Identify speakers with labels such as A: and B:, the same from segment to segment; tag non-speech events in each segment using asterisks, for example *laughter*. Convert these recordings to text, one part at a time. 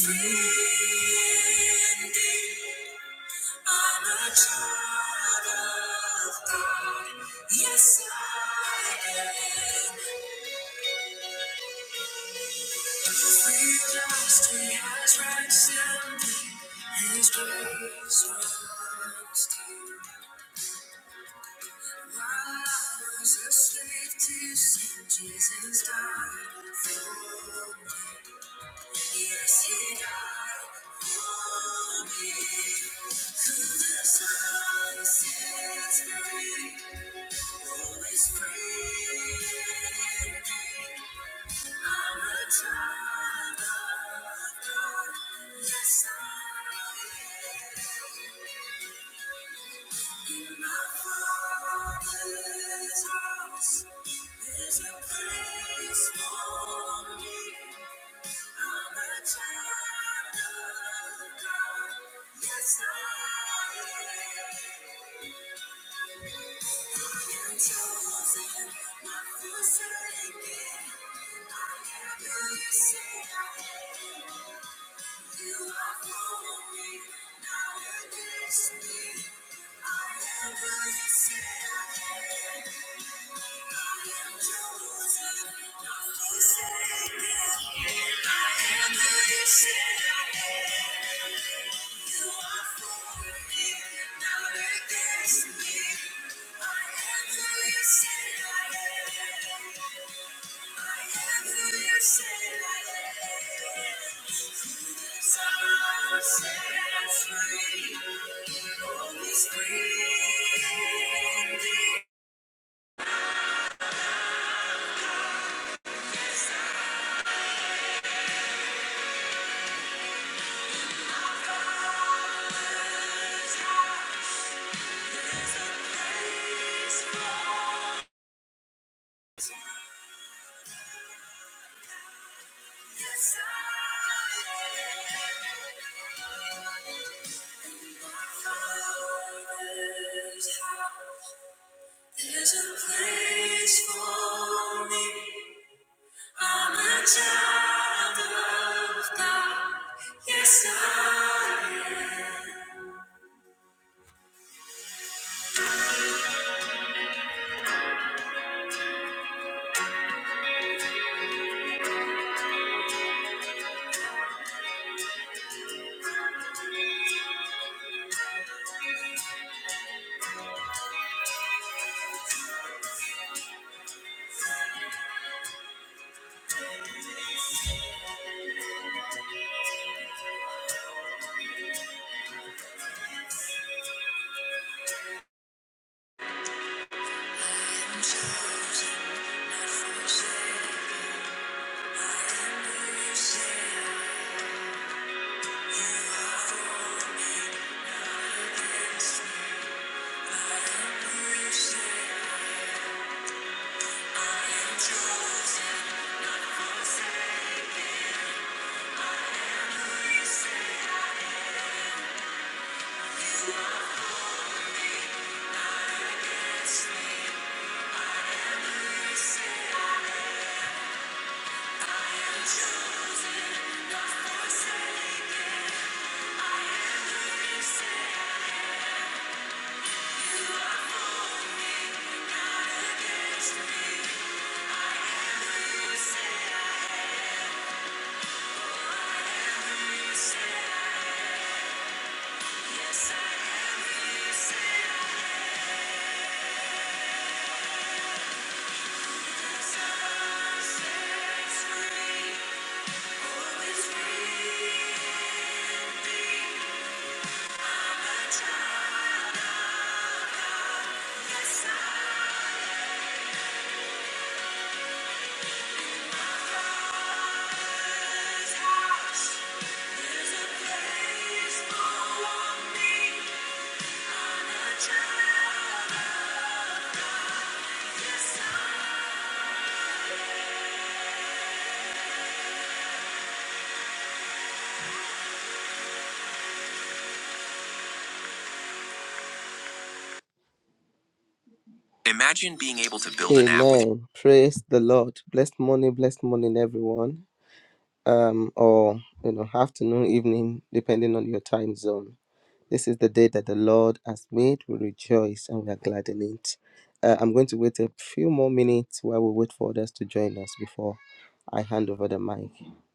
A: Free indeed. I'm a child of God. Yes, I am. We lost. He has risen. His praise runs deep. While I was a slave to sin, Jesus died for me. Yes, He died for me. Cause the sunset's free, always free. Yes, I am. I am who you. said I am. There's a place for me. I'm a child of God. Yes, I am. I'm chosen, not forsaken. I am who you say I'm Who you say I am. Chosen, who you say I am. I'm chosen, not forsaken. I am blessed. You say you are for me. Yes, I Imagine being able to build an app with Amen. Praise the Lord. Blessed morning, blessed morning, everyone. Um, or you know, afternoon, evening, depending on your time zone. This is the day that the Lord has made. We rejoice and we are glad in it. Uh, I'm going to wait a few more minutes while we wait for others to join us before I hand over the mic.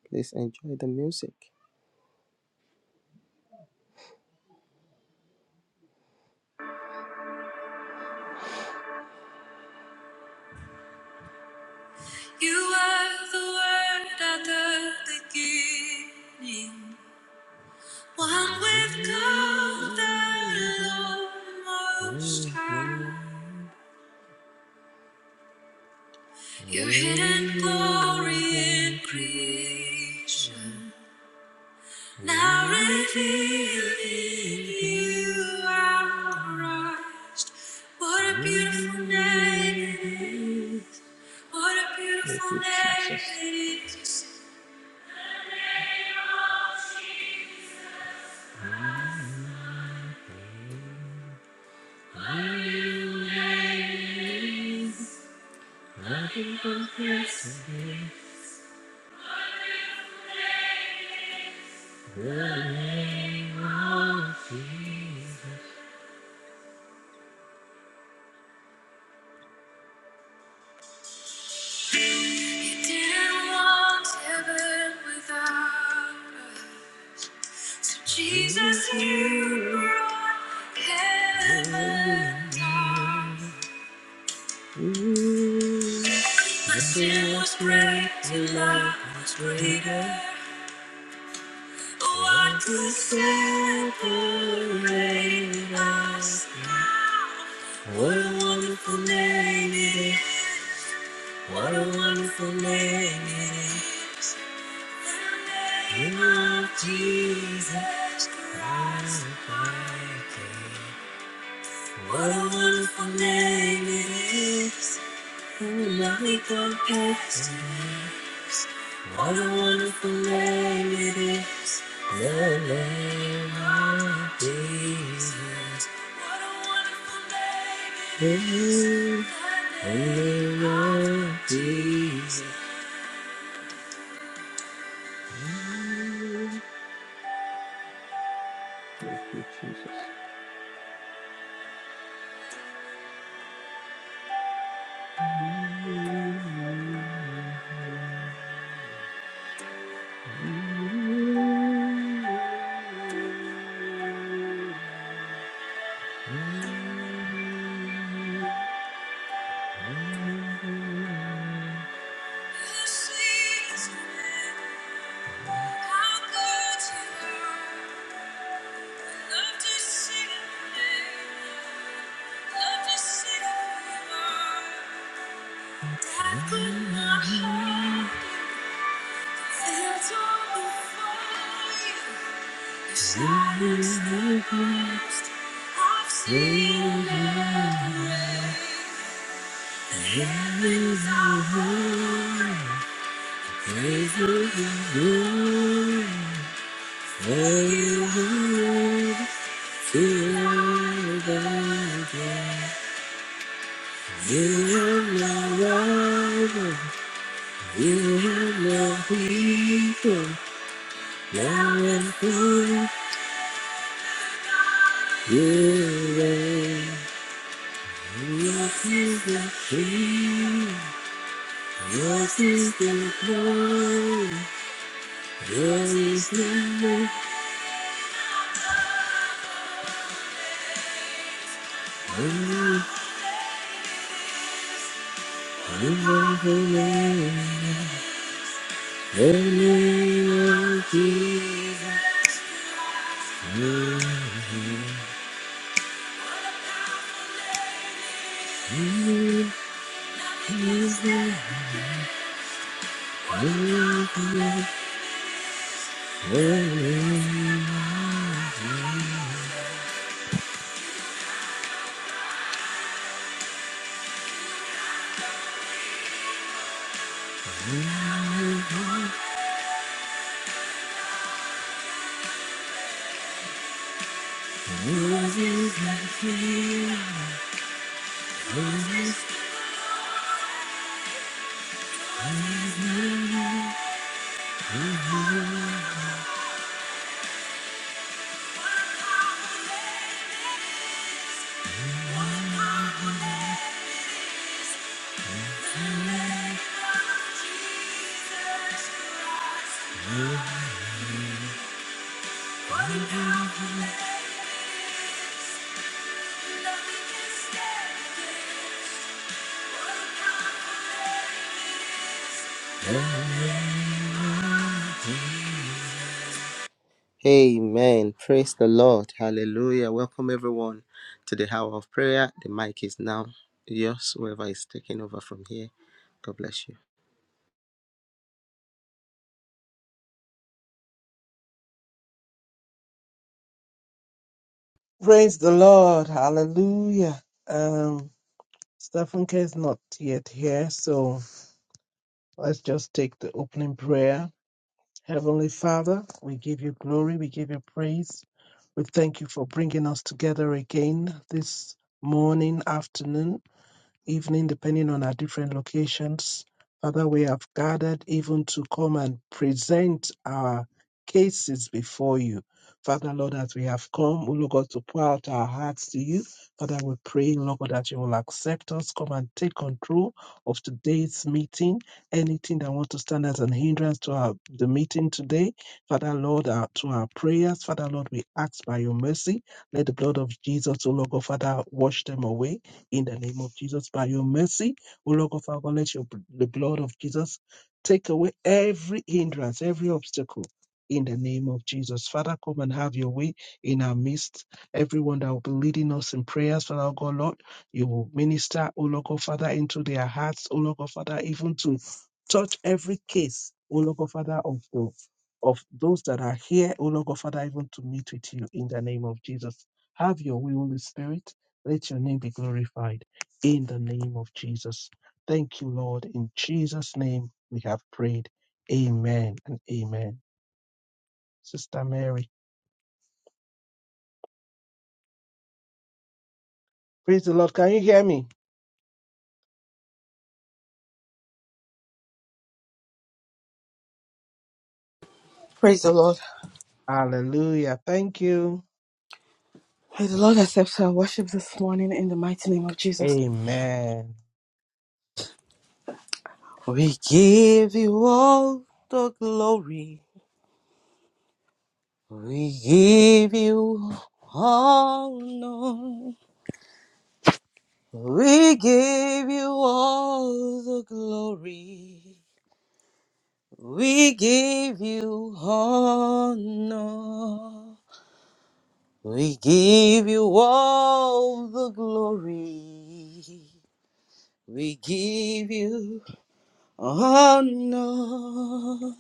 A: Please enjoy the music. You are the word at the beginning. One with God, the Lord Most High. Your hidden glory in creation, now revealed in you are Christ. What a beautiful name it is! What a beautiful name it is! We didn't want heaven without us. Jesus, you brought heaven down. The sin was great, your love was greater. What could separate us now? What a wonderful name it is. What a wonderful name it is. The name of Jesus Christ, my King. What a wonderful name it is. and Love me compares. What a wonderful name it is. The name of Jesus. What a wonderful name it is. The name of Jesus. The sweetest name, How good you are. Love to sing your name. Love to sing who name. You have no people now and forever. You reign. Your kingdom come. Your kingdom come. Your is the name. In the name. The name of Jesus. Your is the name. The name. Your is the name. Amen. Praise the Lord. Hallelujah. Welcome everyone to the hour of prayer. The mic is now yours, whoever is taking over from here. God bless you.
B: Praise the Lord. Hallelujah. Um, Stephen K is not yet here, so let's just take the opening prayer. Heavenly Father, we give you glory, we give you praise. We thank you for bringing us together again this morning, afternoon evening, depending on our different locations. Father, we have gathered even to come and present our cases before you. Father, Lord, as we have come, O Lord God, to pour out our hearts to you. Father, we pray, Lord God, that you will accept us, come and take control of today's meeting. Anything that wants to stand as an hindrance to our, the meeting today, Father, Lord, our, to our prayers, Father, Lord, we ask by your mercy, let the blood of Jesus, O Lord God, Father, wash them away in the name of Jesus. By your mercy, O Lord of our God, let your, the blood of Jesus take away every hindrance, every obstacle. In the name of Jesus. Father, come and have your way in our midst. Everyone that will be leading us in prayers, Father O God, Lord, you will minister, O Lord God, Father, into their hearts, O Lord God, Father, even to touch every case, O Lord God, Father, of the of those that are here, O Lord God, Father, even to meet with you in the name of Jesus. Have your way, Holy Spirit. Let your name be glorified in the name of Jesus. Thank you, Lord. In Jesus' name we have prayed. Amen and amen. Sister Mary, praise the Lord. Can you hear me?
C: Praise the Lord.
B: Hallelujah. Thank you.
C: May the Lord accept our worship this morning in the mighty name of Jesus.
B: Amen.
C: We give you all the glory. We give you all honor. We give you all the glory. We give you honor. We give you all the glory. We give you Oh no,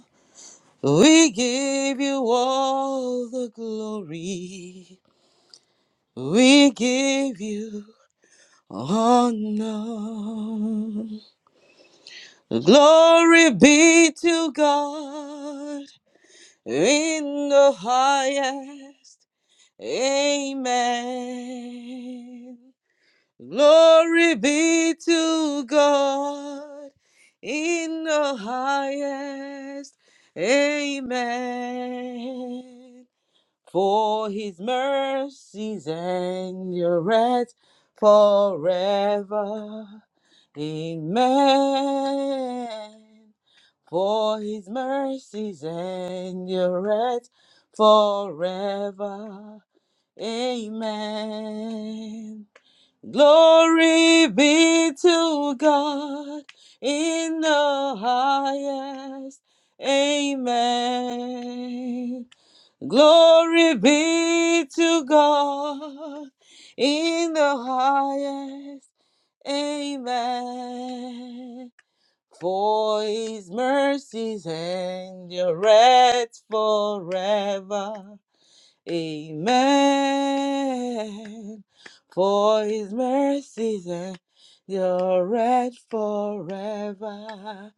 C: we give you all the glory. We give you honor. Glory be to God in the highest. Amen. Glory be to God in the highest. Amen. For his mercies endureth forever. Amen. For his mercies endureth forever. Amen. Glory be to God in the highest. Amen. Glory be to God in the highest. Amen. For his mercies endureth forever. Amen. For his mercies endured forever.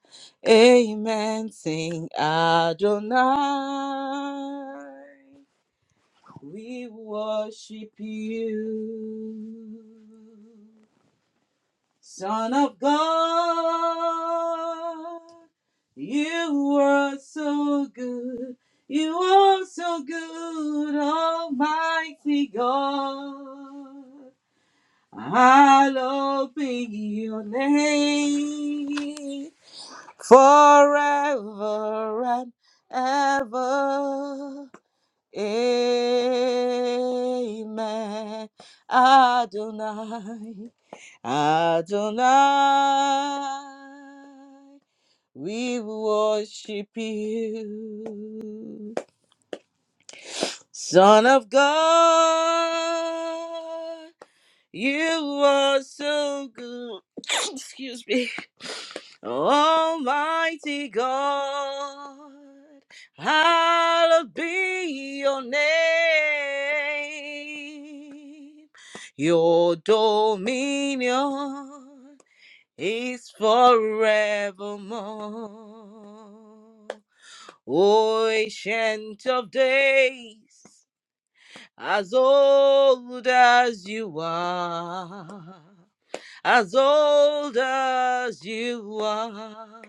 C: Amen. Sing Adonai. We worship you. Son of God, you are so good. You are so good, Almighty God. I'll be your name forever and ever. Amen. Adonai. Adonai, we worship you. Son of God, you are so good. *coughs* Excuse me. Almighty God, hallowed be your name. Your dominion. is forevermore. O ancient of days, as old as you are, as old as you are,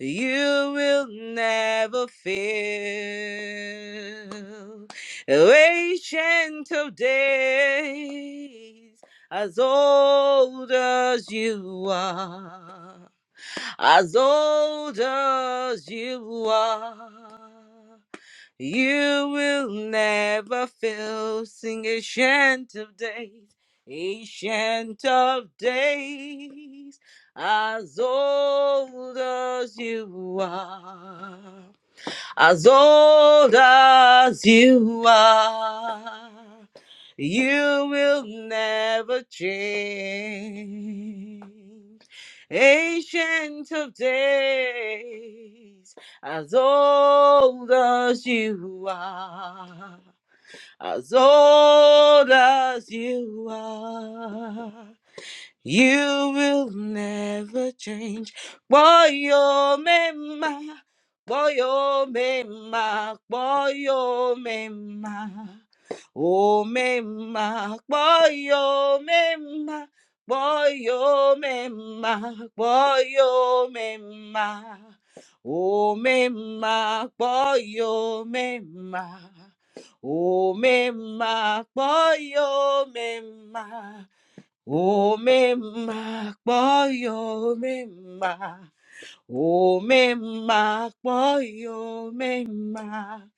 C: you will never fail. O ancient of days, as old as you are. As old as you are, you will never fail. Sing ancient of days, ancient of days. As old as you are as old as you are, you will never change. Ancient of days, as old as you are, as old as you are. You will never change. Boyo mema, boyo mema, boyo mema. Oh mema, boyo mema, boyo mema, boyo mema. Oh mema, boyo mema. Oh mema, boyo mema. Omemma kpọyo memma, omemma Mema, memma, Mema,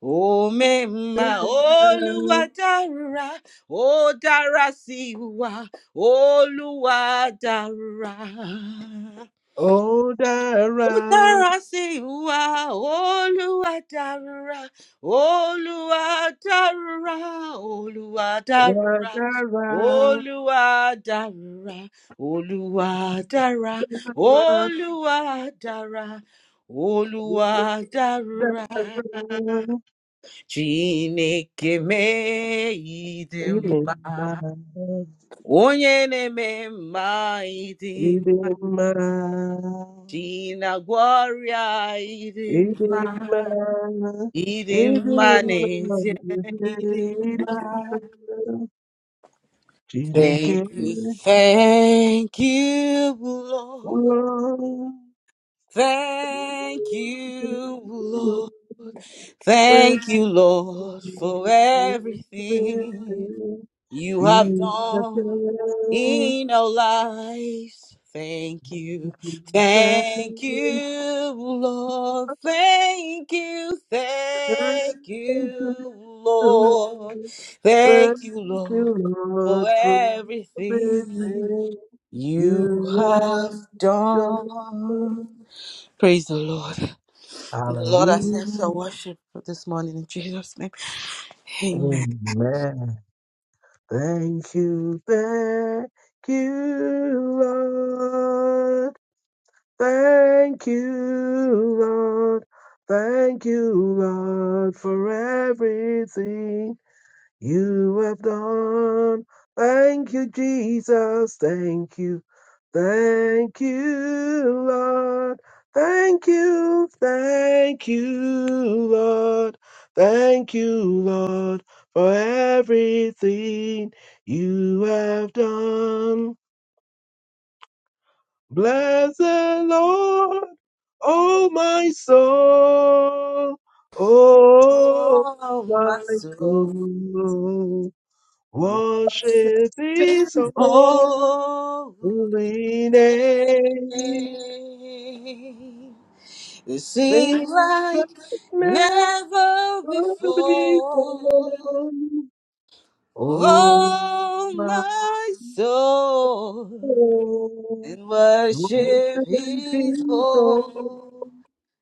C: o mema Olúwa dára, ó dára sí wa, Olúwa dára.
B: Oh, Dara,
C: Dára sí ìwà Olúwa dárúra, Olúwa dárúra, Olúwa
B: Dara,
C: dárúra,
B: Dara,
C: Olúwa dárúra, Olúwa dára,
B: Dara,
C: Olúwa dára, Olúwa dárúra. Chineke mee ịdị
B: Idima,
C: mma, onye na-eme mma ịdị,
B: Idima.
C: chi ịdị mma.
B: ഇടിയമ്മാ,
C: Eating my
B: ഇടിയമ്മാ,
C: knees. yeah.
B: ഇടിയമ്മാ, ചിനക്കേ,
C: Thank you, thank you,
B: oh,
C: Lord. Thank you, Lord.
B: You
C: Thank you, Lord, for everything you have
B: have
C: done in our lives. Thank you, thank you, Lord. Thank you, thank
B: done
C: you, Lord.
B: something Thank
C: Thank you, Lord.
B: you,
C: for
B: Lord, for
C: everything
B: everything
C: you
B: you
C: have
B: have done.
C: done. Praise the Lord. The Lord accepts
B: Hallelujah.
C: our worship this morning in Jesus' name. Amen.
B: Amen. Thank you, thank you, Lord. Thank you, Lord. Thank you, Lord, for everything you have done. Thank you, Jesus. Thank you. Thank you, Lord. Thank you, thank you, Lord. Thank you, Lord, for everything you have done. Bless the Lord, oh my soul, oh
C: Oh, my
B: my
C: soul.
B: soul. Worship his holy
C: Holy.
B: name.
C: name. It
B: They
C: seems
B: Bless
C: like
B: Sleepless
C: never
B: before
C: before.
B: Oh,
C: Oh,
B: my
C: my soul.
B: Lord,
C: and
B: worship
C: worship his
B: people
C: holy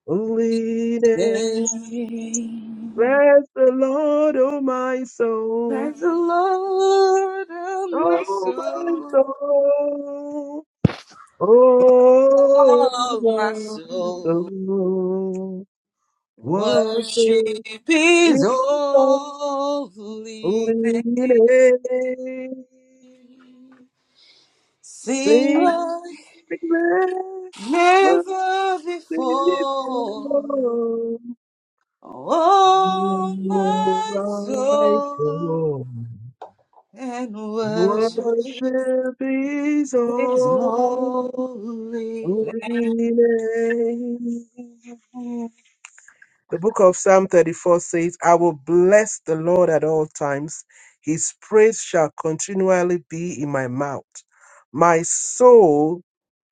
B: leading.
C: name.
B: Bless the Lord, oh my soul,
C: Praise the Lord of my
B: oh my
C: soul,
B: soul, oh
C: oh my
B: my
C: soul.
B: soul.
C: Worship
B: Worship
C: his
B: people
C: holy.
B: leading.
C: Sing
B: Sing
C: like
B: never
C: never before.
B: before.
C: Oh my
B: my
C: soul
B: God.
C: and worship
B: Worship His
C: his
B: holy
C: holy. name.
B: name. The book of Psalm 34 says, I will bless the Lord at all times. His praise shall continually be in my mouth. My soul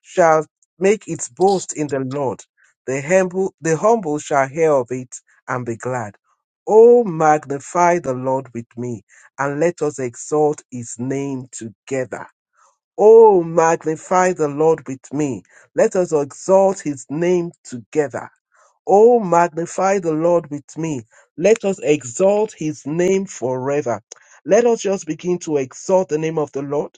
B: shall make its boast in the Lord. The humble, the humble shall hear of it and be glad. Oh, magnify the Lord with me, and let us exalt his name together. Oh, magnify the Lord with me. Let us exalt his name together. Oh, magnify the Lord with me. Let us exalt his name forever. Let us just begin to exalt the name of the Lord.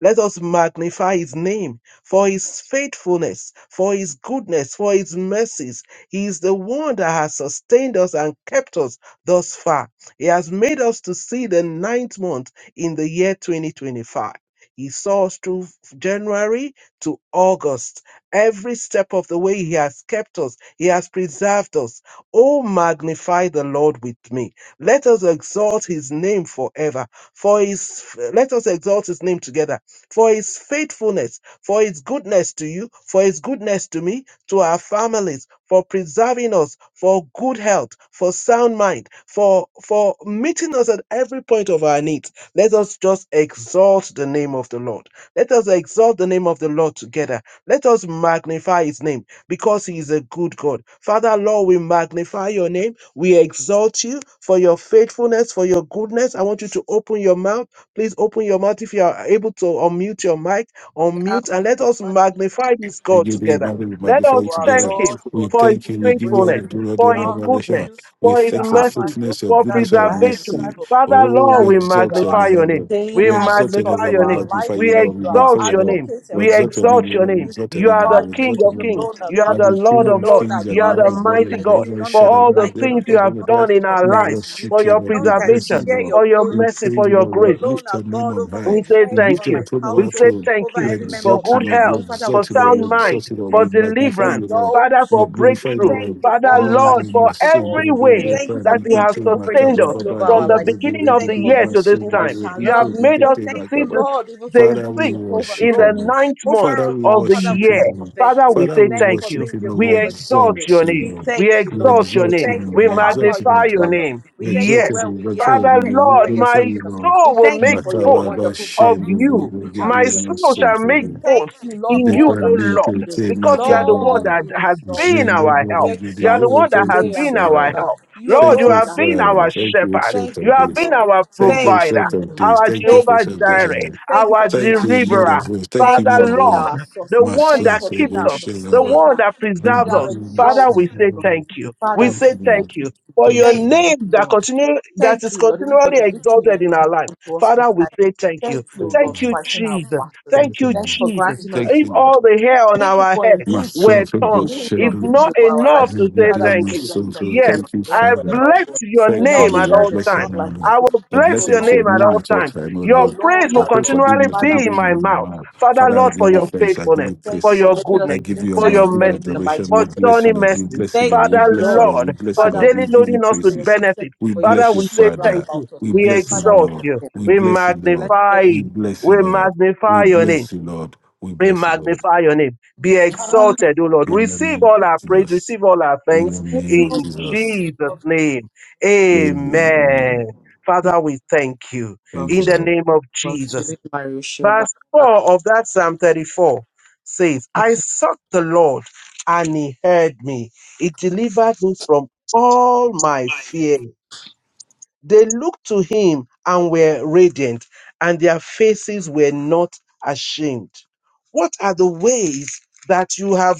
B: Let us magnify his name for his faithfulness, for his goodness, for his mercies. He is the one that has sustained us and kept us thus far. He has made us to see the ninth month in the year 2025. He saw us through January to August. Every step of the way he has kept us, he has preserved us. Oh, magnify the Lord with me. Let us exalt his name forever. For his let us exalt his name together. For his faithfulness, for his goodness to you, for his goodness to me, to our families, for preserving us, for good health, for sound mind, for for meeting us at every point of our needs. Let us just exalt the name of the Lord. Let us exalt the name of the Lord together let us magnify his name because he is a good God. Father, Lord, we magnify your name. We exalt you for your faithfulness, for your goodness. I want you to open your mouth. Please open your mouth if you are able to unmute your mic, unmute, and let us magnify this
D: We
B: God
D: give you
B: together.
D: glory, we
B: Let
D: magnify
B: us
D: you
B: thank
D: together.
B: him
D: We
B: for his
D: thank you, we give you all
B: faithfulness,
D: the glory, all the
B: for
D: honor,
B: his
D: all the adoration.
B: goodness,
D: We
B: for his
D: thank you for
B: mercy,
D: fruitfulness, your
B: for
D: goodness, your
B: preservation.
D: mercy.
B: Father,
D: Oh,
C: God.
B: Lord,
D: we
B: we
C: You
D: exalt
C: are
D: your
C: our
B: magnify
D: name, O
B: your name.
D: Lord.
B: We
D: We
C: sustainer, the
D: exalt your name,
C: source
B: magnify
C: of
D: we
B: your name.
C: our life.
D: magnify
B: We
D: you, Lord. We
C: You are our
D: magnify
B: exalt
D: your
B: your
D: name.
B: name.
C: advocate, and
D: We
C: we
B: We
D: exalt
C: say
D: your
B: exalt
D: name, O
C: thank
B: your
D: Lord. We
B: name.
C: you.
D: exalt your
B: You
C: We
D: name,
B: are
D: O
B: the
D: Lord. We
C: glorify you
B: King
C: for
D: exalt your
B: of
C: you
D: name, O
B: kings.
D: Lord.
C: alone are
B: You are
D: You are
C: God.
B: the
D: the
B: Lord
C: You
D: King
B: of
D: of
B: lords.
C: alone are
D: kings
B: You
D: and
B: are
C: God.
D: Lord
B: the
D: of
C: There's
D: lords,
C: none
B: mighty
D: and
C: like
B: God.
C: you.
D: Jehovah
C: None
B: For
C: can
D: Shaddai,
C: be
B: all
D: you
B: the
D: are the
C: likened
B: things
C: unto
B: you
D: Lord
B: have
C: you.
D: of the
C: None
B: done
D: earth.
C: can be
B: in our
D: We
C: compared
B: life,
C: to you.
B: for
D: worship you,
B: your
D: Lord. We
C: None can
D: bless you,
B: preservation,
C: share
D: Lord.
C: your
B: for your
C: glory
D: We
C: with
B: mercy,
C: you.
B: for
D: praise you,
B: your
D: Lord.
C: You
B: grace.
D: We
C: alone
D: lift
C: are
D: your name
C: God
D: on
C: over
D: high.
C: my
B: We say
C: life,
D: We
B: thank
C: over
D: lift your
B: you.
C: my
D: throne,
B: We
D: our
C: household,
B: say
D: throne.
B: thank
C: over
B: you
D: We
C: every member
B: for
C: of
D: exalt you,
B: good
C: Laughter
D: Lord. We
C: Zone.
B: health,
C: Father,
B: for
C: we
D: exalt you, Lord.
C: say
D: We
B: sound
C: thank
B: mind,
D: exalt you, Lord.
C: you.
B: for
D: We
C: We
D: magnify
B: deliverance,
D: you, Lord.
C: exalt
B: Father,
C: you.
D: We
B: for
D: glorify,
C: We
D: you,
B: breakthrough.
C: thank
D: Lord.
C: you for
B: Father,
D: Oh,
C: all that
B: Lord,
C: you
B: for
D: my
C: do
D: son,
C: for us.
B: every
C: We
D: Rebele,
B: way
C: thank you for
B: that you
C: being
B: have
D: Pamikete,
C: Jehovah
B: sustained
D: Makaba,
B: us
C: Nissi over
D: Baba,
B: from
C: our
B: the
C: lives.
D: Hendro,
B: beginning
C: We
B: of
C: thank
B: the
C: you for
D: Rebele,
B: year
D: my
C: being
B: to this
D: son,
C: Jehovah
B: time. You
D: Rebele,
B: have
C: Shalom.
B: made
C: We
B: us
D: Pamikete,
B: to
C: thank
B: see
C: you,
D: Makaba.
C: Lord,
B: this
C: even
B: day
C: for
D: Father,
C: being
D: we
B: six
C: Jehovah
B: in
D: worship you,
B: the
C: Rohi
D: Lord.
B: ninth month
C: over
D: Father,
C: us
D: we
C: all.
B: of the
C: Father, we
D: worship you,
B: year.
C: say
D: Lord.
C: thank
B: Father,
C: you.
B: we
D: Father,
B: say
D: we
C: Thank you
B: thank
C: for
B: you.
D: worship
C: being
D: you, Lord. We
B: We
C: Jehovah
B: exalt
C: Jireh.
D: exalt
B: your
D: you,
C: We
B: name.
D: Lord.
B: We
C: thank you,
D: We
C: Lord.
B: exalt your
C: We
D: exalt you,
B: name.
C: thank you
D: Lord.
B: We
D: We
C: for how far
D: exalt you,
C: you
B: magnify
C: have
D: Lord.
B: your
C: brought us.
B: name.
C: We
D: We
C: thank you for
D: exalt
B: Yes.
D: you,
C: where we
D: Lord. We magnify
C: are.
D: you,
C: We
B: Father,
C: thank
D: Lord.
C: you for
D: We
B: Lord,
C: where you're
D: glorify
B: my
C: taking
D: you,
C: us.
D: Lord.
C: We
B: soul will
C: thank you
B: make
C: for your
B: boast
D: Mataba
C: wonderful
B: of
D: Shindu
C: promises,
B: you.
C: which are
B: My
D: Gedi
C: yes.
B: soul shall make
C: We
D: Masumpe
C: thank
B: boast
C: you, Lord,
B: in
C: for
B: you,
C: all
B: O
C: that
D: Depende
C: you
B: Lord,
C: do.
D: Pete
B: because you are the one
C: Lord,
D: Mataba
B: that
C: we
B: has
C: exalt
B: been
C: you.
B: our
D: Jindu
C: We
B: help. You are
D: Gedi.
B: the
C: exalt you
D: Oh,
B: one that
D: thank
B: has
D: you,
C: today and
B: been our
C: forever.
D: Father.
B: help.
C: You
B: Lord,
D: Thank
B: you
D: you,
C: alone
B: have
C: are
B: been
D: Father.
C: God.
B: our
D: Thank you,
B: shepherd.
D: Church
C: Thank
B: You
D: of
B: have
C: you,
D: this.
B: been
C: Lord.
B: our
D: Thank you,
C: Thank
B: provider,
D: Church
C: you,
D: of
C: Lord.
D: this.
B: our
D: Thank you for
C: Thank
B: Jehovah
C: you,
D: of this.
C: Lord.
B: Jireh,
C: Thank you
B: our
C: for being
D: Thank
C: our
D: you, Lord
C: shield.
B: deliverer.
D: of War. Thank
C: Thank
D: you,
C: you
B: Father,
D: Man
C: for
D: of
C: being
D: War.
C: our
B: Lord,
C: source.
B: the
D: My
B: one
C: Thank you
D: son
B: that
C: for
D: said,
B: keeps
C: being our
B: us, the
D: Shinaba.
B: one
C: sustainer.
B: that
C: Be
D: Bring
B: preserves
D: them
C: thou
D: to
B: us.
D: my
B: Father,
D: son.
B: we
C: exalted, O
B: say
C: God.
B: thank you. We
C: Father,
D: Thank
C: we
B: say
D: you,
B: thank
C: pray.
D: Lord.
B: you for
D: Thank
B: your
D: you,
C: Thank
D: Lord.
C: you,
B: name that
C: Lord.
B: continue that
C: Thank
B: is
C: you, Lord, even for
B: continually
C: the victory you
B: exalted in our life.
C: brought to us,
B: Father, we
C: Pataya.
B: say thank you.
C: Thank you,
D: Thank you,
C: Lord,
B: Thank you,
D: Lord.
C: for fighting our
B: Jesus.
C: battles.
B: Thank
D: Thank you,
B: you,
C: Thank you
D: Lord.
C: for
B: Jesus.
C: granting us
D: Thank
B: If
D: you, Lord.
B: all the hair on
C: Thank you
B: our
C: for
B: head
D: My
C: indeed being
D: soul
B: were
D: through
B: tongues,
D: was
C: me your
B: it's
D: shingled.
B: not
C: victory for our
B: enough
C: life.
D: Every
B: to say
C: Father,
D: day
C: we
D: my
B: thank
C: say
B: you.
C: blessed
D: soul through.
C: be
B: Yes,
C: your
D: Thank you,
C: name
B: I
C: forever,
D: Father.
C: O
B: bless
C: God.
B: your
C: In
D: Thank you,
C: all
B: name at
C: the
D: Lord.
B: all
C: earth, there's
D: Bless you,
B: times.
C: not like
D: Lord.
B: I
C: you.
B: will
C: You
B: bless
D: The you
B: your
C: alone
D: shall
B: name at
C: are
D: me
B: all
D: at all
C: God.
B: times.
D: time, O
C: You
B: Your
D: Lord.
B: praise
C: alone
D: Your
B: will
C: are
D: praise shall
C: God.
D: be
B: continually
D: not to do
C: Father,
B: be in
C: we
B: my
D: in my
B: mouth.
D: mouth.
B: Father,
D: Father,
C: we
D: I
B: Lord, for
D: give you
B: your
C: thank you.
D: thanks. I give
B: faithfulness,
D: you
C: Thank
B: for
C: you for
D: praise.
B: your
C: making us
D: I
B: goodness,
D: give
C: in
D: you
B: for
D: honor. I
B: your
D: give you
C: testimony to the
B: mercies,
D: adoration.
C: mighty
B: for
D: We
C: water.
D: bless you,
B: journey
D: Lord. We
B: mercies.
D: bless you, Lord.
C: Thank
D: We
C: you,
B: Father,
D: bless you,
C: Lord.
D: Lord. We
B: Lord,
D: bless
B: for
D: you,
C: Father,
D: Lord.
C: we
D: We
B: daily
D: give
C: thank you
D: you
B: loading us
C: for
B: with
C: your
D: praises.
B: benefits.
C: protection,
D: We
C: for your
B: Father,
D: bless you,
B: we say
C: shield round
B: thank
D: Father.
B: you.
C: about us.
D: We
B: We
D: bless you,
C: Father, we
B: exalt
C: thank
D: Lord.
B: you.
C: you.
D: We
B: We
D: bless you, Lord.
C: Blessed be
B: magnify.
D: We
C: your name.
D: bless
B: We
D: you, Lord. We
B: magnify your name.
D: bless you, Lord. We
B: We
D: bless you, Lord.
B: magnify your name. Be exalted, O Lord.
D: In the
B: Receive
D: name
B: all
D: of
B: our praise.
D: Jesus.
B: Receive all our
D: In the
B: thanks
D: name
B: in
D: of Jesus.
B: Jesus' name.
D: Amen.
B: Amen. Father, we thank you
C: Well,
D: Thank
B: in
D: you,
C: she-
B: the
D: Lord.
B: name of
C: well,
B: Jesus.
C: she- Mario, she-
B: Verse
C: Obaka.
B: 4 of that Psalm 34 says, I sought the Lord and he heard me. He delivered me from all my fears. They looked to him and were radiant, and their faces were not ashamed. What are the ways that you have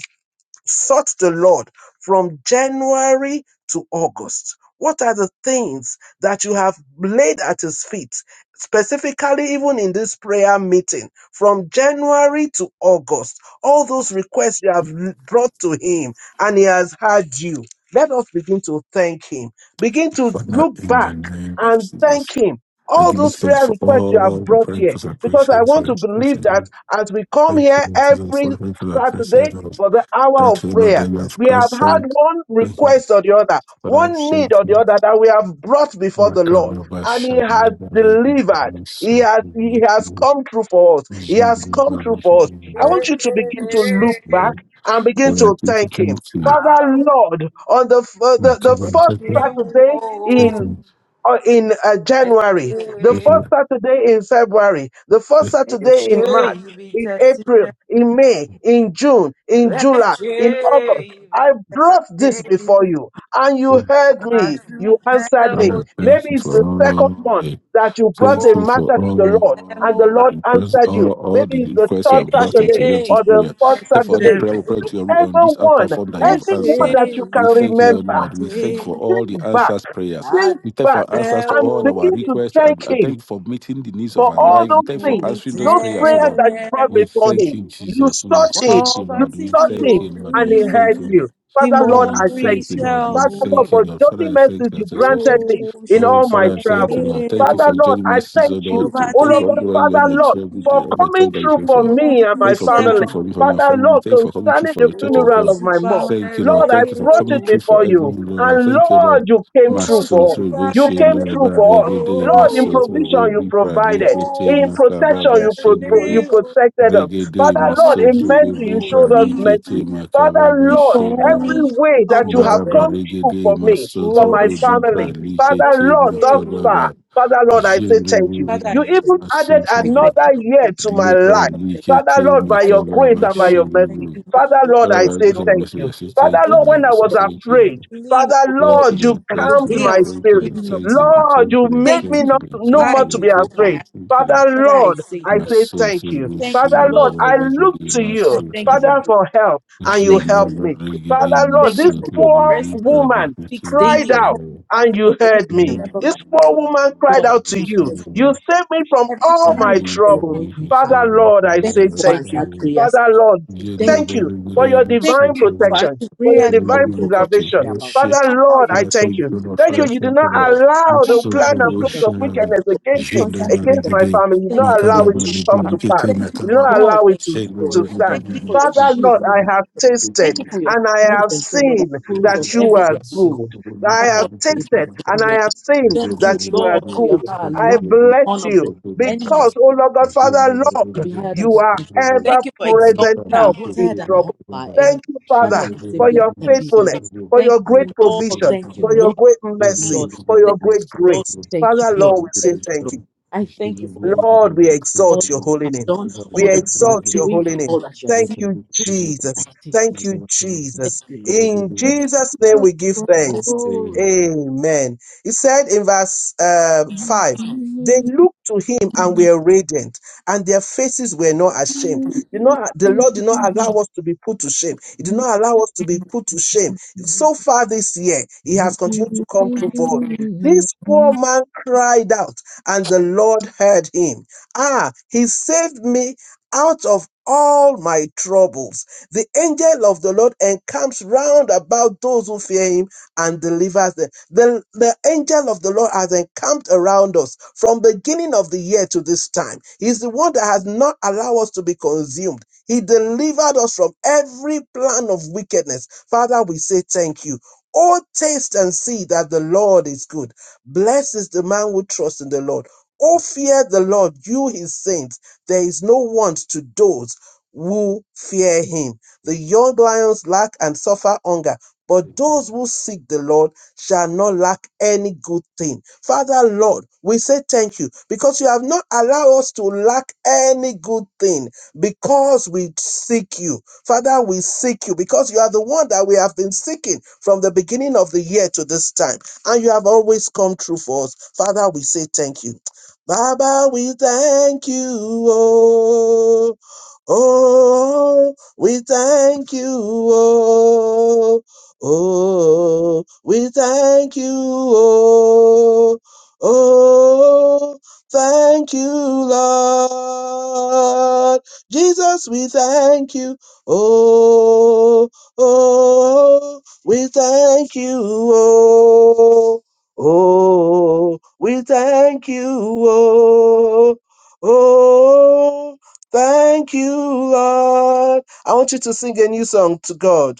B: sought the Lord from January to August? What are the things that you have laid at his feet, specifically even in this prayer meeting from January to August? All those requests you have l- brought to him and he has heard you. Let us begin to thank him. Begin to
D: Father,
B: look
D: in
B: back
D: the name of
B: and
D: Jesus.
B: thank him.
D: I
B: All
D: give you
B: those
D: thanks
B: prayer
D: for
B: requests you have
D: all the
B: brought
D: prayer
B: here,
D: because I pray
B: because I
D: appreciate
B: want
D: your
B: to believe that
D: expression.
B: as we come
D: Thank you, Thank
B: here
D: you, Lord Jesus,
B: every
D: for the prayer because I
B: Saturday,
D: appreciate Lord.
B: for the hour
D: That
B: of
D: you, Lord,
B: prayer.
D: that you have
B: We have had
D: answered.
B: one
D: Thank you.
B: request or the other,
D: Father, I
B: one need
D: thank
B: or the
D: you.
B: other that we have brought before the Lord.
D: Macabre,
B: And he
D: Shady, The
B: has delivered.
D: Barigi,
B: He
D: so
B: has, he
D: good.
B: has come through for us. He
D: Jesus,
B: has come through
D: Barigi, Jesus,
B: for us.
D: the
B: I
D: Lord, The Lord, the
B: want you to begin
D: Lord,
B: to look
D: the Lord, the Lord, the Lord, the Lord,
B: back and
D: the
B: begin
D: Lord, I
B: to
D: pray to
B: thank him.
D: thank you.
C: Hey,
B: Father Lord, on the, f-
D: Come
B: the, the
C: Let
D: on,
B: first
D: take me,
C: you
B: Saturday
D: take me, take
B: in
D: me,
B: or in uh, January, the
D: take me.
B: first Saturday in February, the first Saturday in March,
C: be
B: in
C: tested.
B: April, in May, in June, in July,
C: Let
B: in August.
C: you
B: I
C: be
B: brought this
C: tested.
B: before you and you heard
C: As
B: me.
C: you
B: You answered
C: have
B: me.
D: God, thank
B: Maybe
D: you
B: it's
D: for
B: the second
D: all
B: month
D: the,
B: that you brought
D: thank
B: a
D: you
C: go,
D: for
B: matter
C: we
B: to the Lord
C: am
B: and the
D: all
C: over.
B: Lord
D: the prayers,
B: answered
D: all,
B: you.
D: all the
B: Maybe it's the
D: requests you
B: third
D: have
C: Let
D: brought unto
B: Saturday
D: you this
B: or
C: you
B: the
D: prayer.
C: be
B: fourth
D: Therefore, all the
B: Saturday.
D: prayer we
C: tested.
D: pray to you on
B: Whichever
D: this our
B: one,
D: platform that you
C: Let
D: have
B: anyone
D: answered.
B: that you can
C: you
D: We
C: be
D: thank you, O Lord.
B: remember,
D: We thank you for
C: tested.
D: all the
B: think back
D: answers prayers.
C: As
D: We
C: you have
D: thank
C: be
D: you
B: back
D: for answers to
B: and
D: all our
B: begin
C: tested.
B: to
D: requests, and
B: thank
D: I
B: Him
D: thank you for meeting the needs of
B: but
D: our
B: all
D: life. We
B: those
D: thank you for
B: things,
D: answering those
B: those
D: prayers, O
B: prayers
D: Lord.
B: that you brought
D: We
B: before
D: thank
B: him,
D: you,
B: you
D: Jesus. We
B: sought him,
D: thank you,
C: Over
B: you
D: Lord.
C: to
D: We
B: sought
C: me,
D: thank
C: O
B: him,
D: you, Lord.
B: and
D: We
B: he heard
D: thank you,
C: King.
D: Lord.
B: you.
C: Tí
B: Father
D: Oh,
B: Lord,
C: mo
D: we
B: I
C: ń rí
B: thank
D: thank you,
B: you.
C: iṣẹ́
D: Lord. We
B: Father Lord,
D: thank
C: ọ̀hún
D: you,
B: for
D: Lord.
B: journey
D: Father, I thank
B: mercies
D: the
B: you granted
D: association.
B: me
C: Oh,
B: in
D: Oh,
B: all my
D: Father, I thank you,
B: travels.
D: Lord.
C: kẹrẹ
D: Thank
C: o,
D: you
B: Father
D: for
B: Lord,
D: joining my
B: I thank
D: season, Lord.
B: you.
C: ọba
B: Oh
D: Thank you
C: tí
D: for
B: Lord
D: all
C: mi
B: God,
D: the
C: ò
D: way you made
B: Father
C: rí
D: my
B: Lord,
D: trouble,
B: for
C: rí,
D: all my
B: coming
D: trouble and
B: through
C: tí mo
B: for
D: trouble.
C: wá
B: me and my
D: Thank you for
C: níṣẹ́
D: coming
B: family.
D: through
C: o.
D: for me, for my
B: Father
D: family.
B: Lord,
D: Thank you for coming through
B: concerning
D: for
B: the
D: the church of
B: funeral
D: God.
B: of
C: Oṣù
B: my mom.
D: Thank you, Lord.
B: Lord, I
D: Thank you for
C: kẹrẹ
B: brought
D: coming
B: it
C: o,
D: through for
B: before you.
D: everyone, Lord. Lord.
B: And
D: Thank you,
B: Lord,
D: Lord.
B: you came
D: My
C: oṣù
B: through
D: soul
B: for us.
D: through
B: You
C: kẹrẹ
D: Bushin,
B: came through
C: o,
B: for us.
D: Regede, my
B: Lord, in
D: soul through
B: provision you
D: Libra,
B: provided.
D: Likete,
C: oṣù
B: In protection
D: Makababa,
B: you pro- pro- you
C: kẹrẹ
D: Shindobu,
C: o,
B: protected us.
D: Regede,
B: Father
D: my
C: ọba
B: Lord,
D: soul
B: in
C: tí
D: through
C: mi
B: mercy
C: ò
B: you showed
D: Libra,
C: rí
B: us
C: rí,
D: Likete,
B: mercy. Father
D: Makababa,
C: tí
B: Lord,
C: mo wá
D: Shindobu,
B: every way
C: níṣẹ́
B: that you
C: ọwọ́
B: have
C: rẹ̀.
D: Maraba,
B: come true
D: Regede,
B: for
D: my
B: me,
D: soul
B: for
D: through
B: my
C: Oṣù kẹrẹ o.
D: Libra,
B: family. Father
D: Likete,
B: Lord, thus
C: Father,
B: far.
D: Makababa,
B: Father Lord, I say thank you.
D: Shindobu,
C: I
B: You
C: thank
B: even
D: Regede, my
B: added
C: I
D: soul
C: thank
B: another
C: you. I
B: year to my life.
C: thank you.
B: Father Lord, by
C: I
B: your
C: thank
B: grace
C: you,
B: and by
C: Lord.
B: your
C: I thank
B: mercy.
C: you, Lord,
B: Father
C: for all
B: Lord, I
C: that you have
B: say
C: done for
B: thank
C: me
B: you.
C: and my
B: Father
C: household
B: Lord, when I was afraid,
C: from the beginning,
B: Father
C: oh Lord,
B: Lord, you
C: from the
B: calmed
C: day I
B: my
C: was
B: spirit.
C: conceived up to now.
B: Lord, you make
C: Thank
B: me
C: you
B: not
C: for the
B: no more
C: time
B: to
C: you
B: be
C: hold my
B: afraid.
C: hand.
B: Father,
C: Father, I
B: Lord,
C: say
B: I
C: thank you.
B: say thank you.
C: thank
B: Father,
C: you,
B: Lord,
C: Lord, for
B: I
C: rest.
B: look to you,
C: Thank you for
B: Father,
C: protection.
B: for help, and
C: time.
B: you
C: Thank you for
B: help
C: your
B: me.
C: favor.
B: Father, Lord,
C: Thank you
B: this
C: for your
B: poor
C: mercies that
B: woman
C: speaks
B: cried
C: daily upon
B: out.
C: my life,
B: And
C: upon
B: you
C: the life
B: heard
C: of every
B: me.
C: member of
B: This
C: my
B: poor
C: household.
B: woman cried
C: Lord, I
B: out to
C: say
B: you.
C: thank you
B: You saved me
C: for
B: from
C: every
B: all my
C: time you call
B: troubles.
C: upon me. Lord.
B: Father, Lord, I
C: Thank
B: say
C: you for
B: thank you.
C: answered prayers.
B: Father, Lord,
D: Yendra
C: Thank
B: thank
C: you,
B: you
D: Bari
B: for
C: Lord.
D: Giri
B: your
C: Thank
B: divine
C: you for
D: Sansevo
B: protection,
C: answering
B: for your
C: prayers that
B: divine
C: we
D: Yendra
C: forgot to
D: Koti
C: pray
B: preservation.
C: about.
D: Roshi
B: Father,
C: Father,
B: Lord,
C: we
B: I
D: Father, I
B: thank
C: thank
D: thank
B: you.
C: you.
D: you, Lord.
B: Thank
C: Thank
D: Father,
B: you.
D: I
B: You did
D: thank
C: you,
D: you,
B: not
D: Lord.
C: God.
B: allow the
D: Master
B: plan
C: Constant
D: through
B: and plans
C: provision.
B: of
C: Thank
D: Goshenaba
C: you
B: wickedness
C: for this
B: against me,
D: Yendra
C: constant
D: Bari
B: against
C: protection.
B: my
D: Giri
B: family. You did
C: Thank you
B: not allow
C: for
D: Makaba
B: it
C: your
B: to
D: Bani
B: come
C: shield.
D: Bani
B: to pass.
D: Kete
C: Thank you,
B: You did
D: Makaba
B: not
C: Lord.
B: allow it
C: Thank
B: to,
D: Shenra
C: you, Lord.
B: to stand.
C: Thank you for your
B: Father,
C: shield.
B: Lord,
C: Lord.
B: I
D: Bari
B: have tasted
C: Thank you for
D: Giri
C: your
B: and I have
C: presence, oh
D: to
C: Lord, that
B: seen
D: the
C: follows
B: that
C: us
B: you are
C: everywhere we go.
B: good. I have
C: Father, we
D: faith
C: say
D: in
B: tasted
D: my
C: blessed be
B: and
C: your
D: father,
B: I have seen
D: and
C: name.
D: go
C: Thank
D: where
C: you,
B: that
D: the
B: you are
C: Lord, for
D: regular
C: your
B: good.
D: must go for
B: I
C: allowed
D: the
C: the
D: deep
B: bless
C: horn of the
B: you
D: people to my father.
B: because,
C: enemies
B: oh Lord God,
D: And share
B: Father,
D: with the
C: to
B: Lord,
C: be
D: regular
C: heard and
B: you
D: must
B: are
D: go
C: acknowledged.
D: for the
B: ever
C: Thank you for
D: and look
B: present
D: at
C: exalting our
D: the
B: help
C: who's
B: in
C: heard and
D: people
B: trouble.
C: humble our
D: forever.
C: enemy.
B: Thank you,
D: Share
B: Father,
C: Father,
D: with
C: we
D: the
C: say,
B: for your
D: regular
C: Blessed be
D: must
C: your
D: go
C: name.
D: for
B: faithfulness,
D: the
B: for
C: Thank
B: your
D: look
B: great
C: you,
D: at the
C: Lord.
B: provision
D: people
C: Thank you,
B: for
D: forever.
B: your
C: Lord.
B: great
D: Share with the
B: mercy,
C: Lord.
B: for your
D: regular
C: Thank
B: great
D: must go
C: you,
D: for
C: Lord.
B: grace.
D: the
C: Thank you,
B: Father,
D: look
C: Lord.
B: Lord, we
D: at the
B: say
C: Thank you,
D: people
B: thank you.
C: Lord.
D: forever.
C: I
D: Share
C: thank you
D: with
C: for
D: the
C: all that,
B: Lord,
D: regular
B: we
D: must go for
C: all
B: exalt
C: that
D: the
B: your holy
C: you have
B: name.
C: done,
D: look at the
B: We
C: all that
D: people forever. Share with the regular must go
C: you
D: for
C: are
B: exalt your
C: doing,
B: holy name.
C: all that you are
B: Thank
C: seeing.
B: you,
D: the look at the
B: Jesus. Thank you,
D: Thank you.
C: to
B: Jesus.
C: do.
B: In Jesus' name we give thanks. Amen. It said in verse uh, 5, they
C: I
B: looked to him and were radiant, and their faces were not
C: say,
B: ashamed.
C: Thank
B: Did not, the Lord did not allow us to be put to shame. He did
C: you,
B: not allow us to be put to shame. So far this year, He has continued to come through for us. This
C: Lord. Oh,
B: poor man cried out and the Lord heard him. Ah, he saved me out of all my troubles. The angel of the Lord encamps round about those who fear him and delivers them. The, the angel of the Lord has encamped around us from beginning of the year to this time. He's the one that has not allowed us to be consumed. He delivered us from every plan of wickedness. Father, we say thank you. Oh, taste and see that the Lord is good. Blessed is the man who trusts in the Lord. Oh, fear the Lord, you his saints. There is no want to those who fear him. The young lions lack and suffer hunger, but those who seek the Lord shall not lack any good thing. Father, Lord, we say thank you because you have not allowed us to lack any good thing because we seek you. Father, we seek you because you are the one that we have been seeking from the beginning of the year to this time and you have always come true for us. Father, we say thank you. Baba, we thank you. oh. Oh, we thank you. Oh, oh, we thank you. Oh, oh, thank you, Lord. Jesus, we thank you. Oh, oh, we thank you. Oh, oh, we thank you. Oh, oh. Thank you, Lord. I want you to sing a new song to God.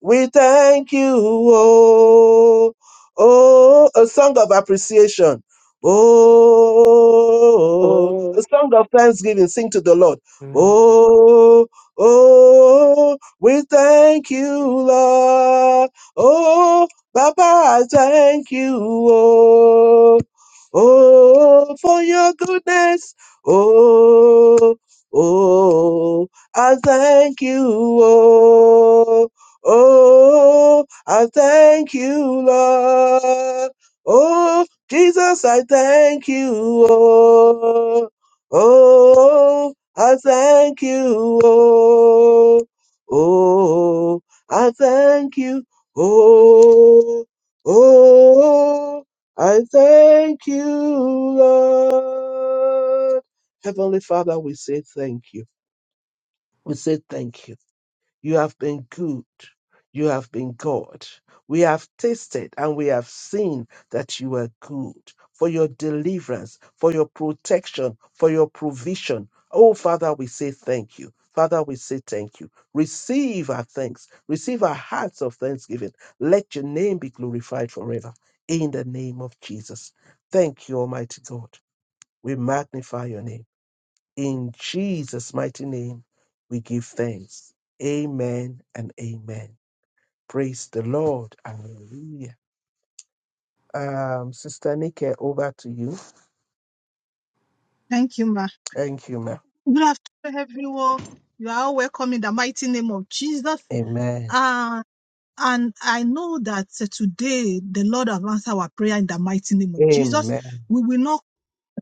B: We thank you, oh, oh, a song of appreciation. Oh, a song of thanksgiving. Sing to the Lord. Oh, oh, we thank you, Lord. Oh, Baba, I thank you. Oh, oh, for your goodness. Oh, oh, I thank you. Oh, Oh, I thank you, Lord. Oh, Jesus, I thank you. Oh, oh I thank you. Oh, oh, I thank you. Oh, oh, I thank you, Lord. Heavenly Father, we say thank you. We say thank you. You have been good. You have been God. We have tasted and we have seen that you are good for your deliverance, for your protection, for your provision. Oh, Father, we say thank you. Father, we say thank you. Receive our thanks. Receive our hearts of thanksgiving. Let your name be glorified forever. In the name of Jesus. Thank you, Almighty God. We magnify your name. In Jesus' mighty name, we give thanks. Amen and amen. Praise the Lord. Hallelujah. Um, Sister Nike, over to you.
E: Thank you, Ma.
B: Thank you, ma'am.
E: Good afternoon, everyone. You are all welcome in the mighty name of Jesus.
B: Amen.
E: Uh, and I know that uh, today the Lord has answered our prayer in the mighty name of Jesus.
B: Amen.
E: We will not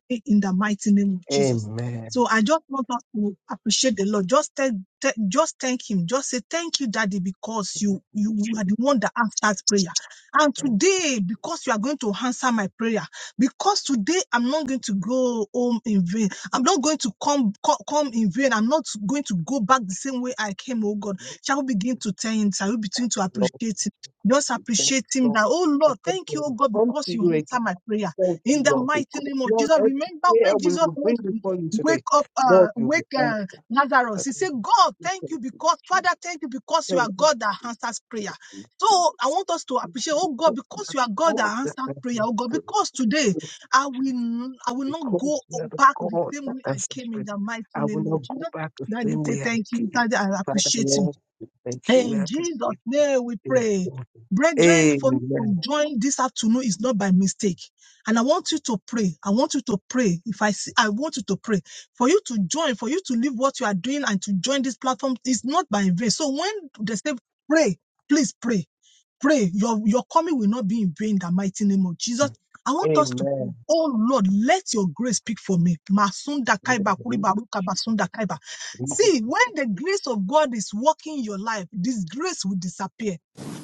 E: pray in the mighty name of Jesus.
B: Amen.
E: So I just want us to appreciate the Lord. Just thank, thank- just thank Him. Just say thank you, Daddy, because you you are the one that answers prayer. And today, because you are going to answer my prayer, because today I'm not going to go home in vain. I'm not going to come co- come in vain. I'm not going to go back the same way I came. Oh God, shall we begin to thank? Shall we begin to
B: Lord,
E: appreciate Him?
B: thank
E: Just
B: you. Thank
E: appreciate
B: you,
E: Him
B: Lord.
E: that. Oh
B: I
E: Lord,
B: thank
E: thank
B: you.
E: you, oh God,
B: I Come
E: because
B: to
E: you
B: you
E: answer my
B: again.
E: prayer
B: Thank you,
E: in the
B: Lord.
E: mighty
B: Because,
E: name of
B: Lord,
E: Jesus.
B: every
E: Remember
B: prayer
E: when
B: we
E: Jesus
B: will bring
E: wants to
B: before you
E: wake
B: today,
E: up, uh,
B: Lord, you
E: wake
B: will
E: uh,
B: answer.
E: Lazarus. He
B: Father,
E: said, God,
B: we
E: thank you
B: thank you.
E: because, Father,
B: Jesus.
E: thank you because you are
B: Thank you.
E: God that answers prayer. So
B: Jesus.
E: I want us to appreciate, oh God,
B: Because you
E: because
B: are
E: you are God
B: God
E: that
B: that
E: answers prayer,
B: answers
E: oh God,
B: prayer.
E: because today
B: Thank
E: I
B: you,
E: will,
B: Jesus.
E: n- I will not
B: Because
E: go
B: you are the
E: back the
B: God
E: same
B: that
E: way I
B: answers
E: came in
B: prayer.
E: the mighty
B: I will
E: name of
B: not go
E: Jesus.
B: back the
E: Daddy,
B: same
E: say
B: way I
E: thank you.
B: came.
E: Daddy, I
B: Father,
E: appreciate you.
B: Lord, we thank you. We
E: In Jesus'
B: appreciate
E: name we
B: you.
E: pray.
B: Thank you.
E: Brethren, for you to
B: Amen.
E: join this afternoon is not by mistake. And I want you to pray. I want you to pray. If I see, I want you to pray. For you to join, for you to leave what you are doing and to join this platform is not by vain. So when they say pray, please pray. Pray. Your, your coming will not be in vain in the mighty name of Jesus. I want us to pray.
B: Amen.
E: Oh Lord, let your grace speak for me. Masunda
B: In the
E: kaiba,
B: name
E: kuriba, ruka, basunda kaiba.
B: of
E: See, when the grace of God is working your life, this grace will disappear.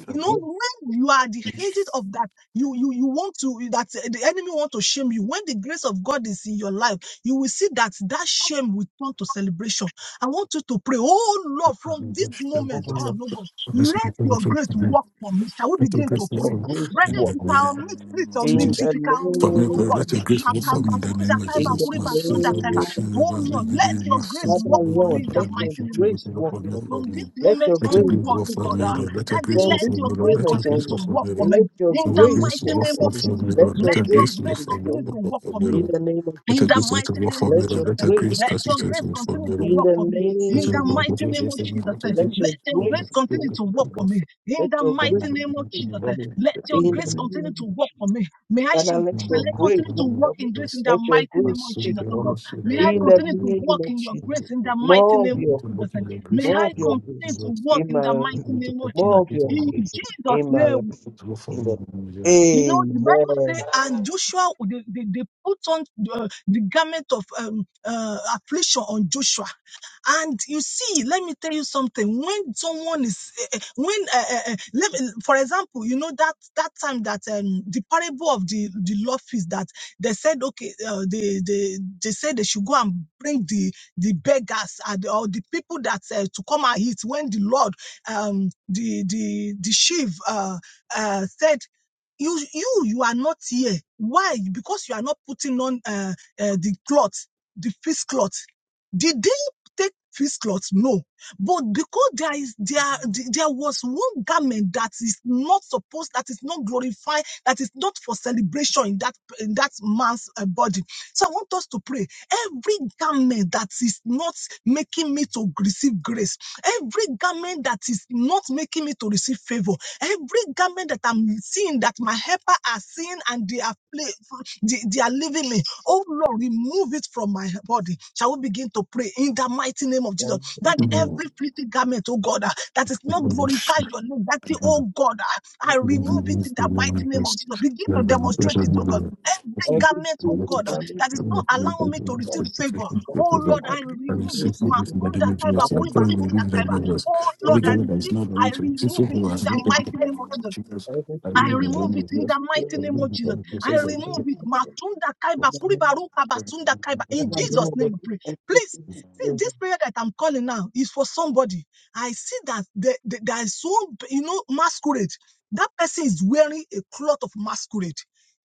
E: You know,
B: Jesus,
E: when you are at the ages of that, you you you want to that the enemy want to shame you. When the grace of God is in your life, you will see that that shame will turn to celebration. I want you to pray, oh Lord, from this
B: oh
E: moment
B: Lord,
E: on, oh God, let your grace
D: Oh,
E: work for me. Shall we
D: Let your
E: begin
B: Let
E: to
D: grace fall
B: your
D: for
E: pray?
D: me
B: grace
E: Brother,
D: in
E: if
B: work.
D: the
E: you can unmute, please
D: name of
B: In
E: unmute.
D: Jesus.
E: If
B: the
E: you can unmute,
D: Forgive
E: oh
D: her.
B: name
E: God,
B: of
D: Let your grace fall for
B: Jesus.
D: me
E: Makamba,
D: in the
E: Sunda,
D: name of
E: Kaiba,
B: In the
D: Jesus. My
E: Kuriba, Sunda,
D: sins and
E: Kaiba.
B: name of
D: blessings
E: oh
D: about the
B: Jesus.
E: Lord, let
D: giving,
E: your
D: my
E: grace
D: sins
B: Father
D: and
E: work for me
B: Lord,
D: bodily
E: in the
B: let
E: mighty
B: your
D: relationship
E: name of
D: with
B: grace
E: Jesus.
D: you
B: work
D: for me
B: for me.
D: for
E: From this
D: me.
B: Let
E: moment
B: your
D: Let
E: on,
D: your
E: oh
B: grace
D: grace
E: God, oh
B: speak
D: fall for
E: God,
B: for
D: me,
E: ah,
B: me.
D: Lord. Let
E: that
D: your grace
B: From
D: fall
E: let
D: for
B: this
E: your
D: me, Lord.
E: grace
D: Let
B: moment
D: your
E: continue
D: grace fall
B: onward,
E: to
D: for
E: work
D: me,
E: for
D: Lord.
E: me.
B: let
E: In
B: your
D: For
E: the
D: the
B: grace
D: grace
E: mighty
D: to
B: work
D: walk
E: name
B: for
D: for
E: of
B: me.
D: for me,
E: Jesus,
B: Let
D: Lord. Let
B: your
E: let
D: your
E: your
B: grace
D: grace walk
E: grace
B: speak
D: for me,
B: for
E: continue
B: me.
E: to
D: Lord.
E: work
D: For
E: for
D: me,
E: me.
B: In
D: Lord.
B: the name of
D: Let
E: In
D: your
E: the
D: grace
B: Jesus,
E: mighty
D: to walk
E: name
D: for
E: of
B: let
D: me,
B: your
D: Lord.
E: Jesus,
D: Let
E: eh,
D: your
B: grace
D: grace
E: let
B: speak
D: cast you
E: your
B: for
D: to
B: me.
E: grace
D: work for
E: continue
D: me,
E: to
B: In
D: Lord.
E: work
B: the
E: for me.
D: Let
E: In
D: your
E: the
B: name of
E: mighty
D: grace
E: name
D: walk for
E: of
D: me,
B: Jesus,
E: Jesus,
D: Lord. Let
E: eh,
D: your
B: let
D: grace
E: let
B: your
E: your grace
B: grace
E: continue
B: work
D: walk
E: to
D: for
B: for
E: work
D: me,
B: me.
E: for
D: Lord
E: me. In
B: Let
E: the
B: your grace
E: mighty
D: work
E: name of
B: speak
E: Jesus,
B: for
D: in
E: eh,
B: me.
E: let your
B: In the
E: grace
B: name
E: continue
B: of
E: to work
B: Jesus.
E: for me. May I
B: Father,
E: shall
B: let your
E: I
B: grace
E: continue to
B: work
E: walk
B: for me.
E: in grace in the
B: Let your
E: mighty
B: grace
E: name of
B: speak
E: Jesus, oh
B: for
E: God.
B: me.
E: May I
B: In the
E: continue to
B: name
E: walk
B: of
E: in your
B: Jesus.
E: grace in the mighty
B: More of
E: name of
B: your grace.
E: Jesus. eh.
D: your grace
E: May
D: in
B: More of
E: I
D: the
B: your
D: name of
E: continue
B: grace.
E: to
D: Jesus.
E: walk
B: In
E: in
B: my
E: the
B: life.
D: Help
E: mighty
D: me to
E: name of
D: put in the
E: Jesus.
B: More of
D: good in
B: your
D: the
E: In
D: name
B: grace.
E: Jesus'
B: In my
D: of
E: name
B: life. In the
D: Jesus.
E: you know, the Bible says, and Joshua, they, they, they put on the, the garment of um, uh, affliction on Joshua. And you see, let me tell you something. When someone is, eh, eh, when, uh, let me, for example, you know, that, that time that um, the parable of the, the law feast that they said, okay, uh, they, they, they said they should go and bring the, the beggars and, or the people that uh, to come and eat when the Lord, um, the, the, the chief, uh, uh, said you you you are not here why because you are not putting on uh, uh the cloth the fist cloth did they take fist cloth no but because there is there there was one garment that is not supposed that is not glorified that is not for celebration in that in that man's uh, body so i want us to pray every garment that is not making me to receive grace every garment that is not making me to receive favor Every garment that I'm seeing, that my helper are seeing and they are, pla- they, they are leaving me, oh Lord, remove it from my body. Shall we begin to pray in the mighty name of Jesus? That
B: Amen.
E: every filthy garment, oh God, ah, that is
D: Go
E: not glorify
D: for
E: your name, that the,
D: Just
E: oh God, ah, I
D: I will
E: remove
B: Amen.
E: it in
D: see
E: the
D: from
E: mighty name
D: this
E: of Jesus. Begin to demonstrate it, oh God. Every
B: Every
E: garment, oh
B: spiritual
E: God, ah,
B: damage
E: that is
B: is
E: not
B: coming
E: allowing me to receive
B: from
E: favor,
B: that
E: oh
B: do not
E: Lord,
B: allow
E: I
B: me And the Lord, I need you
E: remove
B: to
E: it.
B: receive
E: Ma-
B: from
D: in the
B: you.
E: kunda
D: name of
E: kaiba,
D: Jesus.
B: Father,
D: I'm
E: kuiba,
D: going to
B: remove it
E: kunda
D: remove
E: kaiba.
B: from
D: that
B: me.
D: Jesus.
E: Oh
D: Every
E: Lord, I
B: Remove
D: girl
B: it
D: that is
E: receive,
D: not
E: I
D: going to exist,
E: remove
D: so
E: it
D: who
E: in
D: has
E: the
D: been taken from
E: mighty name
D: the
E: of
D: name of
E: Jesus.
D: Jesus,
B: Every
D: I
E: I
D: really
B: spiritual
D: don't
E: remove it
D: know
E: in the
D: Jesus.
B: damage
E: mighty
D: I
B: is
D: really
E: name
B: coming
E: of
D: don't
E: Jesus.
D: know Jesus.
E: I
D: I really
B: from
E: remove
D: don't
E: it.
B: me.
E: Masunda
D: know
E: kaiba
D: Jesus.
B: That
E: kuriba ruka
D: I will in the
E: basunda kaiba.
B: I
E: In
D: name of
B: will
E: Jesus' name
B: always
E: we pray.
B: assist
E: Please,
B: to
D: Jesus.
E: see
B: favor.
E: this prayer that I'm calling now is for somebody. I see that the, the, there is so you know masquerade. That person is wearing a cloth of masquerade.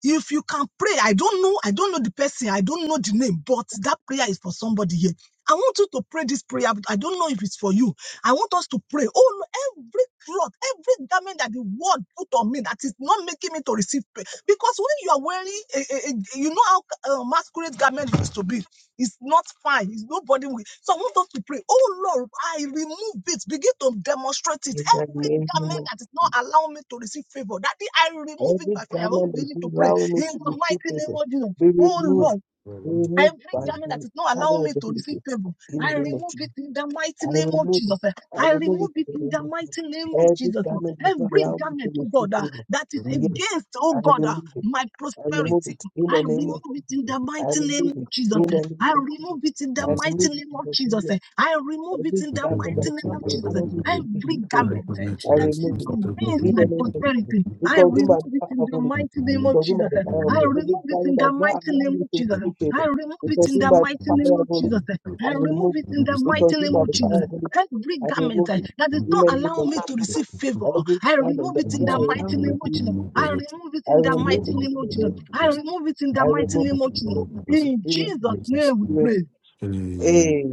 E: If you can pray, I don't know, I don't know the person, I don't know the name, but that prayer is for somebody here. I want you to pray this prayer. I don't know if it's for you. I want us to pray. Oh, no, every cloth, every garment that the world put on me that is not making me to receive pay. Because when you are wearing, a, a, a- you know how uh, masquerade garment used to be. It's not fine. It's nobody. Will. So I want us to pray. Oh Lord, I remove it. Begin to demonstrate it.
B: In the
E: Every
B: name of
E: garment
B: Jesus.
E: that is not allowing me to receive favor, that I remove it
B: every
E: by fire. I will
B: garment that
E: begin
B: you
E: to pray
B: allow me
E: in
B: to
E: the
B: receive
E: mighty name
B: favor
E: of Jesus.
B: be
E: Oh
B: removed,
E: Lord.
D: I will
B: be
E: Every
B: removed by
E: garment that
B: the
E: is not allowing
B: power of
E: me
B: the
E: to
B: Holy
E: receive
B: Ghost.
E: favor,
B: In
E: I
B: the name of
E: remove
B: Jesus,
E: it in the mighty
B: I
E: name of
B: remove
E: Jesus.
B: it.
E: eh.
B: I
E: I
B: remove
E: remove
B: it
E: it
B: in the
E: in
B: name
E: the
B: of Jesus.
E: mighty name of
B: Every
E: Jesus. oh.
B: garment that you
E: Every
B: allow me to
E: garment, oh
B: receive
E: God, ah,
B: favor,
E: that
D: in
E: is
D: the name
B: yes,
E: against,
B: I
E: oh God,
B: remove
E: ah,
B: it.
E: my
B: I remove
E: prosperity,
B: it in the
E: I
B: name of.
E: remove it in the
B: I
E: mighty name
B: remove it
E: of Jesus.
B: in
E: eh.
B: the name
E: I
B: of Jesus.
E: remove it in the
D: of
B: I
D: Jesus.
E: mighty
B: remove
E: name
B: it in
E: of
B: the name of
E: Jesus. eh. I remove it
B: Every
E: in
D: Thank
E: the
D: you.
B: garment that
E: mighty
B: is
E: name
B: not
E: of
B: my
E: Jesus. eh.
B: enemy to
E: Every
B: receive favor,
E: garment eh,
B: I
E: that
B: remove
E: is
B: it.
E: against
B: In
E: my
B: the name of Jesus.
E: prosperity,
B: We
E: I
B: consume by the
E: remove it
B: fire
E: in
B: of
E: the
B: Holy
E: mighty
B: Ghost.
E: name
B: We
E: of
B: consume by
E: Jesus.
B: the fire of Holy
E: I
B: Ghost.
E: remove
B: Every
E: it
B: garment
E: in
B: that
E: the
B: is
E: mighty
B: not allowing
E: name
B: me
E: of
B: to
E: Jesus.
B: receive favor,
E: I remove
B: we
E: it in
B: consume
E: the
B: by
E: mighty
B: the fire
E: name
B: of
E: of
B: Holy
E: Jesus.
B: Ghost. I
E: I remove
B: remove
E: it
B: it.
E: in the
B: We
E: mighty
B: consume
E: name
B: by
E: of
B: the
E: Jesus.
B: fire of Holy Ghost.
E: Every
B: I
E: garment
B: remove
E: eh,
B: it.
E: that does
B: In
E: not
B: the name
E: allow
B: of
E: me to
B: Jesus.
E: receive favor,
B: Every
E: I
B: garment
E: remove
B: that
E: it
B: is
E: in the
B: not
E: mighty
B: allowing me
E: name
B: to
E: of Jesus.
B: receive
E: I
B: favor,
E: remove it
B: I
E: in the
B: remove
E: mighty
B: it.
E: name
B: In the
E: of Jesus.
B: name of
E: I
B: Jesus.
E: remove it in
B: I
E: the mighty
B: remove it.
E: name of
B: In the
E: Jesus.
B: name of Jesus.
E: In
B: We remove it.
E: Jesus' name we
B: We
E: pray.
B: remove it.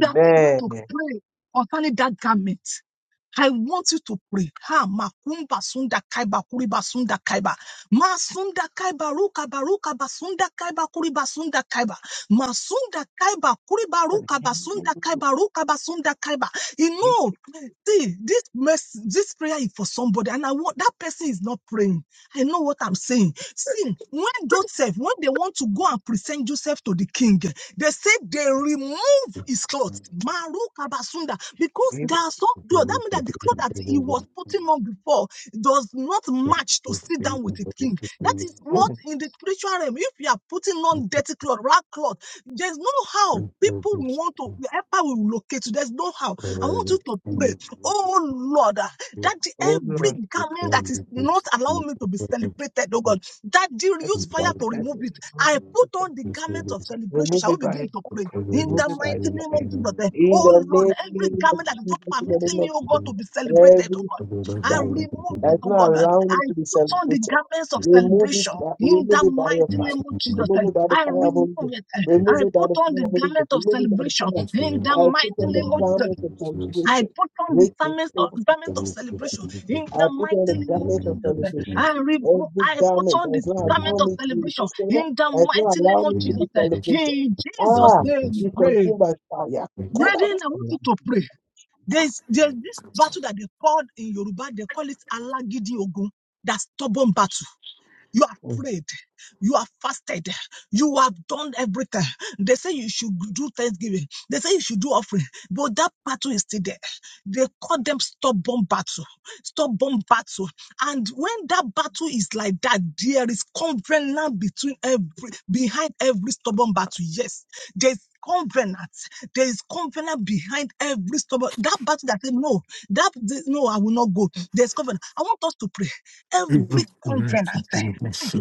E: We are still going to pray concerning that garment. I want you to pray. Ha makumba sunda kaiba kuriba sunda kaiba. Ma sunda kaiba ruka baruka basunda kaiba kuriba sunda kaiba. Ma sunda kaiba kuriba ruka basunda kaiba ruka basunda kaiba. You
B: You-
E: know, see, this mess, this prayer is for somebody, and I want that person is not praying. I know what I'm saying. See, when Joseph, when they want to go and present Joseph to the king, they say they remove his clothes. Maruka Because
B: you-
E: there are some clothes, that means that the clothes that he was putting on before does not match to sit down with the king. That is what
B: mm.
E: in the spiritual realm, if you are putting on dirty cloth, rag cloth, there's no how people will want to, wherever will locate you, there's no how. I want
D: Thank
E: you to pray, oh Lord, ah, that the-
B: Oh
E: every
B: Lord,
E: garment that is not allowing me to be celebrated, oh God, that you
B: every
E: use fire to
B: garment that
E: remove
B: is
E: it.
B: wrong
E: I
B: to
E: put
B: be
E: on the
B: separated.
E: garment of celebration.
B: remove
E: Shall
B: it
E: we
B: by
E: begin to pray? In the
B: remove it by
E: mighty name
B: fire.
E: of Jesus, eh,
B: In the
E: oh Lord, every
B: name of
E: garment that is not
B: Jesus, in the
E: permitting
B: name
E: me,
B: of
E: oh
B: Jesus,
E: God, to be celebrated, oh
B: every
E: God, I
B: garment
E: remove
B: that
E: it,
B: is
E: oh God.
B: not
E: eh.
B: allowing me
E: I
B: to be
E: put on the
B: celebrated,
E: garments of
B: remove it
E: celebration.
B: by
E: In the
B: remove it by your
E: mighty name
B: fire.
E: of Jesus, eh,
B: Remove it by the
E: I
B: fire of
E: remove
B: Holy Ghost.
E: it. eh,
B: Remove
E: I
B: it by
E: put
B: the
E: on
B: fire
E: the
B: of Holy Ghost.
E: garment of
B: Remove it by the
E: celebration.
B: fire.
E: In the
B: I put
E: mighty
B: on the
E: name of Jesus,
B: garment of
E: I
B: celebration.
E: put on the
B: Make it
E: garment of,
B: able
E: garment
B: to
E: of celebration. In
B: I
E: the
B: put on the
E: mighty name of
B: garment of
E: Jesus, eh,
B: celebration.
E: I remove.
B: Every
E: I put
B: garment that
E: on the
B: does not allow
E: garment of
B: me to
E: celebration.
B: receive favor,
E: In the
B: that does not
E: mighty name
B: allow
E: of
B: me to be
E: Jesus, eh,
B: celebrated.
E: in Jesus'
B: Ah,
E: name, we
B: be
E: pray.
B: consumed by fire. Get out
E: Brethren,
B: of
E: I want
B: my
E: you
B: life.
E: to
B: in the
E: pray.
B: name of
E: There's,
B: Jesus.
E: there's this
D: you.
E: battle that they called in Yoruba, they call it Alagidi Ogun, that stubborn battle. You have
B: Mm.
E: prayed. You have fasted. You have done everything. They say you should do thanksgiving. They say you should do offering. But that battle is still there. They call them stubborn battle. Stubborn battle. And when that battle is like that, there is covenant between every behind every stubborn battle. Yes. There's covenant. There is covenant behind every stubborn that battle that say no, that no, I will not go. There's covenant. I want us to pray
D: I
E: every covenant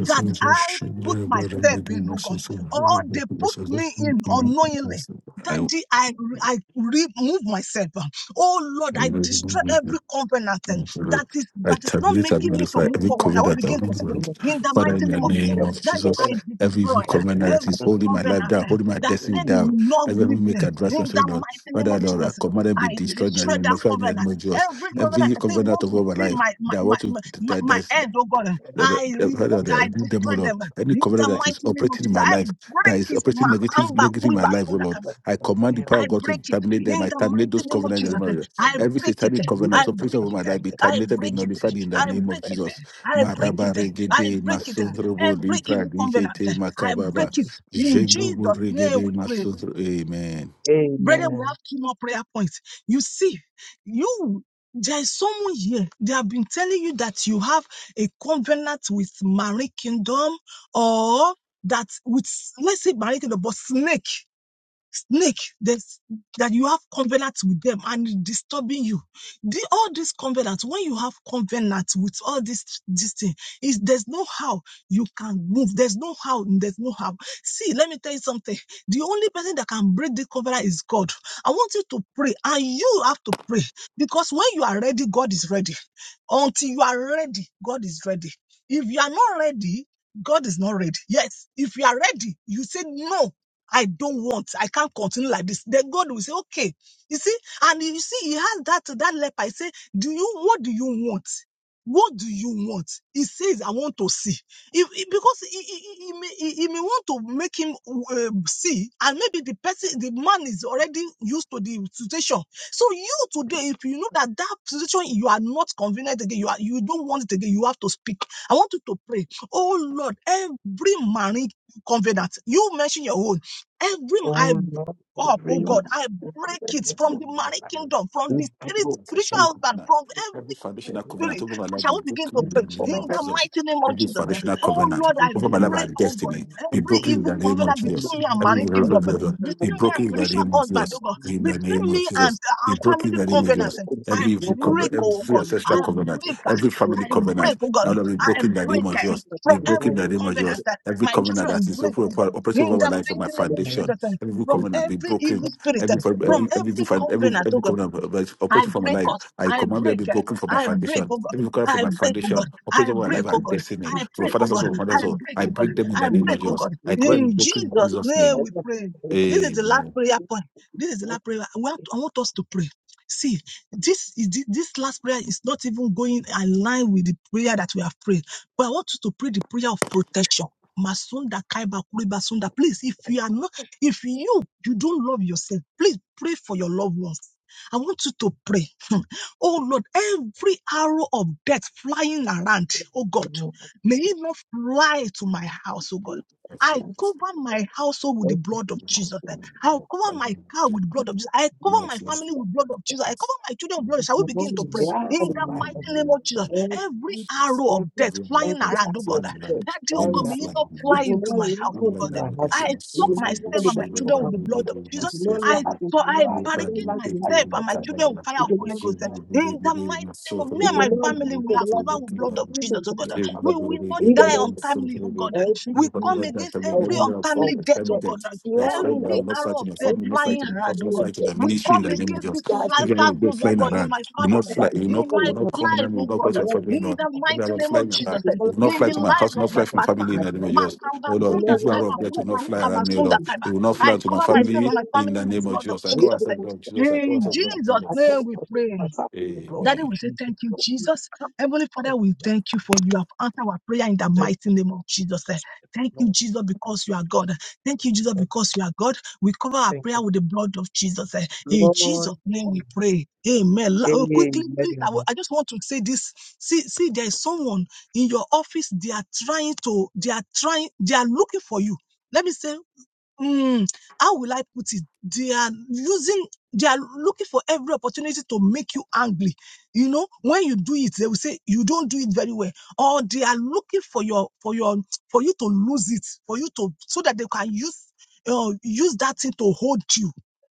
E: that I put myself in, oh God, or they put me in unknowingly. Daddy, I re- I remove myself. um, Oh Lord, I destroy every covenant um, that is that is not
D: tabulate and
E: making me to
D: modify
E: move
D: every
E: forward. I will
D: covenant that
E: begin to
D: holds my
B: You
E: pray
D: life.
B: must
E: in
B: keep
E: the
D: Father, in
E: mighty
D: the
E: name
B: Every
E: of Jesus.
D: name of
B: devil
E: Daddy,
D: Jesus,
E: I
B: covenant
D: every
E: destroy
D: evil
E: uh,
B: that
D: covenant
B: you
D: that
B: are
D: is
E: every
B: not
D: holding my
E: covenant
D: life down,
E: um,
D: holding my
E: that
D: destiny
B: in the
E: said
B: name
E: it
D: down,
E: will not
D: that me
E: leave
D: make
E: me. In
B: of
D: advancements, O
E: the
B: Jesus.
D: Lord.
E: mighty name
D: Father,
E: of
B: You
D: Lord, I
E: Jesus, um,
D: command them be
E: I
D: destroyed in the
E: destroy
D: name
E: that
D: of in the name
E: covenant.
D: of Jesus.
E: Every
B: give to
E: covenant
D: Every
E: that
B: the Lord.
E: say
D: covenant
E: want
D: of
E: to
D: all my
E: see
D: life
E: my my,
D: that I
E: my,
D: want to,
E: my my, my end, oh God.
B: You are
D: that- that-
E: I
D: that-
E: remove,
D: hold on, that-
E: I
D: remove them, oh
E: destroy
D: Lord.
E: them.
D: Any
E: In the
D: covenant that is
E: mighty name of
D: operating in
E: Jesus,
D: my
E: I
D: life, that
E: break
D: is
E: it.
D: operating negative,
E: Makamba
D: negative in my
E: kuriba
D: life, oh
E: sunga
D: Lord.
E: kama.
D: I command the power
E: I
D: of God to
E: break it
D: terminate them.
E: in
D: I
E: the
D: terminate those
E: mighty name of
D: covenants. in the
E: Jesus.
D: name of Jesus.
B: the
E: I
B: Lord. I
D: Every
E: break it.
D: satanic
E: I
B: evil
D: covenant operating
E: break
D: over
B: person
E: it.
D: my
B: to the
D: life be
E: I
B: second,
D: terminated, be
E: break it.
B: evil
D: nullified in the
E: I
B: person to
D: name
B: the
D: of
E: break it.
B: second,
D: Jesus.
E: I break
B: evil
D: Maraba
E: it.
B: person to
E: I
D: regede
E: break
B: the
E: it.
B: second,
D: masondrobo
B: evil
E: Every
D: lipra
B: person
E: evil
B: to
E: covenant,
D: dikete
E: I
D: makababa.
E: break it. In
B: the
E: Jesus'
D: Jendrobo
E: name
B: broken.
D: regede
E: we pray.
D: masondro. Amen.
E: Brother, we have
B: Amen.
E: two more prayer points. You see, you there is someone here. They have been telling you that you have a covenant with Marie Kingdom or that with let's say Marie Kingdom, but snake snake that's, that you have covenant with them and disturbing you. The, all these covenants, when you have covenant with all this, this thing, is there's no how you can move. There's no how, there's no how. See, let me tell you something. The only person that can break the covenant is God. I want you to pray and you have to pray because when you are ready, God is ready. Until you are ready, God is ready. If you are not ready, God is not ready. Yes. If you are ready, you say no. I don't want. I can't continue like this. Then God will say, okay. You see, and you see, he has that, that leper. He say, do you, what do you want? What do you want? He says, I want to see. If, if- because he, he, he, he may, he, he may want to make him uh, see, and maybe the person, the man is already used to the situation. So you today, if you know that that situation, you are not convenient again, you are, you don't want it again, you have to speak. I want you to pray. Oh Lord, every marine covenant, you mention your own. Every I
B: Oh
E: break
B: Lord,
E: up, oh
B: every
E: God, I break it from the money kingdom, from
B: who
E: the spirit,
D: Every
B: broke
E: spiritual
D: ancestral
B: me,
E: husband,
D: covenant,
E: from
D: every
E: every
D: foundational covenant
E: spirit.
D: over my life, be
E: Shall we begin
D: broken
E: to
D: in the
B: every
E: preach in
D: name of
E: the
B: covenant
D: Jesus.
B: is
E: mighty name of
D: Every
B: written
E: Jesus?
B: by
E: eh,
D: foundational
B: with
E: Oh
D: covenant
E: Lord, I
B: marriage
D: over
B: in
D: my
B: the
D: life
E: break
D: and
E: oh God,
D: destiny, be
B: temple,
E: every
D: broken
B: with
D: in
E: evil
D: the name
B: the
D: of
E: covenant
D: Jesus.
E: between me and
B: family,
D: Every
E: my kingdom,
B: every
E: eh,
D: revelation,
B: covenant
D: be
E: between me and
D: broken in the
E: spiritual
B: is
D: name of
E: husband, oh
D: Jesus.
E: God,
B: written
D: In the
B: by
D: name
E: between
D: of
E: me
B: the
E: and
D: Jesus,
E: uh,
D: be
E: our
D: broken in
E: family
D: the name
B: He's
D: of
E: covenant.
D: Jesus.
E: eh,
B: broken. He's
E: I
D: Every evil
B: broken.
E: break,
D: covenant,
E: oh
D: every
E: God,
B: He's
D: ancestral
E: I
B: broken.
D: covenant,
B: He's
E: break,
B: broken.
E: eh,
B: He's
D: every family
E: I
B: broken.
D: covenant,
E: break, oh God,
D: I
B: He's
D: will be
B: broken.
E: I
D: broken in the
B: He's
D: name
E: break
D: of
E: eh,
D: Jesus.
E: from
D: Be broken in
E: every
D: the
B: broken.
D: name of
E: covenant.
D: Jesus.
E: eh,
D: Every
E: My
D: covenant that
E: children
D: is
E: break,
D: open-
E: oh God
D: operating
E: in
D: over my
E: the
D: life and my
E: mighty name of
D: foundation,
E: Jesus, um,
D: every
E: from
D: covenant be
E: every
D: broken
E: evil spirit,
D: Every
E: um,
D: for-
E: from
D: every every
E: every
D: different- every
E: covenant, oh
D: every
E: God,
D: covenant of- of-
E: I
D: operating from my
E: break
D: life,
E: off.
D: I
E: I
D: command you every
E: break. eh,
D: broken from my
E: I break,
D: foundation,
E: oh God.
D: every required from
E: I
D: my
E: break, oh God.
D: foundation,
E: I
D: operating from my
E: break,
D: life
E: oh
D: and
E: God.
D: destiny,
E: I
D: from my
E: break, oh
D: father's house,
B: He's
E: God.
D: from my
E: I
D: mother's house.
E: break,
D: I
E: oh God.
D: break them in
E: I
D: the name
E: break,
D: of
E: oh
D: Jesus.
E: God.
D: I command every
E: In
D: broken in
E: Jesus'
D: Jesus'
E: name
D: name.
E: we pray. This is the last prayer point. This is the last prayer. I want, I want us to pray. See, this is thi- this last prayer is not even going in line with the prayer that we have prayed. But I want you to pray the prayer of protection. Masunda Kaiba Kuriba Sunda. Please, if you are not, if you you don't love yourself, please pray for your loved ones I want you to pray. *laughs* Hmm. Oh Lord, every arrow of death flying around, oh God,
B: broken.
E: may it not fly to my house, oh God. I cover my household with the blood of Jesus. I cover my car with the blood of Jesus. I cover my
B: It's
E: family
D: Amen.
E: with the blood of Jesus. I
D: Every hour,
E: cover my children with blood. Shall we begin to
B: Promoting
E: pray?
D: that's
B: God
E: In
B: in
E: the
D: flying,
B: my
D: but
E: mighty name
B: houses.
E: of Jesus,
B: Every,
E: every arrow of
B: every,
E: death
B: every
E: flying around, oh
B: area
E: God,
B: of sex,
E: that day, oh God
B: find
E: may
B: out.
E: it not
B: It
E: fly
B: will
E: into
B: not
E: my house, oh
B: land
E: God.
B: in my
E: I
B: houses. It
E: soak
B: will not
E: myself
B: land in
E: and
B: the
E: my
B: life of
E: children
B: my
E: with the blood
B: children.
E: of
B: It
E: Jesus.
B: will not
E: I
B: land
E: so
B: in the
E: I
B: life. It will
E: barricade
B: not land in the life
E: myself
B: of my
E: and my children
B: family.
E: with fire
B: It
E: of
B: will
E: Holy
B: not
E: Ghost.
B: land.
E: eh, In
B: in-
E: the mighty name of me
B: It
E: and
B: will
E: my
B: not land
E: family,
B: in
E: we
B: the
E: are
B: life of
E: covered with
B: my
E: blood of Jesus,
B: children,
E: oh
B: to
E: God. eh.
B: their
E: We
B: family.
E: will not
B: In the
E: die
B: name of
E: untimely,
B: Jesus,
E: oh God. eh.
B: every
E: We come
B: evil
E: against every
B: power
E: untimely
B: of
E: death, oh
B: sex,
E: God. eh.
B: flying
E: Every
D: I'm
B: out.
D: not
E: arrow
D: fighting
E: of
D: your
E: death
D: family,
B: Every
D: not
E: flying
B: evil
D: fighting your house,
E: around, oh
D: not
B: power of
E: God.
D: fighting your
E: We
B: sex
D: ministry in
E: come
D: the name of
E: against
D: Jesus.
E: it
B: that
E: in
B: has
D: If
E: life,
B: been
D: you're going to be
E: oh
D: flying
E: God, in
D: around,
E: my
B: I
D: you
E: family,
D: not fly, you
E: in
D: not
E: my
D: you not come near
E: life,
D: me,
E: oh
D: you not
E: God.
D: put your
E: eh.
D: family
E: In
D: on.
E: the
D: If you're
E: mighty
D: not
E: name of
D: flying around,
E: Jesus, eh,
D: you will not
E: in
D: fly
E: the
D: to my
E: life
D: house, you will
E: of
D: not
E: my
D: fly to my
E: partner.
D: family in the name of Jesus.
E: Makamba
D: Oh Lord,
E: sunda
D: if you are
E: kaiba
D: of death, you will
E: kuba
D: not fly
E: ruka
D: around me, oh Lord.
E: basunda
D: It will not
E: I
D: fly to my
E: cover myself and
D: family
E: my
D: in
E: family
D: the
E: with the
D: name of
E: blood of
D: Jesus. I
E: Jesus.
D: call
E: eh.
D: myself Lord Jesus. I call
E: In
D: myself Lord
E: Jesus'
B: come
E: name
D: Jesus.
E: we
B: across my
E: pray.
B: family with the blood of
E: Daddy, we
D: Amen.
E: say
B: Jesus.
E: thank you,
B: Lord, you
E: Jesus.
B: come
E: Heavenly
B: to
E: Father,
B: me.
E: we thank you for you have answered our prayer in the
B: Thank
E: mighty name of
B: you,
E: Jesus.
B: Jesus.
E: eh. Thank you,
B: Lord,
E: Jesus, because you are God. Thank you, Jesus,
B: thank you.
E: because you are God. We cover our
B: Thank
E: prayer
B: you.
E: with the blood of Jesus. eh. In
B: Lord
E: Jesus' name we
B: Jesus.
E: pray. Amen. La- oh,
B: Amen.
E: Quickly, please, I, will- I just want to say this. See, see, there is someone in your office, they are trying to, they are trying, they are looking for you. Let me say Mm, how will I put it? They are using, they are looking for every opportunity to make you angry. You know, when you do it, they will say you don't do it very well, or they are looking for your, for your, for you to lose it, for you to, so that they can use, uh, use that thing to hold you.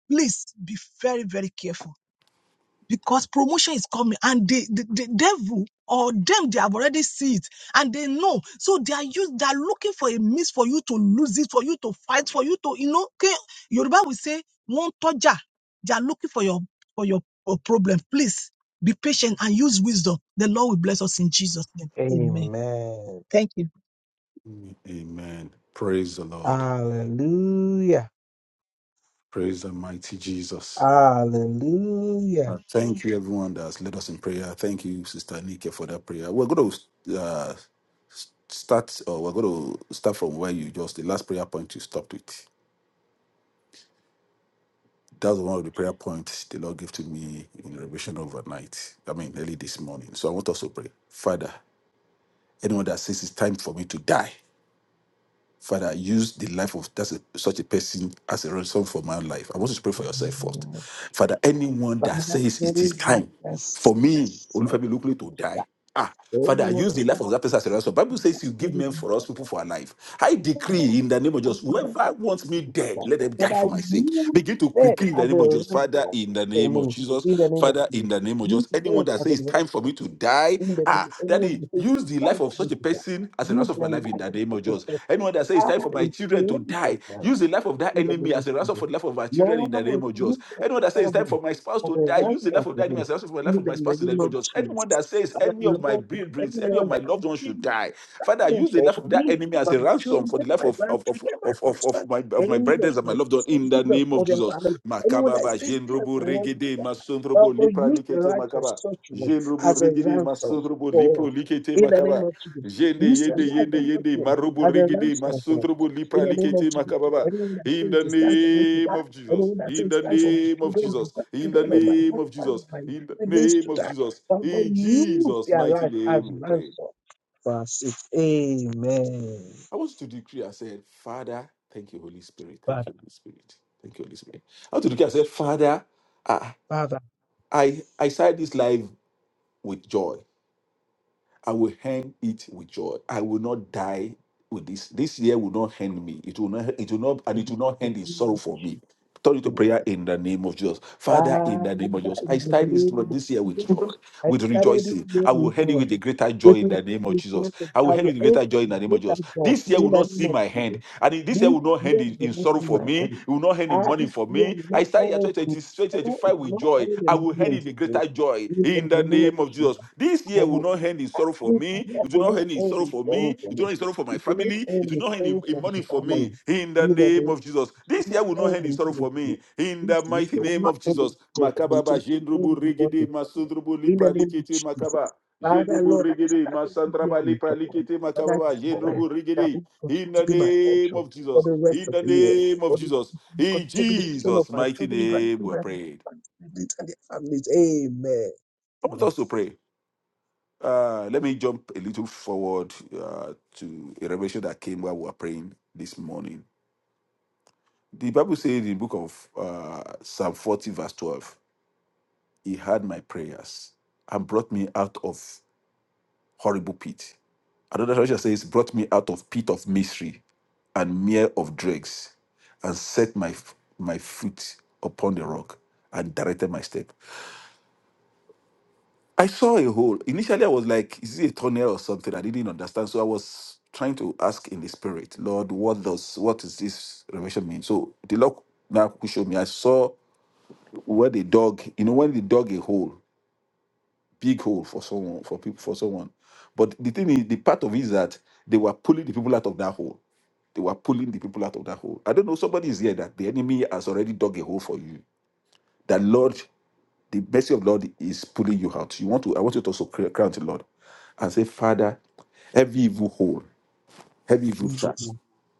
E: Please be very, very careful because promotion is coming and the, the, the devil or them they have already seen, it and they know so they are use they are looking for a means for you to lose it for you to fight for you to you know okay yoruba will say one toja they are looking for your for your, your problem please be patient and use wisdom the lord will bless us in jesus name amen
B: Amen.
E: thank you
D: Amen. Praise the Lord.
B: Hallelujah.
D: Praise the mighty Jesus.
B: Hallelujah.
D: Uh, thank you, everyone that's led us in prayer. Thank you, Sister Nike, for that prayer. We're going to uh, s- start, or we're going to start from where you just the last prayer point you stopped with. That was one of the prayer points the Lord gave to me in revelation overnight. I mean, early this morning. So I want us to pray, Father. Anyone that says it's time for me to die, Father, use the life of that's a, such a person as a ransom for my life. I want you to pray for
B: the name
D: yourself first.
B: of
D: Father, anyone that
B: Father,
D: says
B: there
D: it is
B: is
D: time for
B: mercy
D: me,
B: that
D: Olufemi Olukule,
B: you
D: to
B: to
D: die.
B: that.
D: Ah, Father, I
B: Anyone
D: use
B: who
D: the life of that person as a ransom. Bible
B: has
D: says you give
B: been
D: men for us, people for our life. I
B: wrong,
D: decree in the name of
B: I'm
D: Jesus,
B: going
D: whoever wants
B: to
D: me
B: to
D: dead,
B: that.
D: let them
B: But
D: die
B: I
D: for my sake.
B: use
D: Begin to
B: them
D: decree in the
B: as a
D: name of Jesus.
B: ransom
D: Father, in the name of
B: for
D: Jesus.
B: me in the name of
D: Father, in
B: Jesus.
D: the name of
B: Use
D: Jesus. Anyone
B: them
D: that
B: as a
D: says it's
B: ransom
D: time for me
B: for
D: to to
B: me
D: die.
B: in the name
D: Ah,
B: of anyone
D: Daddy,
B: who is
D: use the life
B: dying for
D: of
B: me
D: such a
B: to die.
D: person as a
B: Use
D: ransom for
B: the
D: my life in
B: life
D: the
B: of
D: name of
B: such
D: Jesus.
B: a person
D: Anyone that says it's
B: as
D: time for my
B: a
D: children to
B: slave of
D: die,
B: mine.
D: use the life of that
B: in the name
D: enemy
B: of
D: as a ransom
B: Jesus.
D: for the life of our children in the name
B: Lord,
D: of
B: you
D: Jesus.
B: are
D: Anyone that says it's time
B: sovereign
D: for my spouse
B: for
D: to
B: the
D: die,
B: right
D: use the life
B: of
D: of that enemy
B: man
D: as a ransom for the life
B: in
D: of
B: the
D: my spouse in the
B: name
D: name
B: of
D: of Jesus. Anyone
B: Jesus.
D: that says
B: And
D: any
B: then,
D: of my
B: Lord, if
D: breeds, any of
B: anyone
D: my loved ones
B: that
D: should die, Father,
B: problem
D: use the
B: for
D: life of that
B: me,
D: enemy as
B: my
D: a
B: children,
D: ransom for the life
B: my
D: of of of
B: grandchildren, my
D: of, of, of
B: husband,
D: my of my
B: any of
D: brethren and
B: my
D: my loved one in the
B: siblings of
D: name of
B: other
D: Jesus.
B: family, anyone
D: Makaba
B: that is
D: ba
B: still alive
D: jendrobo
B: for wants to
D: regede
B: die. uh,
D: masondrobo
B: But God
D: lipra
B: use the
D: likete
B: rights of
D: makaba.
B: such one
D: Jendrobo
B: as a
D: regede
B: ransom
D: masondrobo
B: for
D: lipro
B: us.
D: likete
B: In the name
D: makaba.
B: of Jesus.
D: Jende
B: Use the
D: yende
B: life
D: yende
B: of such
D: yende
B: one
D: marobo
B: as a
D: regede
B: ransom for us.
D: masondrobo
B: In
D: lipra
B: the name of
D: likete
B: Jesus.
D: makababa.
B: Anyone that
D: In
B: says
D: the
B: it's time for me to die,
D: name of Jesus.
B: anyone that says
D: In
B: it's
D: the
B: time for my
D: name of
B: children,
D: Jesus.
B: my
D: In the
B: grandchildren, or my
D: name of
B: husband, or
D: Jesus.
B: my
D: In the
B: siblings
D: name
B: to
D: of
B: die.
D: Jesus.
B: But God
D: In
B: use
D: Jesus'
B: their
D: mighty
B: life as
D: name we pray.
B: ransom verse 6. Amen.
D: I want you to decree I said, Father, thank you, Holy Spirit. Thank
B: Father,
D: you, Holy Spirit. Thank you, Holy Spirit. I want to decree I
B: Jesus.
D: said, Father, I
B: Father,
D: I, I start this life with joy. I will hang it with joy. I will not die with this. This year will not hand me. It will not, it will not, and
B: in
D: it will not
B: the
D: hand in
B: name
D: sorrow
B: of
D: for me.
B: Jesus.
D: Turn it to prayer in the name of Jesus. Father, in
B: Father,
D: the name of Jesus. I
B: in the
D: start this,
B: name of
D: this year with
B: Jesus,
D: joy,
B: I
D: with
B: started this
D: rejoicing.
B: year
D: I will
B: with
D: hand you
B: joy.
D: with a greater joy
B: With
D: in the name of Jesus.
B: rejoicing,
D: I will
B: I
D: hand you
B: will
D: with a
B: end
D: greater
B: it
D: joy in
B: with
D: the name of
B: greater
D: Jesus.
B: joy
D: This year
B: in
D: will
B: the
D: not
B: name
D: see
B: of
D: my hand.
B: Jesus.
D: And in this year
B: This
D: will not end
B: year
D: in,
B: will
D: in
B: not
D: sorrow
B: be
D: for
B: my
D: me. It
B: end.
D: will not end in
B: Ah,
D: mourning
B: this
D: for
B: year
D: me.
B: will
D: I
B: not
D: start year
B: end
D: 2020
B: with sorrow. It
D: 2025 with
B: will not
D: joy.
B: end
D: I
B: in
D: will end in
B: millions. of
D: the
B: ways.
D: greater joy
B: In the
D: in the
B: name of
D: name of
B: Jesus.
D: Jesus. This
B: I
D: year will
B: will.
D: not end in
B: I
D: sorrow for
B: This
D: me.
B: year
D: It will
B: will
D: not
B: not
D: end in
B: end
D: sorrow
B: in
D: for me.
B: sorrow for
D: It will
B: me.
D: not end in sorrow for my
B: It will not
D: family. It
B: end
D: will
B: in
D: not end
B: sorrow
D: in, in
B: for the
D: mourning for
B: family.
D: me in the
B: Neither
D: name
B: will
D: of
B: it
D: Jesus. This year
B: not
D: will not
B: end
D: end in
B: in
D: sorrow for me
B: unity.
D: in
B: This
D: the
B: year
D: mighty
B: will
D: name
B: not
D: of
B: end in
D: Jesus.
B: sorrow for me. It
D: Makababa,
B: will not end
D: Jendrubu,
B: in
D: Regede,
B: bondage for me.
D: Masundrubu,
B: In the
D: Lipra,
B: name of Jesus.
D: Makaba.
B: Father,
D: Jendrubu,
B: Lord, I
D: Regede,
B: start started this year
D: Masandraba,
B: in
D: Lipra,
B: trouble. Father,
D: Makababa,
B: God,
D: Jendrubu,
B: that
D: Regede.
B: it continue
D: In
B: to
D: the
B: be my
D: name
B: portion
D: of
B: for
D: Jesus.
B: the rest
D: In
B: of
D: the
B: the year.
D: name of
B: For the
D: Jesus.
B: continue,
D: In
B: continue to be the portion of
D: Jesus'
B: my
D: mighty
B: children,
D: name, we are
B: grandchildren,
D: praying.
B: and siblings and their families. Amen.
D: I want
B: Amen.
D: us to pray. Uh, let me jump a little forward uh, to a revelation that came while we were praying this morning. The Bible says in the book of uh, Psalm 40, verse 12, He heard my prayers and brought me out of horrible pit. Another translation says, brought me out of pit of misery and mere of dregs, and set my my foot upon the rock and directed my step. I saw a hole. Initially, I was like, is it a tunnel or something? I didn't understand. So I was trying to ask in the spirit, Lord, what does what does this revelation mean? So the Lord now showed me. I saw where the dog, you know, when they dug a hole. big hole for someone for people for someone. But the thing is, the part of it is that they were pulling the people out of that hole. They were pulling the people out of that hole. I don't know. Somebody is here that the enemy has already dug a hole for you. That Lord, the mercy of Lord is pulling you out. You want to? I want you to also cry cry unto the Lord and say, Father, every evil hole, every evil
B: Evil,
D: trap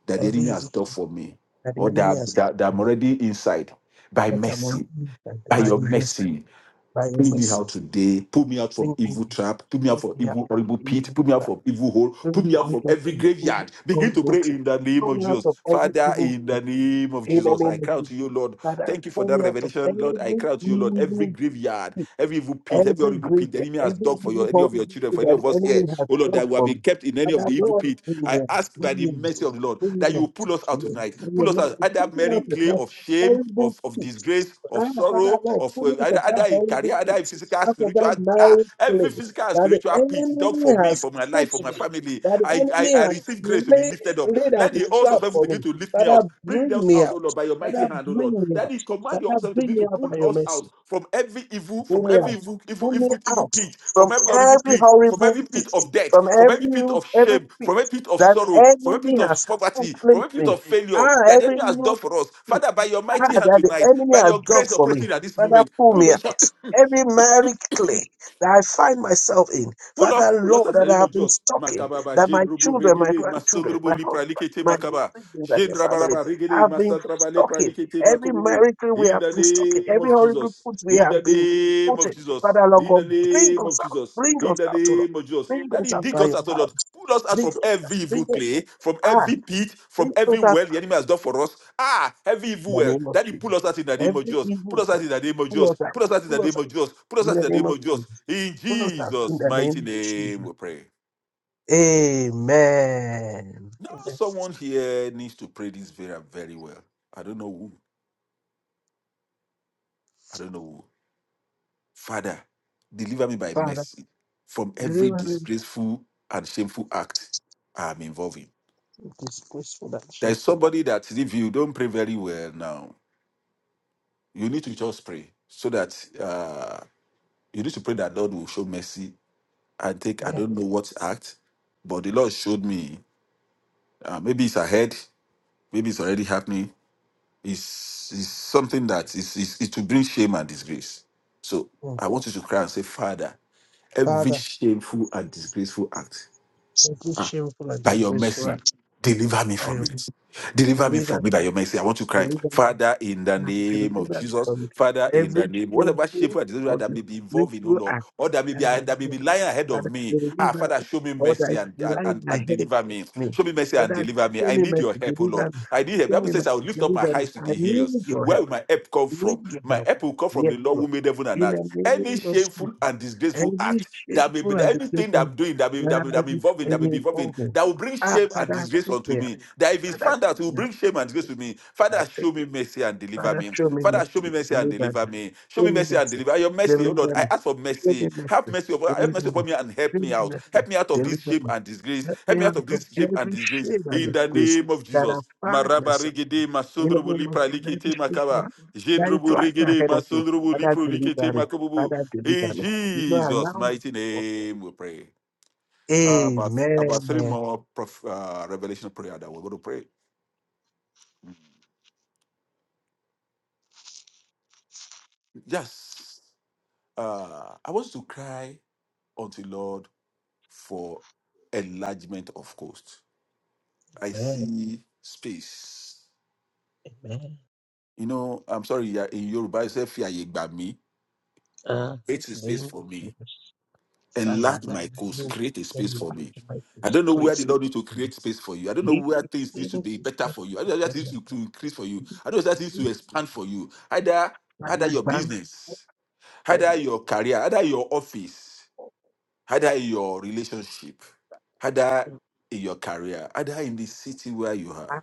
D: that the
B: every
D: enemy has
B: evil
D: done for me,
B: that the
D: or
B: enemy
D: that,
B: has
D: that, that I'm
B: taken,
D: already inside, by
B: that I'm
D: mercy,
B: united
D: by
B: by
D: your
B: your mercy,
D: mercy.
B: by your
D: Pull me
B: mercy.
D: out today. Pull me out from
B: Bring me,
D: evil trap. Pull me
B: bring
D: out from
B: me out
D: evil
B: of
D: horrible pit.
B: evil
D: Pull me out
B: trap,
D: from evil hole. Pull
B: bring
D: me
B: me
D: out
B: out
D: from
B: of
D: every
B: evil
D: graveyard. Begin to pray
B: adultery,
D: in the name
B: pull
D: of
B: me out
D: Jesus.
B: of every
D: Father,
B: evil
D: in the
B: grip.
D: name of
B: In the
D: Jesus, I
B: name of
D: cry
B: Jesus,
D: to you, Lord.
B: Father,
D: Thank you for
B: pull
D: that
B: me out of
D: revelation,
B: every
D: Lord. I cry to you, Lord. Every
B: evil
D: graveyard,
B: grip,
D: every evil pit, every
B: every
D: horrible pit, the
B: graveyard,
D: enemy has
B: every
D: dug for
B: evil
D: your any of
B: body
D: your children,
B: that
D: for any of
B: the
D: us
B: enemy
D: here.
B: has
D: Oh Lord,
B: dug
D: that we have
B: for
D: been
B: me.
D: kept in any of
B: Father,
D: the evil
B: Lord,
D: pit.
B: bring me
D: I
B: out,
D: ask by
B: bring
D: the
B: me out,
D: mercy of the Lord
B: bring
D: that
B: me
D: you
B: out.
D: will pull us out
B: Yes,
D: tonight.
B: bring me
D: Pull us out.
B: out, pull
D: Either
B: me
D: merry
B: out of
D: clay
B: that
D: of shame,
B: horrible
D: of, of
B: pit.
D: disgrace, of
B: Ah, Father
D: sorrow,
B: Lord,
D: of uh,
B: fullness
D: either,
B: of
D: either
B: that
D: it
B: horrible
D: career, either
B: pit,
D: in physical,
B: out of
D: spiritual,
B: that
D: ah,
B: miry
D: every
B: clay
D: physical and
B: that the
D: spiritual pit dug for
B: enemy
D: me,
B: has
D: for my
B: put
D: life, for my
B: me,
D: family.
B: that the
D: I, I,
B: enemy
D: I
B: has
D: receive grace to be
B: laid,
D: lifted up.
B: laid as
D: Let
B: a
D: the host of
B: trap
D: heaven
B: for
D: begin
B: me.
D: to lift me out.
B: Father,
D: Bring
B: bring
D: those
B: me
D: out, O
B: out.
D: Lord, by your mighty
B: Father,
D: hand, O
B: bring
D: Lord.
B: me
D: That
B: out.
D: he command
B: Father,
D: yourself to
B: bring
D: begin
B: me
D: to
B: out
D: pull
B: by your
D: us out
B: mercy.
D: from every evil, from
B: Bring me
D: every
B: out.
D: evil, evil,
B: Bring me
D: evil, evil
B: out
D: pit,
B: from
D: from every horrible
B: every
D: pit, from
B: horrible
D: every pit
B: pit,
D: of death,
B: from
D: from every
B: every
D: pit of
B: every
D: shame,
B: pit
D: from every pit of
B: that the
D: sorrow, from every pit
B: enemy
D: of
B: has
D: poverty, from
B: placed
D: every pit
B: me.
D: of failure
B: Ah,
D: that the enemy has
B: every
D: done for us.
B: feet.
D: Father, by your
B: Ah,
D: mighty
B: that
D: hand
B: the
D: tonight,
B: enemy
D: by
B: has
D: your
B: dug
D: grace
B: for me.
D: operating at this
B: Father,
D: moment,
B: pull
D: pull
B: me
D: us out.
B: out. Every miry clay that I find myself in,
D: Pull out,
B: Father,
D: pull out
B: Lord,
D: in the
B: that I
D: name of
B: have been
D: Jesus.
B: stuck in,
D: Makababa,
B: that my
D: Jendrubu,
B: children, my
D: Regede,
B: grandchildren,
D: Masondrubu,
B: my
D: Lipra,
B: husband, my
D: Makaba,
B: siblings, and their families
D: Jendrabaraba, Regede,
B: have been
D: Masandraba,
B: stuck
D: Lepra,
B: in. Every
D: Makobubu.
B: miry clay we
D: In
B: have
D: the
B: been stuck in,
D: name
B: every
D: of
B: horrible
D: Jesus.
B: put we
D: In the
B: have been
D: name
B: put
D: of
B: in.
D: Jesus.
B: Father, Lord
D: In the
B: God, bring
D: name of
B: us out.
D: Jesus.
B: Bring
D: In
B: us
D: the
B: out, O Lord.
D: name of Jesus.
B: Bring
D: That he
B: us out
D: dig
B: by
D: us
B: your
D: out, O
B: power.
D: Lord. Pull us out
B: Bring
D: from
B: us out.
D: every
B: Bring
D: evil
B: us out.
D: clay, from
B: Ah,
D: every pit, from
B: bring
D: every
B: us out
D: well the enemy has done for us. Ah, every
B: in
D: evil
B: the
D: well.
B: name of
D: That he
B: Jesus
D: pull us out in the name of
B: every
D: Jesus. Pull
B: evil
D: us out in the name of
B: Pull
D: Jesus.
B: us out.
D: Pull us out in the
B: Pull us
D: name
B: out
D: of Jesus. Pull us
B: in
D: out in
B: the
D: the
B: name
D: name
B: of
D: of Jesus.
B: Jesus.
D: In
B: Pull us out in
D: Jesus'
B: the name
D: mighty
B: of
D: name
B: Jesus.
D: we pray.
B: Amen.
D: Now
B: Amen.
D: someone here needs to pray this very, very well. I don't know who. I don't know who. Father, deliver me by
B: Father,
D: mercy from every
B: deliver me
D: disgraceful and shameful act I'm involved in.
B: from disgraceful and
D: There's
B: shameful act.
D: somebody that if you don't pray very well now, you need to just pray so that uh, you need to pray that Lord will show mercy and take, I
B: Amen.
D: don't know what act, but the Lord showed me. Uh, maybe it's ahead, maybe it's already happening. It's, it's something that is, is, is to bring shame and disgrace. So
B: Mm.
D: I want you to cry and say, Father, every
B: Father,
D: shameful and disgraceful act
B: every
D: Ah,
B: shameful and
D: by your
B: disgraceful
D: mercy,
B: act,
D: deliver me
B: I
D: from
B: am
D: it. Deliver me from
B: delivered,
D: it by your mercy. I want to cry. Father, in the
B: and deliver
D: name
B: me
D: of Jesus,
B: from
D: Father, in the
B: every
D: name, whatever
B: shameful
D: shameful and dishonorable
B: or
D: that may be involved in, oh
B: disgraceful
D: Lord,
B: act
D: or that may
B: that
D: be uh,
B: I'm
D: that may
B: doing.
D: be lying ahead of
B: Father,
D: me.
B: deliver me.
D: Ah, Father, show me
B: Or that
D: mercy
B: is
D: and and,
B: lying
D: and
B: ahead
D: deliver
B: of
D: me.
B: me.
D: Show me mercy and
B: Father,
D: deliver me.
B: show
D: I
B: me
D: need your
B: mercy,
D: help, oh Lord.
B: deliver me.
D: I need help. The
B: Show
D: Bible
B: me
D: says
B: mercy,
D: I will lift up my
B: deliver me.
D: eyes to
B: I
D: the hills.
B: need your
D: Where
B: help.
D: will my help come
B: I
D: from?
B: need your
D: My
B: help.
D: help will come from
B: Yes,
D: the Lord who
B: Lord.
D: made heaven and earth
B: In
D: that.
B: the
D: Any
B: name of Jesus,
D: shameful and disgraceful
B: every
D: act that may
B: shameful
D: be
B: and
D: that anything that
B: disgraceful
D: I'm doing that may that may, that may
B: that I
D: involving that
B: am
D: may be involving
B: involved in.
D: that will bring
B: Ah,
D: shame and
B: Father,
D: disgrace
B: take
D: unto
B: me up.
D: me. That if it's
B: Father,
D: found out, it will
B: take me up.
D: bring shame and disgrace to me. Father,
B: Father,
D: show me mercy and deliver
B: Father,
D: me.
B: show me
D: Father, show me
B: mercy.
D: mercy and
B: Deliver
D: deliver
B: me.
D: me. Show
B: Show
D: me
B: me
D: mercy and
B: mercy.
D: deliver. Your mercy, oh Lord,
B: Deliver
D: I
B: me.
D: ask for
B: Show
D: mercy.
B: me
D: Have
B: mercy.
D: mercy upon have mercy
B: Deliver
D: upon
B: me.
D: me and help
B: Show
D: me
B: me
D: out. Help
B: mercy.
D: me out of this
B: Deliver
D: shame
B: me.
D: and disgrace.
B: Let me
D: Help me
B: out
D: out of
B: of
D: this shame and
B: every
D: disgrace.
B: shame and
D: In the
B: disgrace
D: name of
B: that I
D: Jesus.
B: find
D: Maraba
B: myself
D: regede
B: in the
D: masundrubu
B: name of
D: lipra
B: Jesus. Every
D: likete makaba.
B: shameful act that is
D: Jendrobo
B: right
D: regede
B: ahead of me.
D: masondrobo
B: Father,
D: lipro likete
B: deliver me.
D: makobobo.
B: Father,
D: In
B: deliver me. You know,
D: Jesus'
B: allow me.
D: mighty
B: Oh,
D: name we pray. Uh, about
B: Amen.
D: about three
B: Amen.
D: more prof, uh, revelation prayer that we're going to pray. Yes, uh, I want to cry unto Lord for enlargement of coast. I see space.
B: Amen.
D: You know, I'm sorry, yeah, in Yoruba, I say, "Fi àyè gbà mí."
B: Ah, in
D: It's a
B: the
D: space
B: name of
D: for me.
B: Jesus. Father,
D: enlarge
B: back
D: my coast, create a space for me.
B: to my
D: I don't know where the
B: disgrace.
D: Lord need to create space for you. I don't know where things need to
B: Yekepero
D: be better
B: kusana
D: for you. I don't know that
B: kusana.
D: things to, to increase for you. I don't know that things to expand for you. Either either your
B: Ipanibam
D: business, either
B: paipo
D: your career, either your office, either your relationship, either
B: paipa.
D: in your career, either in the city where you are.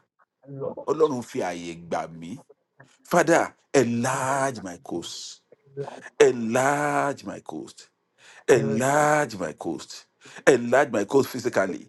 B: Lord,
D: Ọlọ́run fi àyè
B: we
D: gbà mí.
B: thank
D: Father,
B: you
D: enlarge my coast. Enlarge my coast
B: for your
D: enlarge my coast, enlarge my coast
B: love.
D: physically,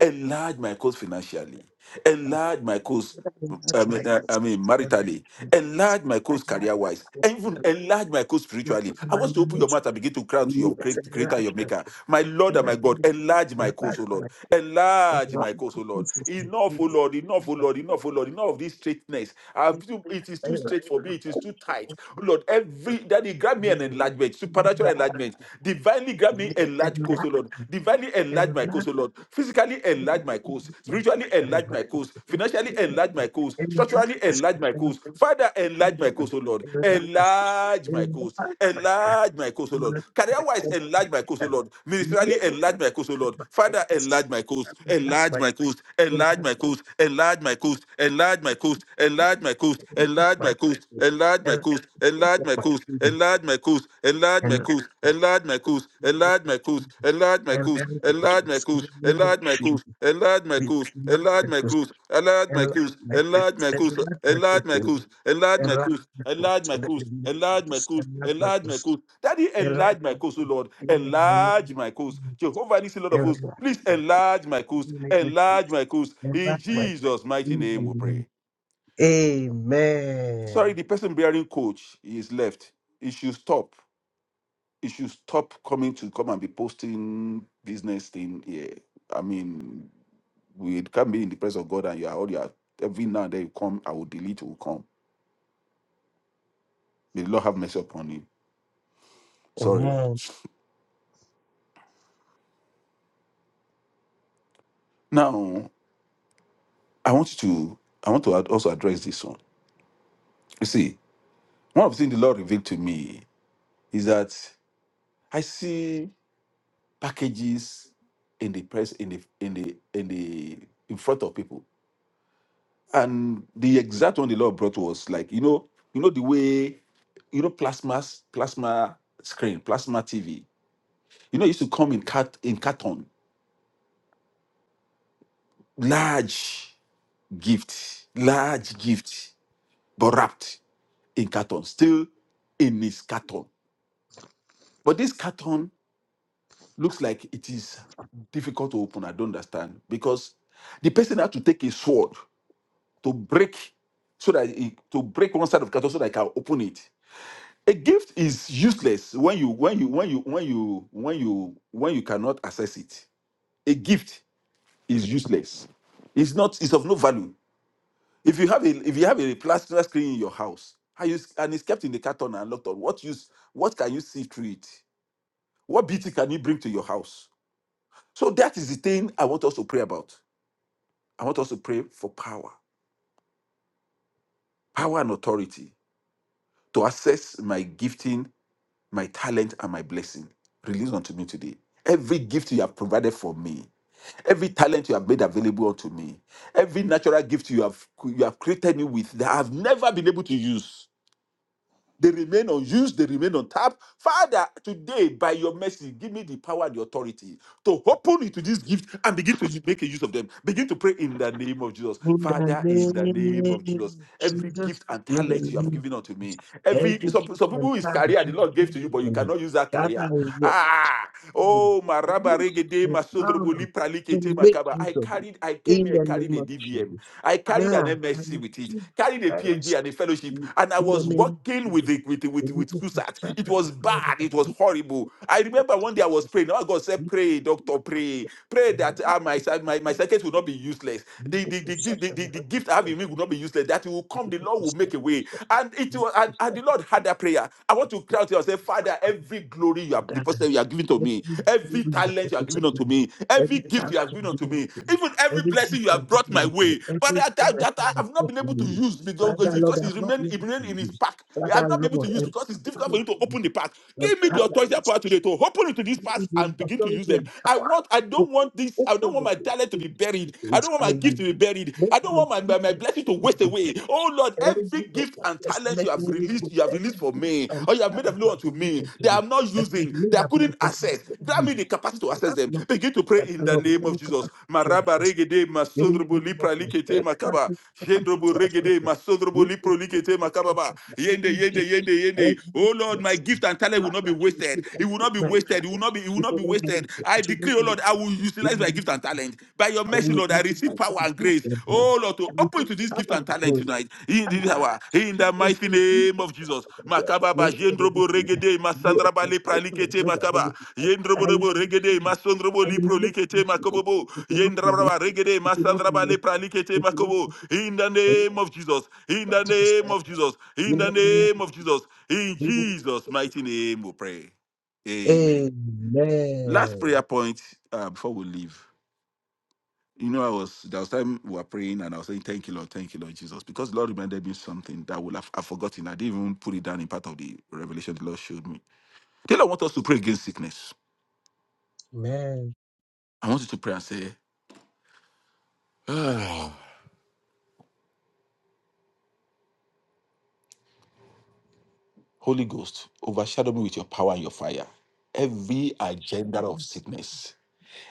D: enlarge my coast financially, enlarge my course.
B: the Shepherd. I love the
D: I
B: Shepherd. I Enlarge
D: mean,
B: my
D: uh, I
B: thirst.
D: mean,
B: I enlarge
D: maritally,
B: my thirst.
D: enlarge my
B: I
D: course
B: enlarge my
D: career-wise, and even
B: prosperity.
D: enlarge my course
B: Lord,
D: spiritually.
B: in
D: I
B: my
D: want you to open your mouth and
B: ministry.
D: begin to crown to your
B: Yes,
D: creat- creator, your
B: enlarge my
D: maker, my
B: prosperity.
D: Lord
B: In
D: and
B: my
D: my God.
B: ministry,
D: Enlarge my course,
B: enlarge
D: O
B: my
D: Lord.
B: faith.
D: Enlarge my
B: Enlarge
D: course,
B: the
D: O Lord.
B: forces of my
D: Enough, O
B: children.
D: Lord. Enough, O
B: The
D: Lord. Enough, O Lord. Enough of this straightness. I've
B: faith
D: too- It is too
B: bearer,
D: straight for
B: the
D: me. It is too tight,
B: host
D: O Lord.
B: Yes,
D: Every daddy, grab me an enlargement, supernatural enlargement, divinely grab me enlarged course, O Lord. Lord. Divinely enlarge my course, O Lord. Physically enlarge my course. Spiritually enlarge my course. Financially enlarge my course. Structurally enlarge my course. Father, enlarge my course, O Lord. Enlarge my course. Enlarge my course, O Lord. Career-wise, enlarge my course, O Lord. Ministerially, enlarge my course, O Lord. Father, enlarge my course. Enlarge my course. Enlarge my course. Enlarge my course. Enlarge my course. Enlarge my course. Enlarge my course. Enlarge my course. Enlarge my
B: my
D: course.
B: children.
D: Enlarge my coast. Enlarge my coast. Enlarge my coast.
B: In the name
D: Enlarge
B: of
D: my coast.
B: Jesus.
D: Enlarge my
B: And
D: coast. Enlarge my
B: us, in the
D: coast.
B: name of
D: Enlarge my coast.
B: Jesus,
D: Enlarge my
B: be
D: coast.
B: not
D: Enlarge my
B: us,
D: coast. Enlarge
B: and
D: my coast.
B: us,
D: Enlarge my
B: and
D: coast.
B: let let
D: Enlarge
B: us,
D: my coast. Enlarge
B: and
D: my
B: let
D: coast. Enlarge my
B: in the
D: coast.
B: name of
D: Enlarge my
B: Jesus, and
D: coast.
B: let let
D: Enlarge my
B: us,
D: coast. Daddy,
B: and let
D: enlarge my coast, O Lord.
B: in the name
D: Enlarge
B: of
D: my coast.
B: Jesus,
D: Jehovah needs a lot of
B: and let
D: hosts.
B: let
D: Please enlarge my
B: in
D: coast.
B: the name of
D: Enlarge
B: Jesus,
D: my coast.
B: and
D: In
B: let let
D: Jesus' mighty
B: in the
D: name we
B: name of Jesus.
D: pray. Sorry,
B: Amen.
D: the person bearing coach is left. He should stop you should stop coming to come and be posting business thing here. I mean, we can be in the presence of God and you are all you are every now and then you come, I will delete, it will come. May the Lord have mercy upon you. Sorry.
B: Amen.
D: Now I want you to I want to ad- also address this one. You see, one of the things the Lord revealed to me is that I see packages in the press in the in the in the in front of people. and the exact one the Lord brought was like you know you know the way you know plasma plasma screen plasma TV you know it used to come in cat in carton large gift large gift but wrapped in carton still in its carton but this carton looks like it is difficult to open I don't understand because the person had to take a sword to break so that it, to break one side of carton so that I can open it a gift is useless when you when you when you when you when you when you cannot access it a gift is useless it's not it's of no value if you have a if you have a plastic screen in your house how you, and it's kept in the carton and locked on what use what can you see through it what beauty can you bring to your house so that is the thing i want us to pray about i want us to pray for power power and authority to access my gifting my talent and my blessing. Release unto me today. Every gift you have provided for me, every talent you have made available unto me, every natural gift you have you have created me with that I've never been able to use. They remain unused, they remain untapped. Father, today, by your mercy, give me the power and the authority to open into this gift and begin to u- make a use of them. Begin to pray in the name of Jesus.
B: In the
D: Father, in the
B: name
D: name of
B: of
D: Jesus, every
B: Jesus,
D: gift and
B: in
D: talent
B: the
D: you have
B: name of
D: given unto
B: Jesus,
D: me, every
B: every
D: some,
B: gift
D: some
B: and
D: people is
B: time that
D: career the
B: you
D: Lord
B: give
D: gave to you, but
B: to
D: you
B: me.
D: cannot use that
B: Father,
D: career.
B: in your
D: Ah, oh, my rabba
B: grace
D: regede,
B: and
D: my
B: power
D: sondroboli
B: to
D: pralikete, my
B: make
D: kaba. I
B: use of it
D: carried, I came
B: in
D: here,
B: the
D: carried
B: name
D: a
B: of
D: DVM.
B: Jesus.
D: I carried an
B: Ah, I
D: MSc with it,
B: receive,
D: carried a
B: I receive
D: PhD and a fellowship,
B: in
D: and I
B: the
D: was
B: name of
D: working with
B: Jesus.
D: it, with
B: The
D: with with
B: name of
D: Kusat. It
B: Santa
D: was
B: Catarina,
D: bad,
B: the
D: it was
B: name
D: horrible.
B: of
D: I remember
B: Santa
D: one day I was
B: Catarina,
D: praying.
B: the
D: Oh God said,
B: name
D: pray,
B: of Santa Catarina, the name
D: doctor,
B: of
D: pray,
B: Santa Catarina,
D: pray
B: the name of
D: that ah,
B: Santa
D: my, my my circuit will not be useless. The the the, the, the, the gift I have in have in me
B: Catarina,
D: will not be useless. That you will come,
B: Every time
D: the Lord will make a way. And it was, and, and the Lord had that prayer. I want to cry out to you and say, Father, every glory you have deposited, you are giving to me, every talent you are giving unto me, every gift you have
B: you
D: given unto
B: given
D: me,
B: to me,
D: even every
B: every
D: blessing
B: gift
D: you
B: you
D: have
B: have
D: brought
B: given
D: my
B: unto me,
D: way. But
B: every
D: that, that,
B: blessing
D: that I
B: you have
D: have not
B: given
D: been
B: to
D: able to
B: me,
D: use because,
B: Father Lord,
D: because
B: I'm
D: it
B: not
D: remained
B: able
D: it
B: to
D: remained in his
B: use.
D: pack. I have
B: Father
D: not been able to
B: Lord,
D: use because it's
B: empower
D: difficult
B: me
D: for you to
B: to use
D: open the
B: it.
D: pack. Give me the
B: Empower
D: authority
B: me.
D: and power today to open into these
B: Give me
D: parts
B: the
D: and begin to use
B: authority
D: them.
B: and
D: I
B: power
D: want, I
B: to
D: don't want this, I don't
B: open
D: want
B: the
D: my
B: way
D: talent to
B: to
D: be
B: it
D: buried. I
B: and
D: don't want my gift
B: use.
D: to
B: it.
D: be buried. I
B: Let
D: don't
B: me
D: want my, my, my blessing to waste
B: speak
D: away. Oh Lord,
B: every
D: every gift
B: one
D: and
B: that's
D: talent
B: making
D: you have
B: me
D: released,
B: with
D: you have released
B: every
D: for
B: gift
D: me,
B: and
D: or you have made
B: challenge
D: available
B: of
D: unto me,
B: religion to
D: that
B: you.
D: I'm not
B: That is
D: using,
B: made
D: that I
B: up in the
D: couldn't access.
B: technical
D: Grant me the
B: use.
D: capacity to
B: But
D: access
B: I'm
D: them.
B: not,
D: Begin to pray
B: but
D: in
B: I'm
D: the
B: not
D: name of
B: going to
D: Jesus.
B: have to
D: Maraba
B: access.
D: regede
B: You need
D: masundrubu
B: to know what
D: lipra
B: you
D: likete
B: said, can't
D: makaba.
B: be protected
D: Jendrobo
B: to access
D: regede,
B: it.
D: masodrobo
B: We
D: lipro
B: give you the
D: likete makababa.
B: potential to
D: Yende,
B: every
D: yende,
B: gift,
D: yende,
B: every
D: yende. Oh Lord, my
B: yes,
D: gift and talent will
B: Father,
D: not be
B: to
D: wasted.
B: receive
D: It will
B: every
D: not be
B: man
D: wasted. It will
B: package.
D: not be, it will
B: If
D: not
B: you
D: be
B: don't
D: wasted.
B: believe it,
D: I
B: if you
D: decree,
B: don't
D: oh Lord,
B: believe
D: I
B: it,
D: will
B: we
D: utilize my gift and
B: will,
D: talent. By your
B: I
D: mercy,
B: will
D: Lord, I receive
B: utilize the
D: power and
B: gift
D: grace.
B: of them.
D: Oh Lord, to
B: And we
D: open
B: can
D: to this
B: come
D: gift and
B: and
D: talent
B: go.
D: tonight. In this hour, in the mighty name of Jesus.
B: Joe,
D: Makababa, yendrobo regede,
B: You
D: masandraba lepra likete makaba.
B: I,
D: Yendrobo
B: I
D: regede masondrobo lipro
B: make
D: likete
B: use of it.
D: makobobo.
B: It will not be wasted.
D: Yendrabraba regede
B: It will not be
D: masandraba lepra
B: wasted.
D: likete
B: It will not
D: makobo.
B: be wasted.
D: In the
B: I will
D: name of Jesus. In
B: fight
D: the
B: to the
D: name
B: side.
D: of Jesus. In
B: In
D: the
B: the name
D: name of Jesus. In
B: of
D: Jesus'
B: Jesus.
D: mighty name we pray. Amen. Last prayer
B: Amen.
D: point uh, before we leave. You know, I was there was time we were praying and I was saying, Thank you, Lord, thank you, Lord Jesus. Because Lord reminded me something that I would have I've forgotten. I didn't even put it down in part of the revelation the Lord showed me. The Lord wants us to pray against sickness.
B: Amen.
D: I want you to pray and say, *sighs* Ah, Holy Ghost, overshadow me with your power and your fire. Every
B: Shut
D: agenda
B: up,
D: of
B: you
D: sickness,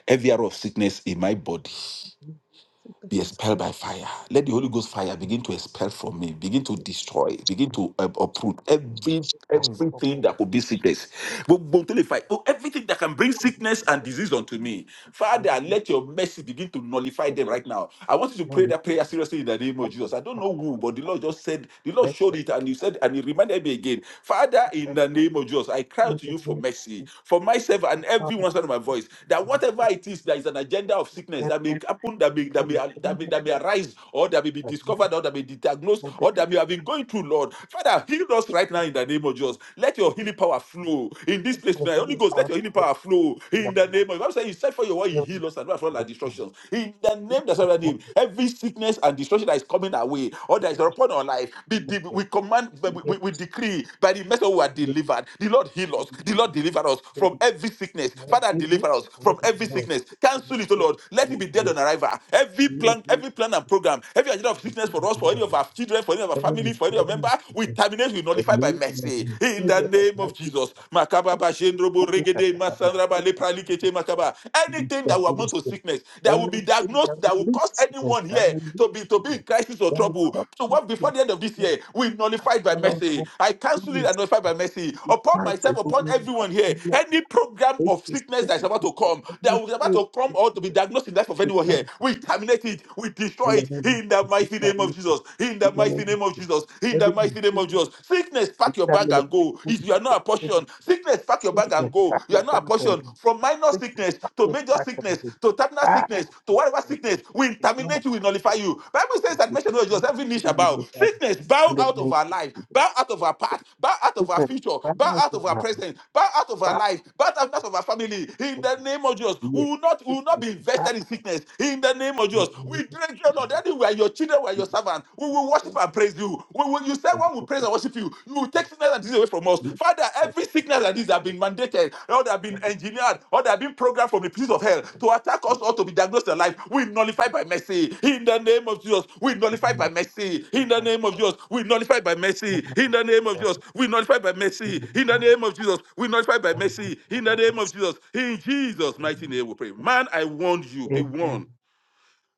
D: every arrow of sickness in my body,
B: people. Sit down,
D: be
B: sit
D: expelled
B: down.
D: by fire. Let the Holy Ghost fire begin to expel from me, begin to destroy, begin to uh, uproot every everything that could be sickness. Gbogbo tó lè fa- oh, Everything that can bring sickness and disease unto me.
B: And this
D: Father,
B: is
D: let your mercy begin to nullify them
B: such
D: right now. I want you to
B: a
D: pray
B: lonely
D: that
B: type
D: prayer seriously in the name of
B: of
D: Jesus. I don't know
B: person.
D: who, but the Lord just said, the Lord
B: Bless
D: showed it and he
B: you.
D: said, and he reminded me again. Father, in
B: effectively
D: the name of Jesus, I cry out to you for
B: remove
D: mercy,
B: The
D: for myself and
B: economic
D: everyone sound of my voice, that
B: consequences
D: whatever
B: if
D: it is, that is an agenda of sickness that may
B: airline
D: happen, that may, that may may,
B: is
D: that, may,
B: limited
D: that may arise or that may be
B: by
D: discovered or that may be diagnosed
B: the
D: or that
B: definitive
D: may have been going through, Lord. Father, heal us right now in the name of Jesus. Let your healing power flow in this place
B: social
D: now. Holy Ghost, let
B: of
D: your healing
B: the
D: power flow in the
B: manufacturing
D: name of Jesus. Saying, said for your word, you heal us and not from our
B: industry.
D: destructions. In the name that's our name, every sickness and destruction that is coming our way or that is
B: And
D: upon our life, be,
B: the
D: be-
B: industry
D: we command, we, we, we
B: begins
D: decree by the message we are
B: with
D: delivered. The Lord heal
B: the
D: us. The
B: industry
D: Lord deliver us from every sickness. Father,
B: management
D: deliver us
B: and the
D: from every
B: development
D: sickness.
B: of the
D: Cancel it, O
B: need
D: Lord.
B: and
D: Let it be dead on
B: and
D: arrival. Every plan, every plan and program, every agenda of sickness for us, for any of our children, for any of our family, for any of our member, we terminate, we nullify by mercy. In the name of Jesus. Makaba
B: and
D: ba jendrobo
B: and with,
D: regede masandra ba
B: Thank
D: lepra
B: you.
D: likete makaba.
B: Holy
D: Anything that
B: Spirit,
D: will
B: Holy
D: amount to
B: Spirit.
D: sickness, that will be
B: Anything that
D: diagnosed,
B: will
D: that will
B: lead
D: cause
B: to this,
D: anyone
B: that
D: here
B: will
D: to
B: lead
D: be to
B: to
D: be in
B: this,
D: crisis or
B: that will
D: trouble,
B: cause
D: to
B: me
D: work
B: to
D: before
B: be
D: the end of this
B: stagnant,
D: year, we
B: that
D: nullify it by
B: allows
D: mercy.
B: us
D: I
B: to
D: cancel
B: be
D: it
B: in
D: and nullify by
B: sickness,
D: mercy
B: we
D: upon
B: try to
D: myself,
B: go
D: upon
B: on that
D: everyone here.
B: year,
D: Any program
B: make
D: of
B: this
D: sickness that is
B: sickness,
D: about
B: this
D: to
B: is like
D: come, that
B: every
D: is about
B: food
D: to come or to be diagnosed in the life of
B: we
D: anyone here,
B: can
D: we we terminate
B: do.
D: it. We destroy
B: In the
D: it
B: name of
D: in the
B: Jesus, we
D: mighty
B: can
D: name of
B: make it.
D: Jesus. In the
B: In the
D: mighty
B: name of
D: name of
B: Jesus,
D: Jesus. In the
B: every
D: mighty name
B: disease,
D: of Jesus. Sickness,
B: we
D: pack your bag
B: can make
D: and
B: it.
D: go. If
B: Holy
D: you are not a
B: Spirit, every
D: portion, sickness, pack your bag and
B: sickness,
D: go.
B: back
D: You are
B: and
D: not
B: back
D: a portion.
B: and
D: From minor
B: sickness,
D: sickness
B: back
D: to
B: and
D: major
B: back
D: sickness
B: and
D: to terminal
B: Ah, that's
D: sickness to
B: what
D: whatever sickness, we
B: portion.
D: terminate you, we nullify you. Bible
B: So
D: says that
B: thank you.
D: mention of Jesus, every knee shall bow. Sickness, bow out of our life, bow out of our past, bow out of our future, bow out of our present, bow out of our life, bow out of our family. In the name of Jesus, we will not, we will not be invested in sickness. In in the name of Jesus, we drink, oh Lord, anywhere your children were your servants. We will worship and praise you. We will, you said when we praise and worship you, you will take sickness and disease away from us. Father, every sickness and disease that have been mandated, or that have been engineered, or that have been programmed from the pits of hell to attack us or to be diagnosed in life, we nullify by mercy. In the name of Jesus, we nullify by mercy. In the name of Jesus, we nullify by mercy. In the name of Jesus, we nullify by mercy. In the name of Jesus, we nullify by mercy. In the name of Jesus, in Jesus' mighty name we pray. Man, I warned you, be warned.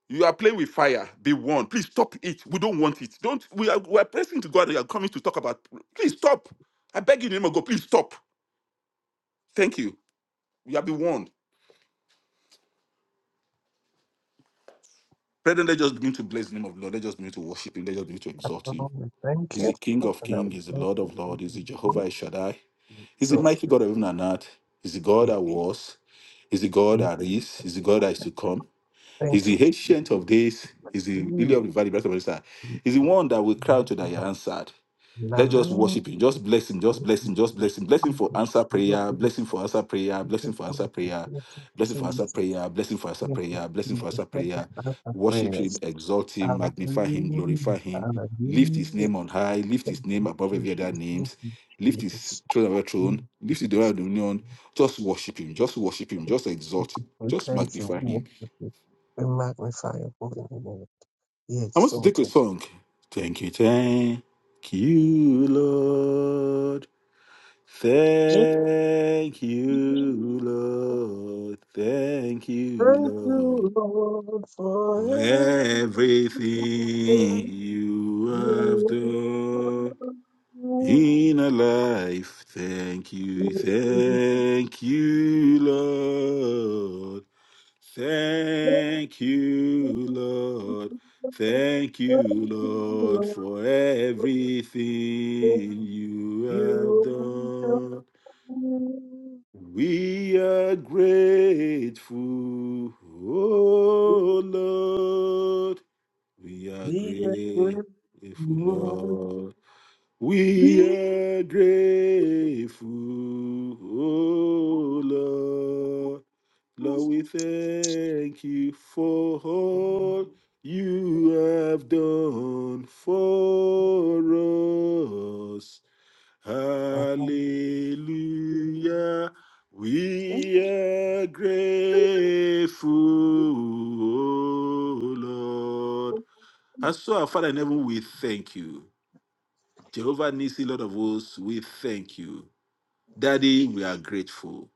D: You are playing with fire. Be warned. Please stop it. We don't want it. Don't. We are, we are pressing to God. We are coming to talk about. Please stop. I beg you, in the name of God. Please stop. Thank you. You have been warned. Brethren, let just begin to bless the name of the Lord. Let just begin to worship Him. Let just begin to exalt
B: Father,
D: Him.
B: we thank
D: He's
B: you.
D: the King of Kings. He's the Lord of
B: And
D: Lords. He's
B: we
D: the
B: thank you.
D: Jehovah El Shaddai. He's
B: So
D: the mighty God of heaven and earth. He's the God
B: we
D: that was. He's the God
B: give
D: that is. He's the God that is to come. He's
B: thank you.
D: the
B: Thank
D: ancient of days. He's the
B: you.
D: lily of the valley, bright of the star.
B: God.
D: He's the one that will cry to that you
B: Hallelujah.
D: answered. Let's just worship him. Just bless him. Just
B: Thank
D: bless
B: you,
D: him. Just bless him.
B: Jesus.
D: Bless him
B: Thank
D: for
B: you,
D: answer
B: Jesus.
D: prayer. Bless him for answer prayer. Bless him for
B: Thank
D: answer
B: you,
D: prayer.
B: Jesus.
D: Bless him for answer prayer. Bless him for answer prayer. Bless him for answer
B: Thank you
D: prayer.
B: for our
D: Worship
B: prayers.
D: him. Exalt him. Magnify him. Glorify
B: Hallelujah.
D: him. Lift his
B: Hallelujah.
D: name on high. Lift his
B: Thank
D: name
B: you,
D: above every other
B: Jesus. Thank
D: names.
B: you,
D: Lift
B: Jesus.
D: his throne above
B: Thank
D: throne.
B: you,
D: Lift the door
B: Jesus.
D: of dominion.
B: Thank you,
D: Just worship him. Just worship him. Just exalt him.
B: Jesus. We
D: Just
B: thank you.
D: magnify
B: We
D: him.
B: worship you, we magnify your holy name, be
D: I want to take a
B: exalted.
D: song. Thank you, thank you, Lord.
B: Amen.
D: Thank you, Lord. Thank you,
B: Thank
D: Lord,
B: you, Lord, for
D: for
B: everything
D: everything
B: Thank
D: you
B: you
D: have
B: have
D: done
B: Thank
D: in our life. Thank you,
B: you,
D: thank you, Lord.
B: Lord.
D: Thank you, Lord. Thank you,
B: Thank you,
D: Lord,
B: Lord.
D: for everything you have done. We are grateful, oh Lord. We are
B: We are grateful,
D: grateful,
B: Lord.
D: Lord. We
B: We
D: are grateful,
B: are
D: oh Lord. Lord, we thank you for all you have done for us.
B: grateful.
D: Hallelujah. We are grateful, O Lord. And so, our Father in heaven, we thank you. Jehovah Nissi, Lord of hosts, we thank you. Daddy, we are grateful.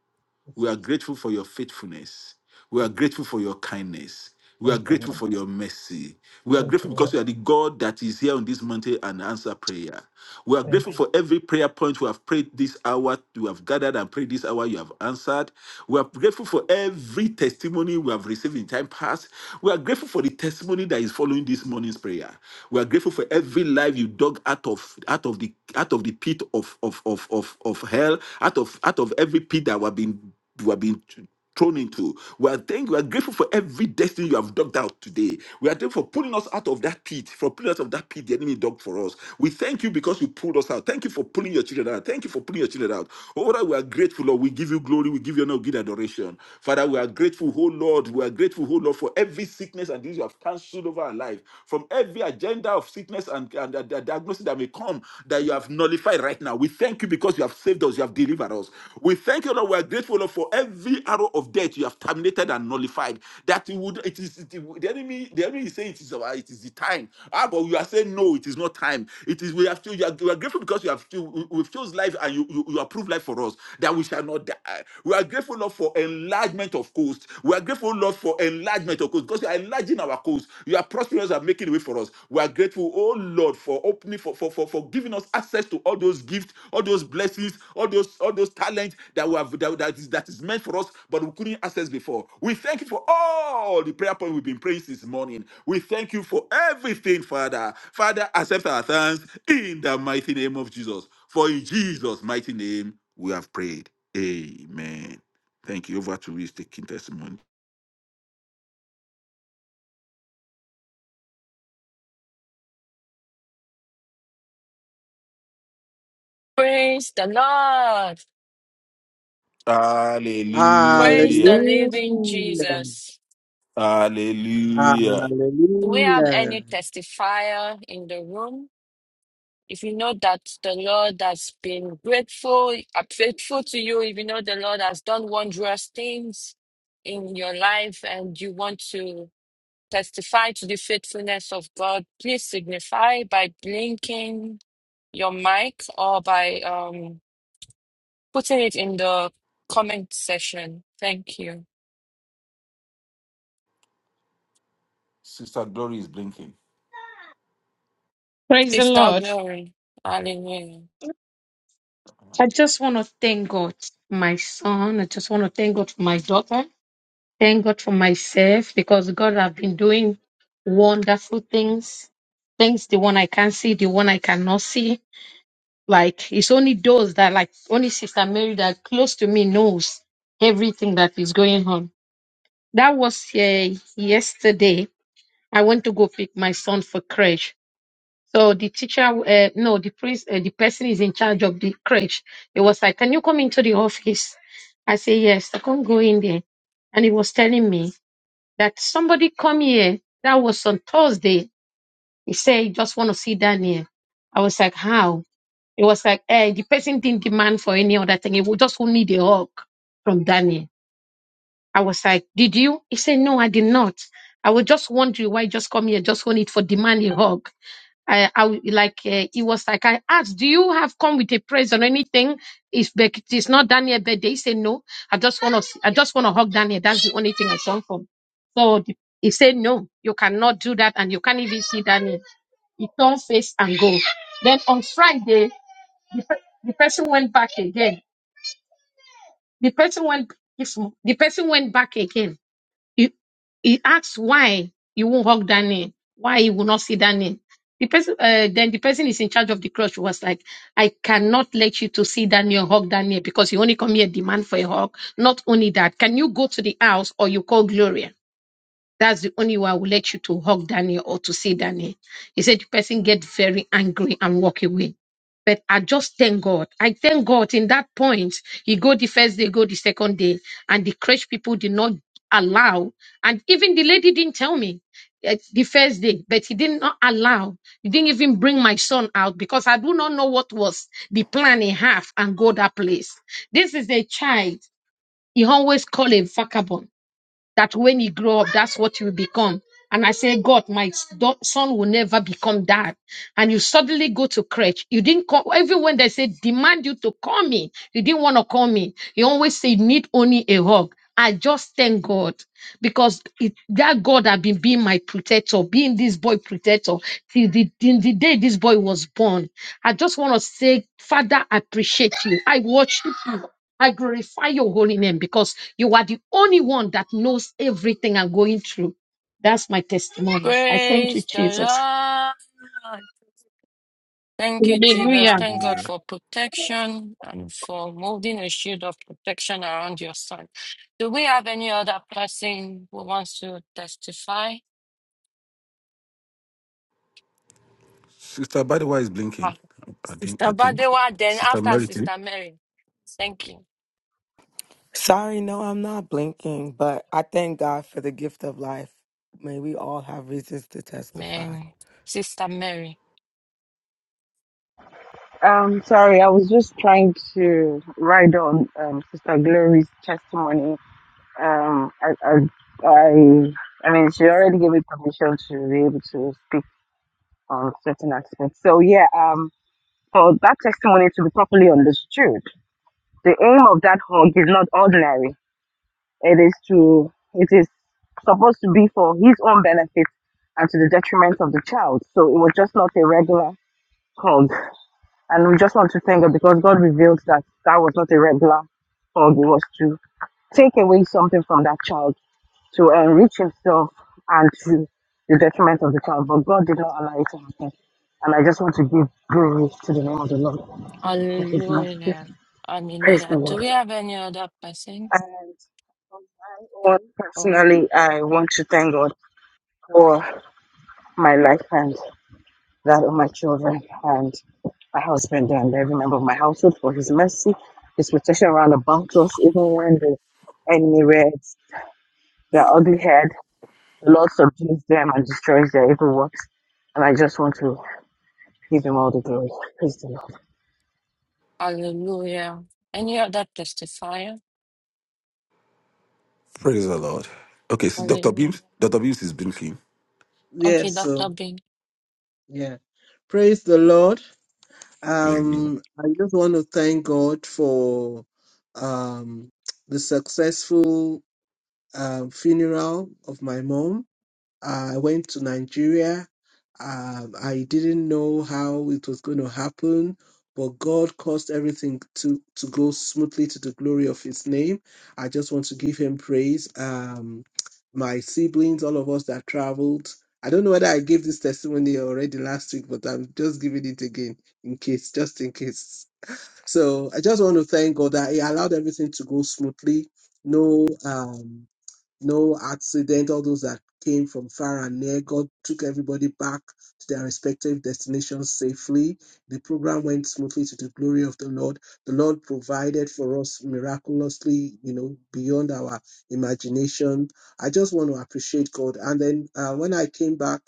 D: We are grateful for your faithfulness. We are grateful for your kindness. We are grateful for your mercy. We are
B: Thank you, Lord. Thank you, Lord. Thank you, Lord. Thank you,
D: grateful because
B: Lord.
D: you are the God that is here on this mountain and answer prayer. We are grateful for every prayer point we have prayed this hour, you have gathered and prayed this hour, you have answered. We are grateful for every testimony we have received in time past. We are grateful for the testimony that is following this morning's prayer. We are grateful for every life you dug out of out of the out of the pit of of of of, of hell, out of out of every pit that we have been we have been thrown into. We are thank we are grateful for every destiny you have dug out today. We are thankful for pulling us out of that pit, for pulling us out of that pit the enemy dug for us. We thank you because you pulled us out. Thank you for pulling your children out. Thank you for pulling your children out. Oh Lord, we are grateful, Lord. We give you glory. We give you honor, we give you adoration. Father, we are grateful, oh Lord. We are grateful, oh Lord, for every sickness and disease you have cancelled over our life, from every agenda of sickness and, and, and diagnosis that may come, that you have have nullified right now. We thank you because you have saved us, you have delivered us. We thank you, Lord. We are grateful, Lord, for every arrow of death you have terminated and nullified. That you would it is the, the enemy, the enemy is saying it is our it is the time. Ah, but you are saying no, it is not time. It is we have to you are, we are grateful because you have to we- we've chose life and you, you, you approve life for us that we shall not die. We are grateful, Lord, for enlargement of coast. We are grateful, Lord, for enlargement of coast because you are enlarging charging our coast. You are prospering us and making a way for us. We are grateful, oh Lord, for opening for, for, for, for giving us access to all those gifts, all those blessings, all those all those talents that we have that, that is that is meant for us, but we couldn't access before. We thank you for all the prayer point we've been praying this morning. We thank you for everything, Father. Father, accept our thanks in the mighty name of Jesus. For in Jesus' mighty name we have prayed. Amen. Thank you. Over to you, taking testimony.
F: Praise the Lord. Praise
D: Hallelujah.
F: the living
B: Hallelujah.
F: Jesus.
D: Hallelujah.
F: Do we have any
B: Hallelujah.
F: testifier in the room? If you know that the Lord has been grateful, uh, faithful to you, if you know the Lord has done wondrous things in your life and you want to testify to the faithfulness of God, please signify by blinking your mic or by um, putting it in the comment section. Thank you.
D: Sister Glory is blinking.
G: Praise the
F: Sister
G: Lord.
F: Glory. Hallelujah.
G: I just want to thank God, for my son. I just want to thank God for my daughter. Thank God for myself because God have been doing wonderful things. Things the one I can see, the one I cannot see. Like it's only those that like only Sister Mary that close to me knows everything that is going on. That was uh, yesterday. I went to go pick my son for crash So the teacher, uh, no, the priest, uh, the person is in charge of the crèche. He was like, "Can you come into the office?" I say, "Yes, I can not go in there." And he was telling me that somebody come here. That was on Thursday. He said, he "Just want to see down I was like, "How?" It was like, "Eh, the person didn't demand for any other thing. He would just need a hug from Daniel." I was like, "Did you?" He said, "No, I did not. I was just wondering why you just come here, just want it for demand a hug." I, I w- like uh, it was like I asked, "Do you have come with a present or anything?" If it is not Daniel birthday, he said no. I just want to, I just want to hug Daniel. That's the only thing I saw from. So the- he said no, you cannot do that, and you can't even see Daniel. He turned face and go. Then on Friday, the, pe- the person went back again. The person went, if- the person went back again he, he asks why you won't hug that name, why you will not see that name. The person, uh, then the person is in charge of the church was like, I cannot let you to see Daniel hug Daniel because you only come here demand for a hug. Not only that, can you go to the house or you call Gloria? That's the only way I will let you to hug Daniel or to see Daniel. He said the person get very angry and walk away. But I just thank God. I thank God in that point. He go the first day, go the second day, and the church people did not allow. And even the lady didn't tell me eh, the first day, but he did not allow. He didn't even bring my son out because I do not know what was the plan he have and go that place. This is a child. He always call a vagabond that when you grow up, that's what you become. And I say, God, my s- do- son will never become that. And you suddenly go to crutch. You didn't call, even when they say demand you to call me, you didn't want to call me. You always say, you need only a hug. I just thank God because it, that God had been being my protector, being this boy protector till the, till the day this boy was born. I just want to say, Father, I appreciate you. I watched I glorify your holy name because you are the only one that knows everything I'm going through. That's my testimony. I thank you,
F: Praise
G: Jesus.
F: the Lord. Thank you, Jesus.
G: Hallelujah.
F: Thank God
D: Yeah.
F: for protection and for moving a shield of protection around your son. Do we have any other person who wants to testify?
D: Sister Badiwa is blinking.
F: Ah,
D: I think
F: Sister
D: I think.
F: Badewa, then
D: Sister
F: after
D: Merity.
F: Sister Mary. Thank you.
H: Sorry, no, I'm not blinking, but I thank God for the gift of life. May we all have reasons to testify.
F: Amen. Sister Mary.
I: Um, sorry, I was just trying to ride on um, Sister Glory's testimony. Um, I, I, I, I mean, she already gave me permission to be able to speak on certain aspects. So yeah, um, for that testimony to be properly understood, the aim of that hug is not ordinary. It is to, it is supposed to be for his own benefit and to the detriment of the child. So it was just not a regular hug. And we just want to thank God because God revealed that that was not a regular hug. It was to take away something from that child to enrich himself and to the detriment of the child. But God did not allow it to happen. And I just want to give glory to the name of the Lord for his mercy.
F: Hallelujah.
I: Praise the
F: Hallelujah. Do
I: Lord.
F: we have any other person?
I: And on my own,
F: Oh,
I: personally, I want to thank God for my life and that of my children. and. My husband and every member of my household for his mercy, his protection around about us, even when the enemy rears their ugly head. The Lord subdues them and destroys their evil works. And I just want to give him all the glory. Praise the Lord.
F: Hallelujah. Any other testifier?
D: Praise the Lord. Okay, so Dr.
F: Hallelujah.
D: Beams. Dr. Beams is blinking.
F: Okay,
B: Yes, so
F: Dr. Bing.
B: yeah. Praise the Lord.
D: Hallelujah.
B: Um, I just want to thank God for um the successful um funeral of my mom. I went to Nigeria. Um, I didn't know how it was going to happen, but God caused everything to, to go smoothly to the glory of His name. I just want to give Him praise. Um, my siblings, all of us that traveled. I don't know whether I gave this testimony already last week, but I'm just giving it again in case, just in case. So I just want to thank God that He allowed everything to go smoothly. No, um, no accident. All those that came from far and near, God took everybody back to their respective destinations safely. The program went smoothly to the glory of the Lord. The Lord provided for us miraculously, you know, beyond our imagination. I just want to appreciate God. And then uh, when I came back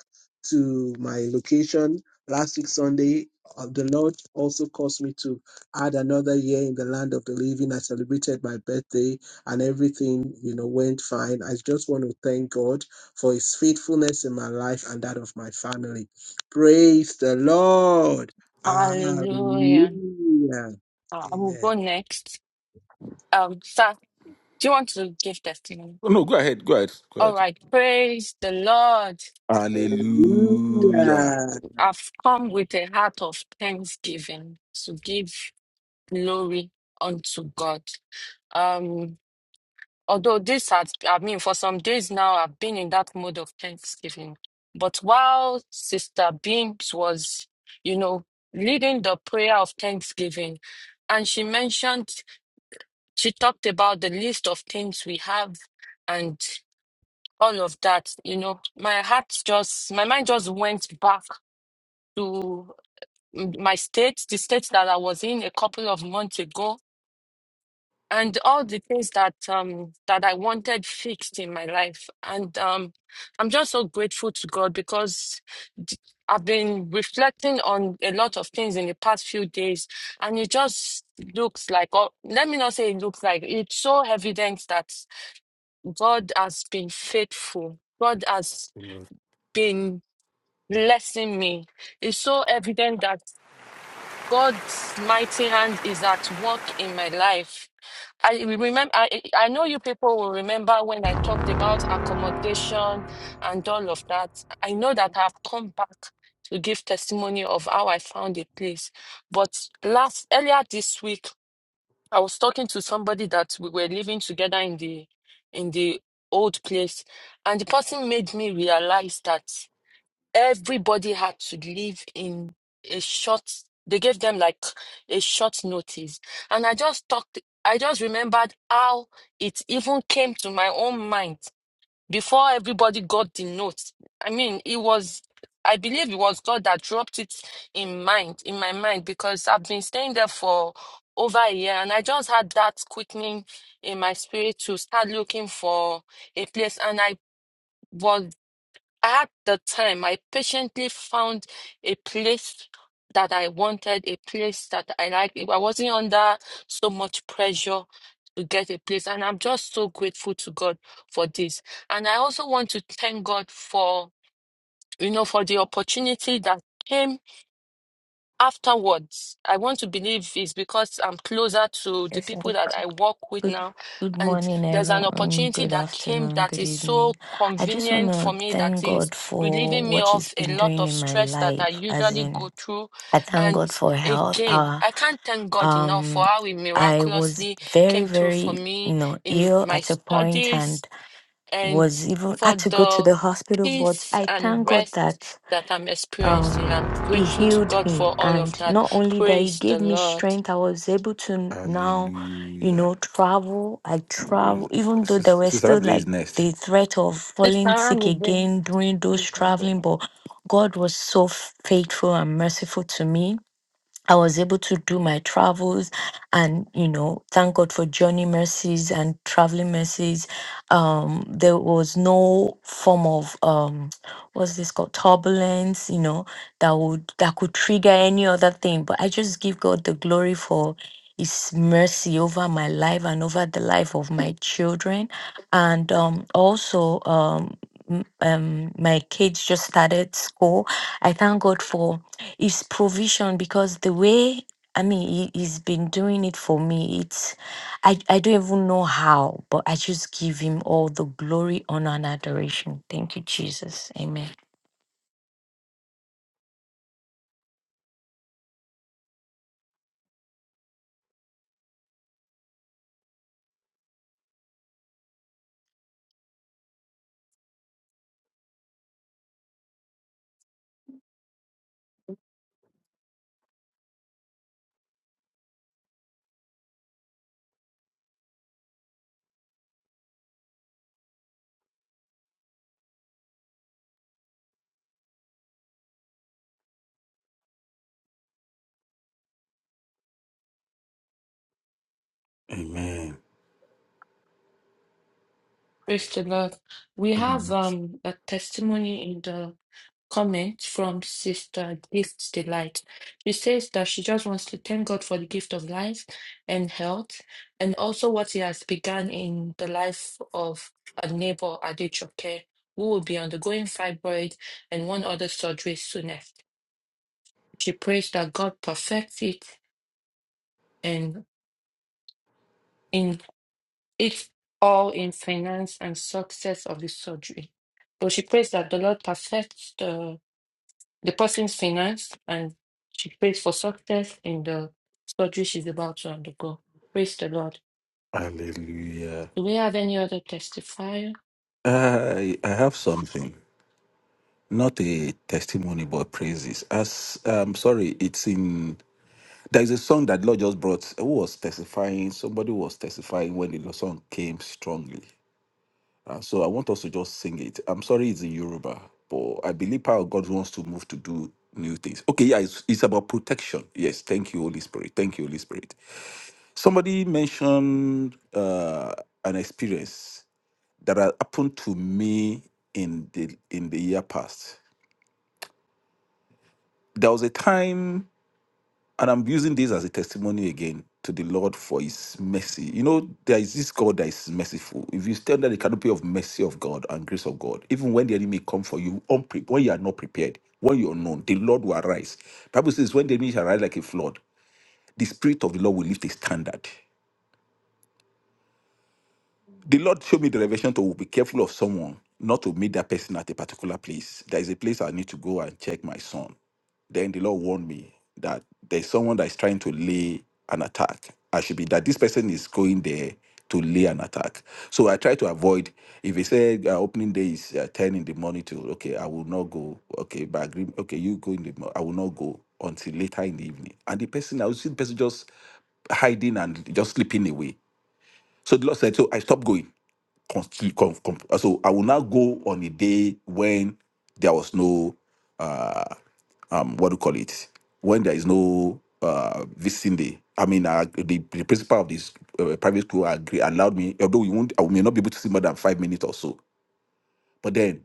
B: to my location last week, Sunday, uh, the Lord also caused me to add another year in the land of the living. I celebrated my birthday and everything, you know, went fine. I just want to thank God for his faithfulness in my life and that of my family. Praise the Lord.
F: Hallelujah.
B: Hallelujah.
F: Uh, I will
B: Amen.
F: go next. Um, sir, do you want to give testimony?
D: Oh, no, go ahead. Go ahead. Go
F: All
D: ahead.
F: right. Praise the Lord.
D: Hallelujah.
B: Hallelujah.
F: I've come with a heart of thanksgiving to give glory unto God. Um. Although this has, I mean, for some days now, I've been in that mode of thanksgiving. But while Sister Beams was, you know, leading the prayer of thanksgiving, and she mentioned, she talked about the list of things we have and all of that, you know, my heart just, my mind just went back to my state, the state that I was in a couple of months ago and all the things that um that I wanted fixed in my life. And um I'm just so grateful to God because d- I've been reflecting on a lot of things in the past few days, and it just looks like, or let me not say it looks like, it's so evident that God has been faithful. God has
D: Amen.
F: been blessing me. It's so evident that God's mighty hand is at work in my life I remember, I, I know you people will remember when I talked about accommodation and all of that. I know that I've come back to give testimony of how I found a place. But last, earlier this week, I was talking to somebody that we were living together in the in the old place, and the person made me realize that everybody had to leave in a short they gave them like a short notice and i just talked i just remembered how it even came to my own mind before everybody got the note i mean it was i believe it was god that dropped it in mind in my mind because i've been staying there for over a year and i just had that quickening in my spirit to start looking for a place and i was at the time, I patiently found a place that I wanted, a place that I liked. I wasn't under so much pressure to get a place. And I'm just so grateful to God for this. And I also want to thank God for, you know, for the opportunity that came afterwards i want to believe it's because i'm closer to the
J: Yes, sir.
F: people that i work with
J: Good
F: now
J: good
F: and
J: morning,
F: there's an
J: everyone.
F: opportunity
J: Good
F: that came
J: afternoon,
F: that
J: good
F: is so
J: evening. I just want
F: convenient for
J: to
F: me that
J: thank
F: is
J: God for
F: relieving me
J: what He's
F: of a
J: been
F: lot
J: doing
F: of
J: in my
F: stress that i
J: life. As
F: usually
J: in,
F: go through
J: I thank
F: and
J: God for health.
F: again
J: Uh,
F: i can't thank god enough for
J: um,
F: how he
J: I was
F: miraculously
J: very,
F: came through for
J: very, you
F: me
J: know,
F: in
J: ill
F: my
J: at a point
F: studies
J: and
F: and
J: was even
F: for
J: had to go to
F: the
J: the hospital. But
F: peace
J: I
F: and
J: thank God
F: rest
J: that
F: that I'm experiencing.
J: um
F: I'm
J: he
F: grateful to
J: healed
F: God for
J: me
F: all of
J: and
F: that.
J: not only that he
F: Praise the
J: gave me
F: Lord.
J: strength i was able to now you
D: Hallelujah.
J: know travel i travel
D: Praise
J: even though there
D: Sis-
J: were
D: Sister
J: still
D: Abide
J: like
D: is next.
J: the threat of
F: This
J: falling
F: time
J: sick
F: again,
J: again during those
F: you can go.
J: traveling but god was so faithful and merciful to me I was able to do my travels and, you know, thank God for journey mercies and traveling mercies. Um, there was no form of, um, what's this called? Turbulence, you know, that would, that could trigger any other thing. But I just give God the glory for his mercy over my life and over the life of my children. And, um, also, um, m- um, my kids just started school. I thank God for it's provision because the way I mean he, he's been doing it for me, it's I, I don't even know how, but I just give him all the glory, honor, and adoration. Thank you, Jesus. Amen.
D: Amen.
F: Praise the Lord. We have um a testimony in the comments from Sister Gift Delight. She says that she just wants to thank God for the gift of life and health and also what He has begun in the life of a neighbor, Adechoke, who will be undergoing fibroid and one other surgery soonest. She prays that God perfects it and in it all in finance and success of the surgery. So she prays that the Lord perfects the, the person's finance and she prays for success in the surgery she's about to undergo. Praise the Lord.
D: Hallelujah.
F: Do we have any other testifier?
D: I I have something. not a testimony but praises as um sorry it's in there is a song that lord just brought who was testifying somebody was testifying when the song came strongly uh, so i want us to just sing it i'm sorry it's in yoruba but i believe how god wants to move to do new things okay yeah it's, it's about protection yes thank you holy spirit thank you holy spirit somebody mentioned uh an experience that had happened to me in the in the year past there was a time And I'm using this as a testimony again to the Lord for his mercy. You know, there is this God that is merciful. If you stand under the canopy of mercy of God and grace of God, even when the enemy come for you, unpre- when you are not prepared, when you are known, the Lord will arise. Bible says, when the enemy shall arise like a flood, the spirit of the Lord will lift a standard. The Lord showed me the revelation to be careful of someone, not to meet that person at a particular place. There is a place I need to go and check my son. Then the Lord warned me that there's someone that is trying to lay an attack. I should be that this person is going there to lay an attack. So I try to avoid. If he said uh, opening day is uh, ten in the morning, to okay, I will not go. Okay, but agree. Okay, you go in the. mo- I will not go until later in the evening. And the person, I will see the person just hiding and just slipping away. So the Lord said, so I stopped going consti- com- com- so I will not go on a day when there was no uh um what do you call it when there is no uh visiting day. I mean, uh, the, the principal of this uh, private school agree allowed me, although we won't, I may not be able to see more than five minutes or so. But then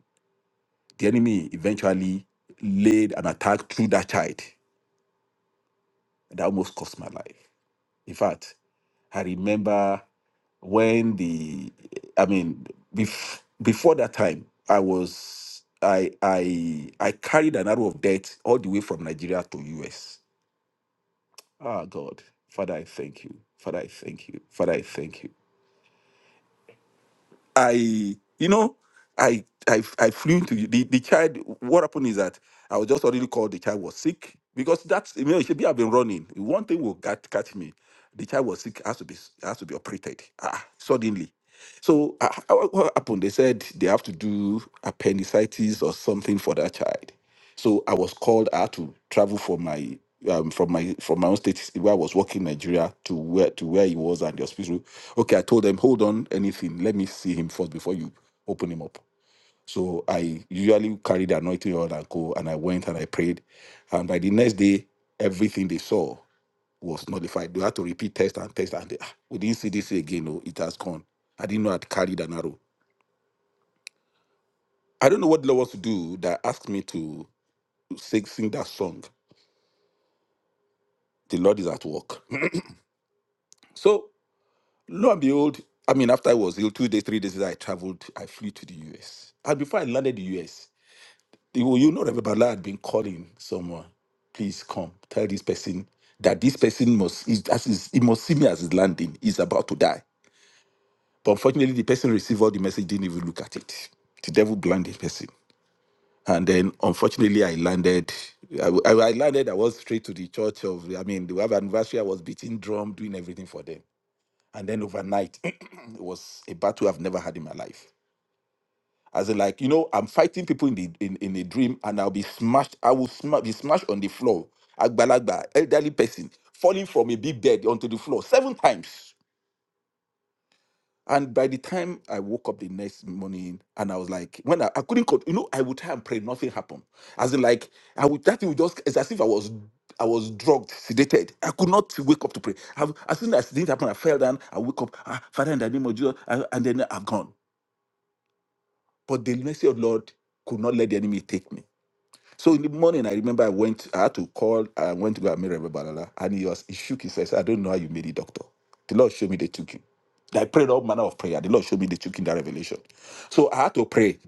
D: the enemy eventually laid an attack through that child that almost cost my life. In fact, I remember when the, I mean, bef- before that time, I was, I, I, I carried an arrow of death all the way from Nigeria to US. Ah, God, Father, I thank you. Father, I thank you. Father, I thank you. I, you know, I I I flew into the, the child. What happened is that I was just already called the child was sick because that's you know it should be I've been running. One thing will get, catch me. The child was sick, has to be has to be operated ah, suddenly. So ah, ah, what happened? They said they have to do appendicitis or something for that child. So I was called out to travel from my um, from my from my own state where I was working in Nigeria to where to where he was and the hospital. Okay, I told them, hold on, anything, let me see him first before you open him up. So I usually carried the anointing oil and go, and I went and I prayed, and by the next day, everything they saw was nullified. They had to repeat test and test, and they, "Ah, we didn't see this again. No, it has gone. I didn't know I'd carried an arrow. I don't know what the Lord wants to do that asked me to sing, sing that song. The Lord is at work So lo and behold, I mean, after I was ill, two days, three days later, I traveled, I flew to the US. And before I landed the US, you you know Reverend Balá had been calling someone, please come, tell this person that this person must is as is he must see me as he's landing. He's about to die. But unfortunately, the person received all the message, didn't even look at it. The devil blinded the person. And then unfortunately I landed. I, I I landed, I was straight to the church of I mean, we have anniversary, I was beating drum, doing everything for them. And then overnight, *clears throat* it was a battle I've never had in my life. As in, like, you know, I'm fighting people in the in, in a dream and I'll be smashed. I will sma- be smashed on the floor. Agbalagba, elderly person, falling from a big bed onto the floor seven times. And by the time I woke up the next morning, and I was like, when I, I couldn't, con- you know, I would try and pray, nothing happened. As in, like, I would that thing would just, it's as if I was, I was drugged, sedated. I could not wake up to pray. I've, as soon as things happened, I fell down. I wake up, ah, Father, in the name of Jesus, ah, and then I'm gone. But the mercy of Lord could not let the enemy take me. So in the morning, I remember I went, I had to call, I went to go and meet Reverend Balala, and he was, he shook his head, I said, I don't know how you made it, doctor. The Lord showed me the token. I prayed all manner of prayer. The Lord showed me the token, that revelation. So I had to pray.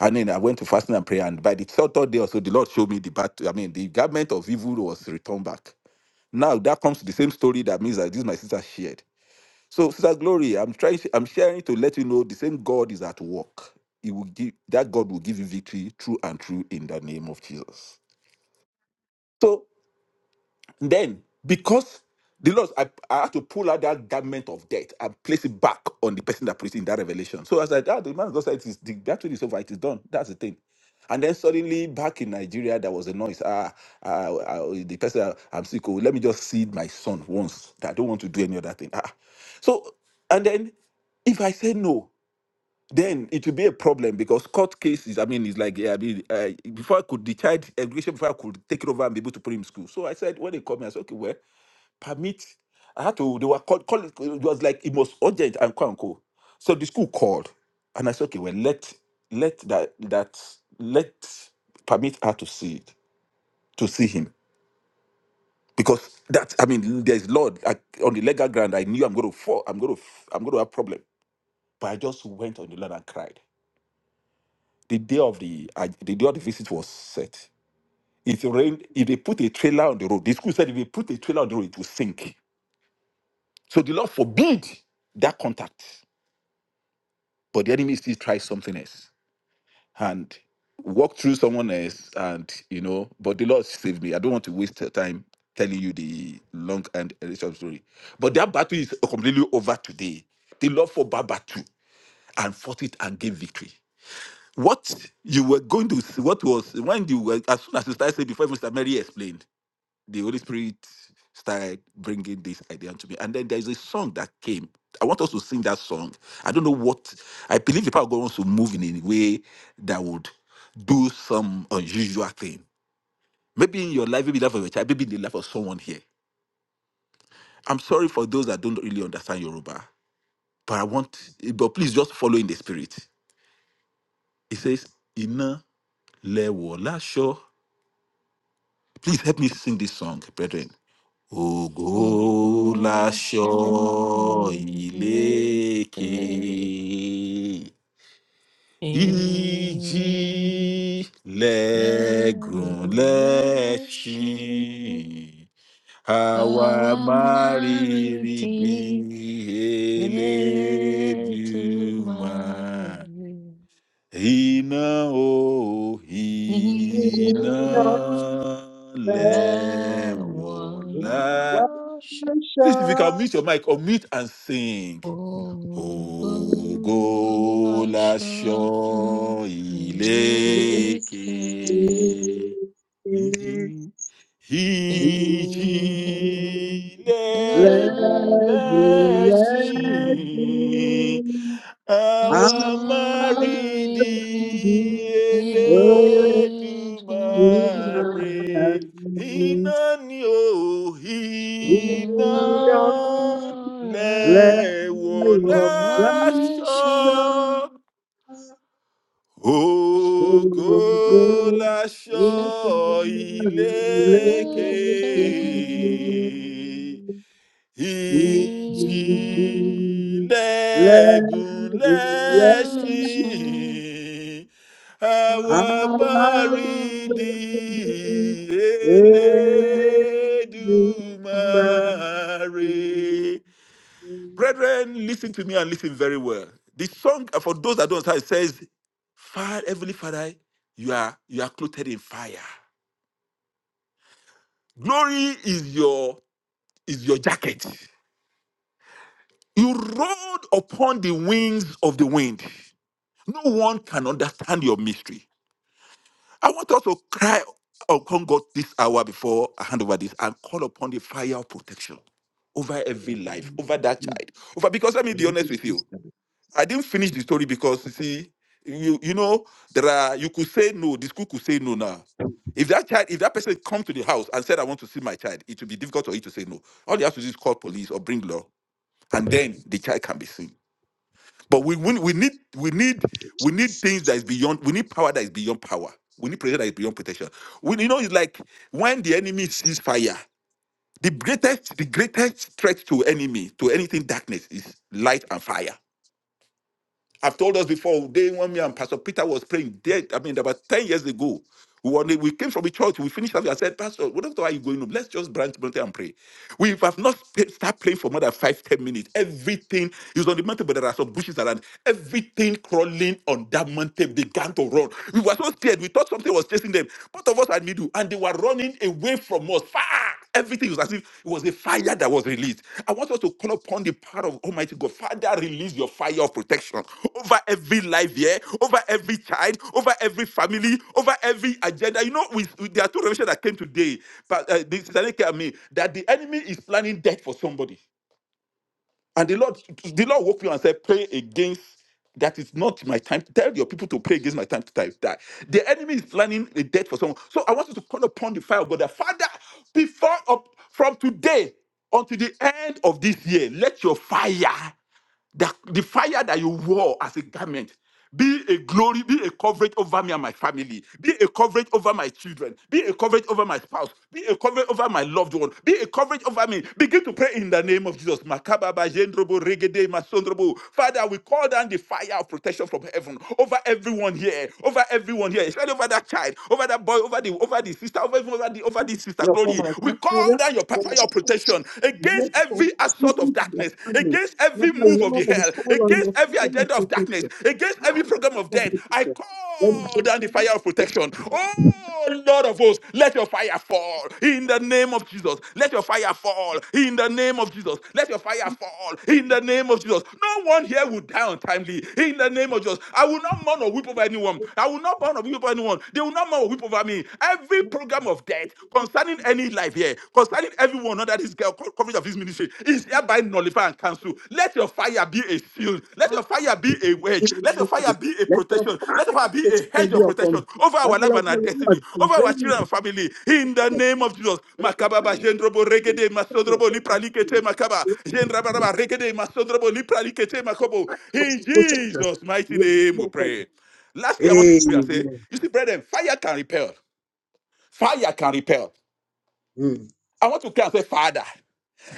D: And then I went to fasting and prayer. And by the third, third day or so, the Lord showed me the bat. I mean, the garment of evil was returned back. Now that comes to the same story that means that this my sister shared. So, Sister Glory, I'm trying, I'm sharing to let you know the same God is at work. He will give that God will give you victory true and true in the name of Jesus. So then, because the Lord, I, I had to pull out that garment of death and place it back on the person that preached in that revelation. So I was like, ah, the man of God said, it is, the battle is over, it is done. That's the thing. And then suddenly, back in Nigeria, there was a noise. Ah, ah, ah, the person, I'm sick. oh, Let me just seed my son once. I don't want to do any other thing. Ah. So, and then if I say no, then it will be a problem because court cases. I mean, it's like yeah, I mean, uh, before I could the child education, before I could take it over and be able to put him in school. So I said when they called me, I said okay, well, permit. I had to. They were called. Call, it was like it was urgent and quote unquote. So the school called, and I said okay, well, let let that that let permit her to see it to see him because that I mean, there's Lord like, on the legal ground. I knew I'm going to fall. I'm going to. I'm going to have problem. But I just went on the land and cried. The day of the uh, the day of the visit was set. It rained. If they put a trailer on the road, the school said if they put a trailer on the road, it will sink. So the Lord forbid that contact. But the enemy still tries something else and walk through someone else, and you know. But the Lord saved me. I don't want to waste the time telling you the long and and short story. But that battle is completely over today. The Lord fought that battle and fought it and gave victory. what you were going to see, what was when you were as soon as you started saying before even Sister Mary explained, the Holy Spirit started bringing this idea to me. And then there is a song that came. I want us to sing that song. I don't know what I believe the power of God wants to move in a way that would do some unusual thing. Maybe in your life, maybe in the life of a child, maybe in the life of someone here. I'm sorry for those that don't really understand Yoruba, but I want, but please just follow in the spirit. It says, Ina lewo Please help me sing this song, brethren. Ògo laṣọ ìlékè, ìjì lẹ́gùn
F: *laughs*
D: lẹ́ṣin, àwa máa rìrì bí
F: Almighty, little
D: Elédùmarè.
F: Mary,
D: Hina o hina
B: Jesus,
F: Nina, there was
B: we
D: lewola.
B: worship
F: a shepherd,
D: Please, if you can mute your mic or mute and sing.
F: oh,
D: Ogo
F: a shepherd,
D: lasho ileke.
B: you.
D: Iji legun
B: Let you let
D: leshin.
B: me. I'm
D: Àwa máa rí di
F: Almighty, Thank you.
D: Elédùmarè. Iná ni ó iná lẹ̀wọ̀ láṣọ. Ògo láṣọ ìlékè. Ìjìnlẹ̀gùn
B: let go, let
D: lẹ́ṣin
B: I
D: àwa
B: love
D: máa
B: you,
D: rí di
B: everybody.
D: Elédùmarè. Brethren, listen to me and listen very well. The song, uh, for those that don't understand, it says, Father, Heavenly Father, you are you are clothed in fire. Glory is your is your jacket. You rode upon the wings of the wind. No one can understand your mystery. I want us to cry upon God this hour before I hand over this and call upon the fire of protection over every life, over that child. Over because let me be honest with you. I didn't finish the story because you see, you you know, there are you could say no, the school could say no now. If that child, if that person comes to the house and said, I want to see my child, it will be difficult for you to say no. All you have to do is call police or bring law, and then the child can be seen. But we, we we need we need we need things that is beyond. We need power that is beyond power. We need protection that is beyond protection. We, you know, it's like when the enemy sees fire. The greatest the greatest threat to enemy to anything darkness is light and fire. I've told us before, day when me and Pastor Peter was praying, dead, I mean, about 10 years ago, we, were, we came from the church, we finished up. I said, Pastor, what after are you going home? Let's just branch mountain and pray. We have not sta- start praying for more than five, ten minutes. Everything is on the mountain, but there are some bushes around. Everything crawling on that mountain began to run. We were so scared. We thought something was chasing them. Both of us had middle, and they were running away from us. Far. Everything was as if it was a fire that was released. I want us to call upon the power of Almighty God. Father, release your fire of protection over every life here, over every child, over every family, over every agenda. You know, we, we- there are two revelations that came today, but uh, this is I mean that the enemy is planning death for somebody. And the Lord, the Lord woke you and said, pray against that is not my time. Tell your people to pray against my time to die. die. The enemy is planning a death for someone. So I want you to call upon the fire of God. that, Father, before up from today until the end of this year, let your fire that the fire that you wore as a garment be a glory, be a coverage over me and my family, be a coverage over my children, be a coverage over my spouse, be a coverage over my loved one, be a coverage over me. Begin to pray in the name of Jesus. Makababa, Jendrobo, Regede, Masondrobo. Father, we call down the fire of protection from heaven over everyone here, over everyone here, especially over that child, over that boy, over the over the sister, over even over the over the sister
B: Your
D: glory.
B: former
D: We call
B: grandchildren,
D: down your
B: they are
D: fire of protection
B: yet
D: against every every assault of
B: contributing to their
D: darkness,
B: family.
D: against
B: Let
D: every move
B: the
D: of the
B: Lord is
D: hell,
B: all on
D: against
B: your
D: every
B: time of
D: agenda of darkness,
B: protection.
D: against
B: Ah,
D: every
B: the
D: program
B: part
D: of
B: of the
D: death. I
B: picture. Let it
D: call
B: be
D: down the
B: done.
D: fire of
B: Let
D: protection. Oh, Oh, Lord of hosts, let your fire fall in the name of Jesus. Let your fire fall in the name of Jesus. Let your
B: it
D: fire fall
B: be
D: in the name of Jesus. No one here will die untimely in the name of Jesus. I will not mourn or weep over anyone. I will not mourn or weep over anyone. They will not mourn or weep over me. Every
B: done.
D: program of death concerning any life here concerning everyone under this girl co- coverage of this ministry is hereby nullify and cancel. Let your fire be a shield. Let your fire be a wedge. Let your fire be a
B: Let your
D: protection. Let your
B: fire
D: fire be a
B: protection
D: hedge
B: be
D: of
B: upon me.
D: protection over our
B: Father,
D: life
B: Lord,
D: and our
B: my
D: destiny,
B: Lord,
D: over our
B: prevailing
D: children and family.
B: protection.
D: In the name of Jesus, Makababa jendrobo regede masodrobo lipralikete makaba jendrabaraba regede masodrobo lipralikete makobo. In Jesus' mighty
B: Yes,
D: name,
B: be
D: we
B: upon me.
D: pray. Lastly, I want you to pray and say,
B: Amen.
D: you see, brethren, fire can repel. Fire can repel.
B: Mm.
D: I want to cry and say, Father,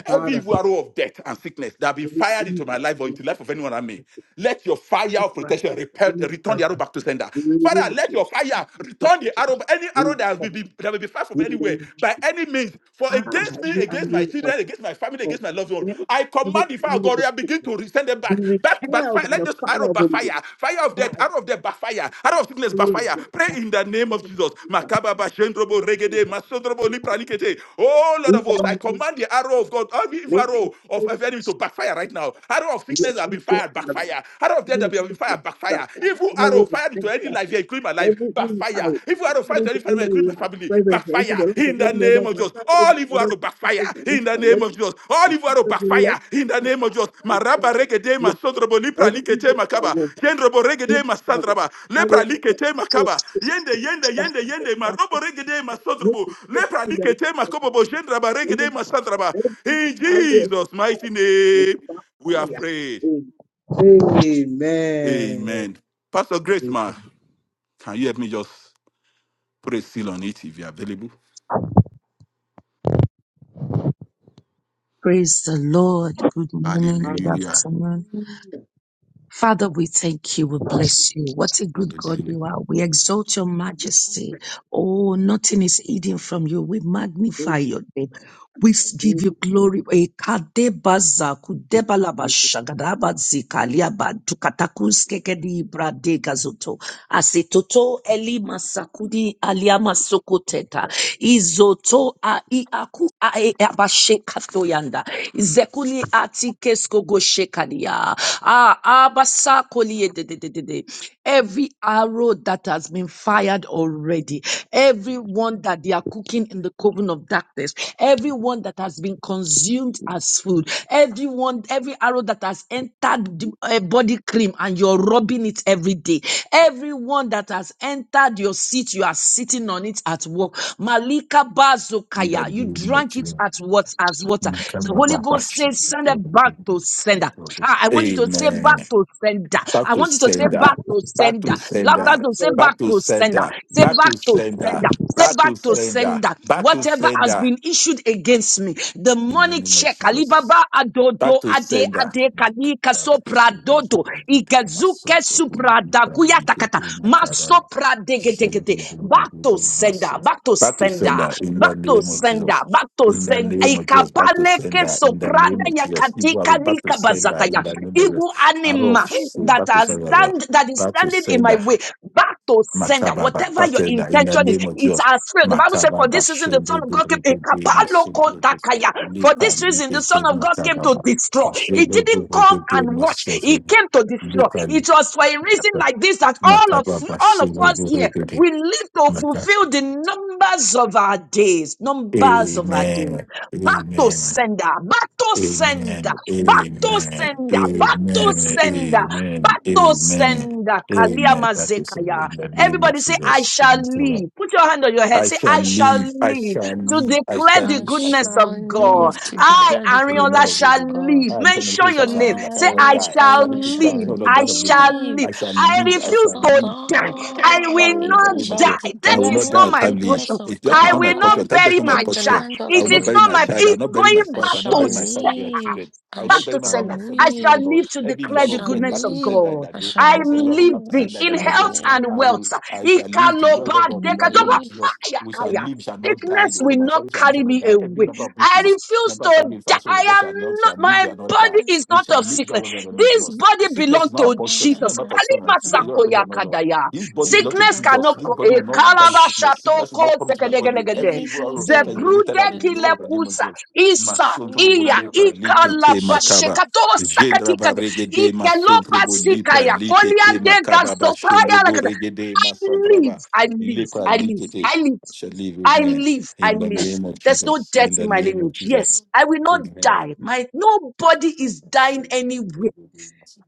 D: every
B: Father,
D: evil arrow of death and sickness that have been
B: every
D: fired into my
B: evil
D: life or
B: idea,
D: into the life of anyone I may, let your fire
B: this
D: of
B: man,
D: protection repel,
B: enemy
D: return
B: of
D: the arrow back to sender.
B: the
D: Father,
B: limit
D: let
B: of
D: your fire return the
B: protection.
D: arrow, any
B: We
D: arrow that has
B: thank
D: been been- that will be fired from anywhere
B: you.
D: by any means, for
B: Ah,
D: against me,
B: every
D: against my
B: animal of,
D: children, against my family,
B: of
D: against my loved one.
B: death,
D: I
B: every
D: command the fire of
B: animal
D: God,
B: of
D: I begin
B: sickness,
D: to send them
B: be
D: back, back, back,
B: repelled by
D: Let
B: the
D: this arrow
B: fire of the
D: backfire. Fire of
B: Lord.
D: death, out of death, backfire. Out of sickness, backfire. Pray
B: Everything
D: in the name of Jesus. Makababa, Shendrobo, Regede, Masodrobo, Lipranikete. Oh, Lord of hosts, I command the arrow of God, every evil arrow of of enemy to backfire right now. Arrow of sickness that have been fired, backfire. Arrow of death that have been fired, backfire. Evil arrow fired into any life here, including my life, backfire.
B: out.
D: Evil arrow fired
B: Somebody
D: into any
B: to end
D: family, including
B: the
D: my
B: life.
D: family,
B: Present here. To
D: backfire
B: the love of
D: in
B: me,
D: the
B: never.
D: name of
B: My
D: Jesus.
B: family,
D: All
B: my
D: evil are
B: brothers,
D: to
B: my
D: backfire
B: sisters, my
D: in
B: niece,
D: the
B: my
D: name
B: nephew,
D: of Jesus. All
B: my
D: evil are to
B: sisters
D: backfire in the name of Jesus.
B: in
D: Maraba regede
B: love.
D: masodrobo lipra
B: Every
D: likete
B: evil power
D: makaba.
B: will
D: Yendrobo
B: backfire.
D: regede
B: Every power,
D: masandraba. Lepra
B: will
D: likete makaba. Yende yende yende
B: Backfire,
D: yende
B: backfire,
D: marobo regede
B: backfire. You
D: masodrobo.
B: can see it
D: Lepra
B: in the
D: likete makobobo. Yendraba regede
B: enemy.
D: masandraba.
B: Every evil
D: In
B: power
D: Jesus' mighty
B: will
D: name, we are
B: backfire.
D: prayed.
B: Amen.
D: Amen. Pastor Grace, ma,
B: Amen.
D: can you help me just put a seal on it if you're available?
K: Praise the Lord. Good morning. Good
D: Hallelujah.
K: afternoon.
B: Hallelujah.
K: Father, we thank you. We bless you. What a good God
D: Hallelujah.
K: you are. We exalt your majesty. Oh, nothing is hidden from you. We magnify your name. We
B: Hallelujah.
K: give you glory. Ekadebaza kudebalaba
B: We
K: shagadaba zikaliaba tukatakus kekedi brade gazoto. Asetoto eli masakudi aliama sokoteta. Izoto a iaku a e abashekato yanda. Zekuli atikesko goshekalia. Ah, abasakoli de de de de de. Every arrow that has been fired already, Everyone that they are cooking in the coven of darkness, everyone that has been consumed as food, everyone, every arrow that has entered the uh, body cream and you're rubbing it every day, everyone that has entered your seat, you are sitting on it at work. Malika
D: in the
K: Bazokaya, you
D: name of
K: drank it
D: Jesus.
K: at what as
D: In
K: water.
D: the
K: The
D: name of
K: Holy
D: our
K: Ghost
D: Father,
K: says, send it back to sender. Ah, I want you to say
D: Amen.
K: back to sender.
D: Back
K: I
D: to
K: want you to say
B: thank
D: sender.
K: back to
D: Back to
K: sender.
B: God
K: Laughter
D: sender.
K: to say
B: for the
D: Back
K: back
D: to
K: to sender.
D: sender.
K: Say
D: Back
K: back
D: to
K: to
D: sender.
K: sender. Say
D: Back to
K: back to
D: sender.
K: sender.
D: Back to
K: Whatever has
D: sender.
K: been issued against me, the
D: In the
K: money
D: name of
K: check, Alibaba
D: Jesus. Back
K: Adodo
D: to
K: Ade
D: sender.
K: Ade Kali Kasopra Dodo Igazuke Supra Dakuya Takata Masopra Degedegede. Back to sender. Back to
D: Back to
K: sender.
D: sender in the
K: Back to
D: name of
K: sender.
D: Jesus.
K: Back to
D: In the
K: sender.
D: name of Jesus, back to
K: Ikapaleke
D: sender in the
K: Sopra
D: name of Jesus. Evil arrow, back to
K: Dayakatika
D: sender
K: bazataya.
D: in the name of Jesus.
K: Evil
D: Arrow of
K: animal
D: shade,
K: that
D: back to
K: are
D: sender,
K: stand that is
D: back to
K: standing in my
D: sender.
K: way. Back to sender.
D: Makababa,
K: Whatever
D: back
K: your
D: to sender in the
K: intention is,
D: name of
K: it's
D: Jesus.
K: as failed. The Bible said, For
D: Makababa,
K: this reason the
D: shende,
K: Son of God came.
D: burigide, mashendrede,
K: Ekapalokotakaya. For
D: lipa,
K: this reason the Son
D: libeke,
K: of God came to
D: makababa.
K: destroy. He
D: Shendo,
K: didn't come
D: burigide,
K: and watch, he
D: mashendrede,
K: came to destroy.
D: lipa,
K: It
D: lipa,
K: was for a reason like this that all of
D: makababa,
K: all of
D: shendo,
K: us here
D: burigide,
K: we live to fulfill the numbers of our days. Numbers of our days.
D: Amen.
K: Bato
D: Amen. Amen.
K: sender, bato sender,
D: Amen. Amen.
K: bato sender, bato
D: Amen.
K: sender, bato
D: Amen.
K: sender,
D: Amen.
K: Kaliama
D: That is
K: Zekaya.
D: in the name of
K: Everybody say, I
D: Jesus.
K: shall live. Put your hand on your head.
D: I
K: Say,
D: shall
K: I shall
D: live. I
K: live
D: shall
K: to
D: live. I shall live. I
K: declare
D: shall
K: the
F: I
K: goodness
F: shall
K: of
D: glory
K: God.
F: live
D: of
F: to
D: the
K: I,
D: Lord
F: declare the
D: in the
K: Ariola,
D: land of
F: goodness of
K: shall
D: living.
F: God.
K: live.
D: I am saying, I
K: Mention your
D: shall
K: name.
D: live. I shall
K: Say,
F: Ay,
D: not
K: I
D: die. I
K: shall
D: shall
F: I
D: live to try
F: shall
D: to
K: live.
D: know the
K: I
D: land of
K: shall
D: living.
F: live.
K: live.
D: I shall
K: I
F: I
D: live. I
F: shall
K: refuse
D: shall
F: not
D: live.
K: to die. I will
D: Father,
F: die.
D: in the
F: I
K: not
D: name of
F: shall
D: Jesus,
K: die.
D: I
K: That
D: will
K: is
D: not
F: declare
D: die
K: not
F: the
K: my
D: untimely.
K: portion.
F: goodness of
D: If That is
K: I
D: not my
K: will
F: God
D: portion.
K: not
D: Time death is
K: bury
D: not my
K: my
F: in the
D: portion.
K: child.
F: land of
D: I will
F: the
K: It
D: not
K: is
D: bury
K: not
D: my
K: my,
F: living.
D: child. I will
K: it's
D: not bury my
K: going
F: I
D: spouse. I
K: back
D: will not
F: shall
K: to
D: bury my family and
F: live.
D: children. I
F: I
D: will
K: back
D: not bury
K: to
D: member of
F: shall
K: sender.
D: my
K: I
D: fellowship, oh
K: shall
F: live.
D: Lord.
K: live to
D: Every
F: I
D: one
K: declare the
D: of
F: shall
D: them back
K: goodness
D: to
K: of
F: live.
D: sender in
K: God.
D: the
F: I
D: name of
K: I
F: shall live.
K: am
D: Jesus. Every one of back to
F: I
K: living
D: sender in the
K: in
D: name of
F: shall
K: health
D: Jesus.
K: and
F: live.
D: I
K: wealth.
D: will, I shall live to
F: I
D: whoever
K: Ikaloba
F: shall
D: God in the name
K: dekatoba
D: of
F: live.
D: Jesus.
K: fire,
D: We shall
K: fire.
D: live, shall not die.
K: Sickness
D: The whole of
K: will
D: my
K: not
D: family shall live, shall
K: carry
D: not
K: me
D: die. Every
K: away.
D: member of this
K: I refuse
D: member of
K: to
D: family
K: die.
D: household, God
K: I
D: shall
K: am
D: not,
K: not,
D: shall live,
K: my
D: shall not die.
K: body
F: Yes,
K: is
F: I
D: We
K: not
D: shall
K: of
D: live to
K: sickness.
D: whoever God in the name of
K: This
D: Jesus.
K: body
D: Sickness
K: belongs
D: is not
F: I
D: a
K: to
F: like
D: portion.
F: I I I I I I I I
D: Sickness is
K: Jesus.
D: not a portion.
K: Kalima
F: I
D: Sickness is not a portion, oh Lord. This body belongs to
K: Sickness
D: Jesus.
K: cannot.
D: This
K: co- eh,
D: body will not
F: I I
D: carry
K: kalaba
D: sickness.
F: I
D: Sickness will
K: shatoko
D: not come into my body.
K: zekedegelegede.
D: Every
F: Ele
D: evil
F: gülü
D: arrow of sickness will be
F: gülü
K: Zebrude
D: rooted out and
F: ve
D: destroyed
F: bu
D: by the name of
K: kilekusa
D: Jesus.
K: isa
D: Masontrobo
F: yakan
K: iya
D: lepra
F: yapacağım ya
D: likete makaba.
F: başlayacağım.
K: ikalabashekato sakatika
D: Jendraba regede
K: ikeloba
F: Güler
D: masontrobo lepra
K: sikaya
F: güler
K: kolia
D: likete
F: güler.
K: dega
D: makaba ba
K: zopaya
D: shendrobo
K: lagada.
D: regede
K: I
D: masantraba
K: live, I live,
D: lepra
K: I live,
D: likete.
K: I live,
D: I Shall live,
K: I
D: amen.
K: live, I
D: In the
K: live.
D: name of
K: There's no
D: Jesus.
K: death
D: In
K: in
D: the
K: my
D: name of
K: lineage. Yes,
D: Jesus.
K: I will not
D: Amen.
K: die. My nobody is dying anywhere.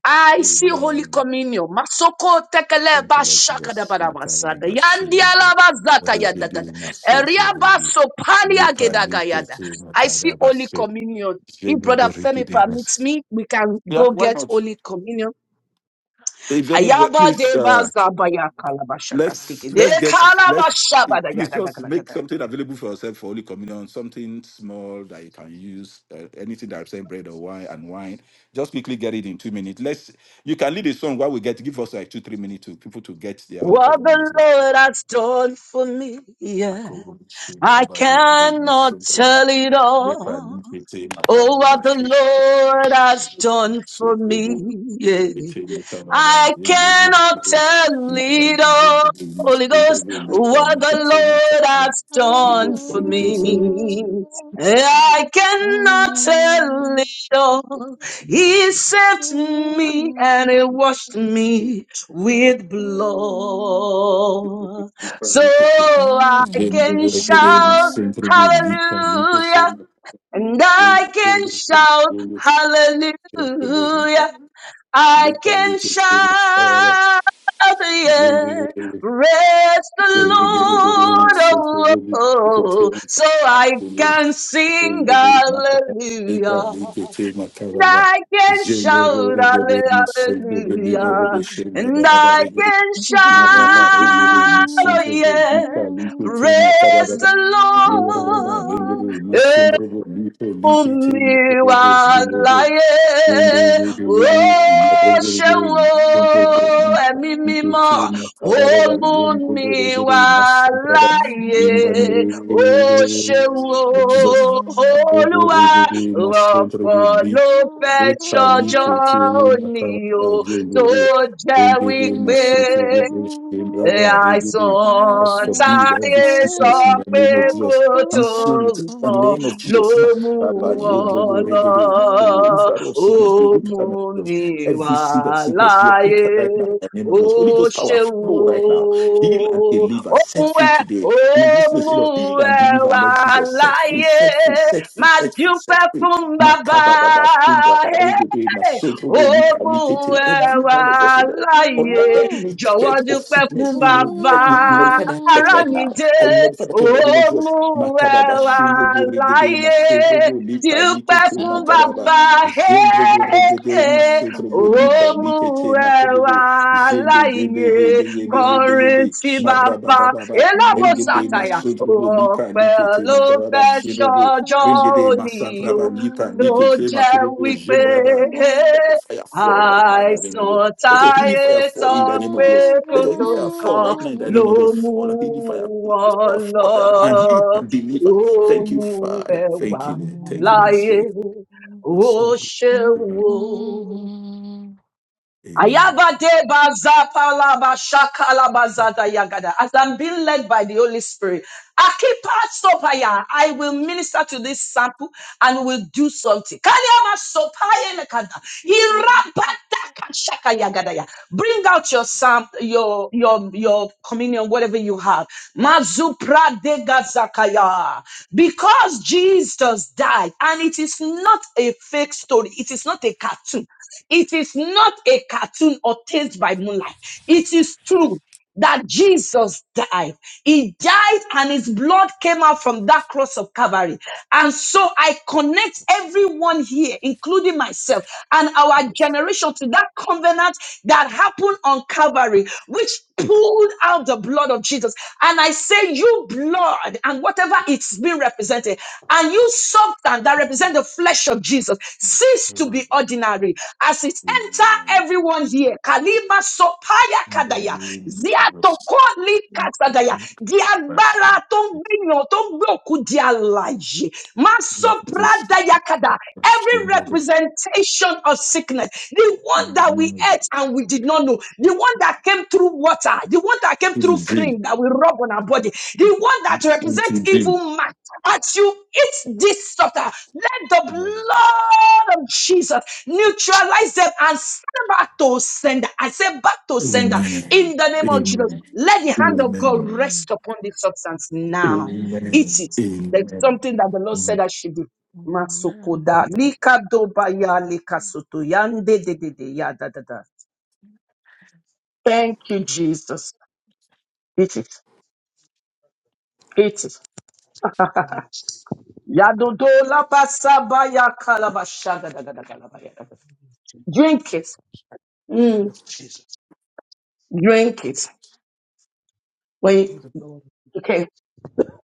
K: I see Holy
D: Amen.
K: Communion. Masoko tekele
D: Thank you,
K: ba
D: Lord
K: shaka da ba
D: Jesus.
K: da ba sa
D: Makara da
K: Yandi
D: shenudu.
K: ala ba zata ya da da da.
D: Regedu
K: Eria ba
D: masotrobodu.
K: so pali age
D: Lupa
K: da ga ya da.
D: lupeke
K: I see
D: makara
K: Holy
D: bashe.
K: Communion. If Brother
D: Shenubu
K: Femi
D: rikidu
K: permits me, we can
D: Yeah,
K: go
D: why
K: get
D: not?
K: Holy Communion.
D: If anybody,
K: Ayaba
D: please,
K: deba
D: uh,
K: zabaya kalaba shaka stiki.
D: let's
K: De
D: let's get
K: kalaba
D: let's uh,
K: shaba da ya
D: please
K: da da
D: just
K: da da
D: make
K: da.
D: something available for yourself for Holy Communion, something small that you can use, uh, anything that represents bread or wine and wine. Just quickly get it in two minutes. Let's you can lead a song while we get give us like two three minutes to people to get their Holy
K: What
D: Communion.
K: the Lord has done for me,
D: Lipa,
K: yeah,
D: lipa,
K: I cannot tell it all. Oh, what the Lord has done for me. yeah. I cannot tell it all. Holy Ghost, what the Lord has done for me. yeah. I cannot tell it all. He saved me and he washed me with blood.
D: lipa,
K: So I can shout hallelujah and I can shout hallelujah. I can
D: lipa,
K: shout, yeah,
D: lipa,
K: praise the Lord. Oh, oh, oh. so I can sing hallelujah. And I can shout hallelujah. And I
D: Jenga
K: can
D: Maraba, Elere,
K: shout, oh
D: Masundre,
K: yeah,
D: Lika, Lipo, Te,
K: praise
D: Matabara,
K: the
D: Yeraba,
K: Lord.
D: Elere,
K: eh
D: Masundre, Lipo, Like, Te,
K: mi wà
D: Matabara, Zilere,
K: láyé
D: Yende, Yede,
K: ó
D: Yede,
F: *laughs*
D: Matabara,
K: ṣe
D: Yere,
K: wo
D: Masundre,
F: Mm-hmm.
D: Lika,
K: ẹ̀mí
D: Lipo, Te,
K: mímọ́ ó
D: Matabara,
K: mú
D: Yeripo,
K: mi
D: Regere,
K: wà
D: Masantaba,
K: láyé
D: In the
K: ó ṣe wo
D: name of Jesus, Matabara,
K: olúwa
D: Regere, Masundre,
K: rọ̀pọ̀ ló fẹ́
D: Lika,
K: ṣọjọ́
D: Lipo, Te,
K: òní o tó
D: Matabara,
K: jẹ́
D: Rigidi
K: wípé
D: Masutu Ribu Shimbrava Rigidi. I
K: Àìsàn
D: forbid every
K: táyé sọ
D: sickness in the
K: pé
D: name of
K: kó
D: Jesus.
K: tó
D: Cancel it in the
K: nǹkan
D: name of
K: ló
D: Jesus.
K: mú
D: Makaraba
K: wọn
D: Yendrobo
K: lọ.
D: Rigidi. Makuwo. If that of
K: Ó
D: sickness be put
K: mú
D: out of Jesus.
K: mi
D: Every
K: wà
D: seed of sickness be put
K: láyé,
D: out right now in the name of
K: ó
D: Jesus. Holy Ghost power
K: ṣeun
D: flow right now. Heal and
K: o.
D: deliver.
K: Ó mú
D: Set free
K: ẹ,
D: today.
K: ó
D: In this place,
K: mú
D: Lord, heal and
K: ẹ
D: deliver,
K: wà
D: Lord Jesus. Set free,
K: láyé.
D: set free, set free,
K: Má
D: set free, set
K: dúpẹ́
D: free.
K: fún bàbá.
D: Makababa, Shimbrava
K: Hey!
D: Rigidi,
K: hey. Ó
D: Masotrobo Lipra
K: mú
D: Litete.
K: ẹ
D: Every
K: wà
D: one of us in the under
K: láyé.
D: any
K: Jọ̀wọ́
D: threat of
K: dúpẹ́ fún
D: sickness, we,
K: bàbá
D: we nullify that threat
K: ará
D: right
K: mi
D: now.
K: dé,
D: I nullify that
K: ó
D: threat in the name of
K: mú
D: Jesus.
K: ẹ
D: Makababa,
K: wà
D: Shindrobo, Regede,
K: láyé.
D: Masundrobo, Lipra,
K: Dúpẹ́
F: Amen. Amen.
D: Likete,
K: fún
D: Makababa,
K: bàbá
D: Zendrobo, Regede,
K: ẹ̀ ó
D: Masundrobo, Lipra,
K: mú
D: Likete,
K: ẹ wà
D: Makobobo, Zende, Yende,
K: láyé.
D: Yende, Yende, Yende,
K: Kọrin
D: Yende,
K: sí bàbá
D: Marabarababa,
K: elábò
D: Regede,
K: sàtàyà,
D: Masundrobo, Lipra,
K: ọ̀pẹ
D: Likete,
K: ló
D: Makababa,
K: fẹ́
D: Shindrobo,
K: ṣọjọ́
D: Regede,
K: òní o. mu e wa laye dupe fun
D: Masandraba, Lipra,
K: baba o mu
D: Likete,
K: jẹ́
D: Makobobo,
K: wípé
D: Zendraba fire fall right now in the name of Jesus.
K: Àìsàn
D: Let your healing
K: táyé
D: fire fall
K: sọ
D: in the name of
K: pé
D: Jesus.
K: kò
D: Let your
K: tó
D: healing fire fall
K: nǹkan
D: right now in the
K: ló
D: name of Jesus.
K: mú
D: Fall, healing fire, Holy Ghost
K: wọn
D: fire,
B: Lord.
D: fall
K: lọ.
D: down and heal and deliver.
K: Ó
D: Thank you,
K: mú
D: Father.
K: ẹwà
D: Thank you, Lord. thank you, Holy
K: láyé,
D: Spirit.
K: ó ṣeun o.
D: Amen.
K: Ayabade bazapa laba shaka laba yagada. As I'm being led by the Holy Spirit, Akipa sopaya, I will minister to this sample and we will do something. Kaliama sopaya lekada. Irabada kashaka yagada ya. Bring out your sam, your your your communion, whatever you have. Mazupra de gazakaya. Because Jesus died, and it is not a fake story, it is not a cartoon. It is not a cartoon or taste by moonlight. It is true that Jesus died. He died and his blood came out from that cross of Calvary. And so I connect everyone here, including myself and our generation to that covenant that happened on Calvary, which pulled out the blood of Jesus. And I say, you blood and whatever it's been represented, and you substance that represent the flesh of Jesus, cease to be
D: Amen.
K: ordinary as it
D: Amen.
K: enter everyone here. Kalima sopaya
D: In the
K: kadaya
D: name of Jesus
K: katagaya di
D: Christ, Jesus Christ,
K: agbára tó ń
D: in
K: gbìyàn tó ń gbé òkú di alàyè má
D: the
K: sọ
D: name
K: pradayakada every representation of sickness the one that we
D: of
K: ate
D: Jesus.
K: and we did not know the one that came through water the one that came
D: To
K: through
D: the dream,
K: cream that we rub on our body the one
D: to
K: that represents
D: the
K: evil
D: dream.
K: mark as you eat this supper, let the
D: Amen.
K: blood of Jesus neutralize them and send back to sender. I say back to sender
D: Amen.
K: in the name of Jesus. Let the hand of
D: Amen.
K: God
F: Amen. Amen.
K: rest upon this substance now.
D: Amen.
K: Eat it. There's
D: Amen.
K: something that the Lord said I should do. Masokoda. Likadobaya likasoto. Yande de de de. Ya da da da. Thank you, Jesus. Eat it. Eat it.
B: of you. In
K: Yadodo labasabaya kalabashagadagadagalabaya. drink it.
B: the name
K: Mm,
B: of Jesus,
K: drink it. When
B: In
K: you,
B: the blood
K: okay.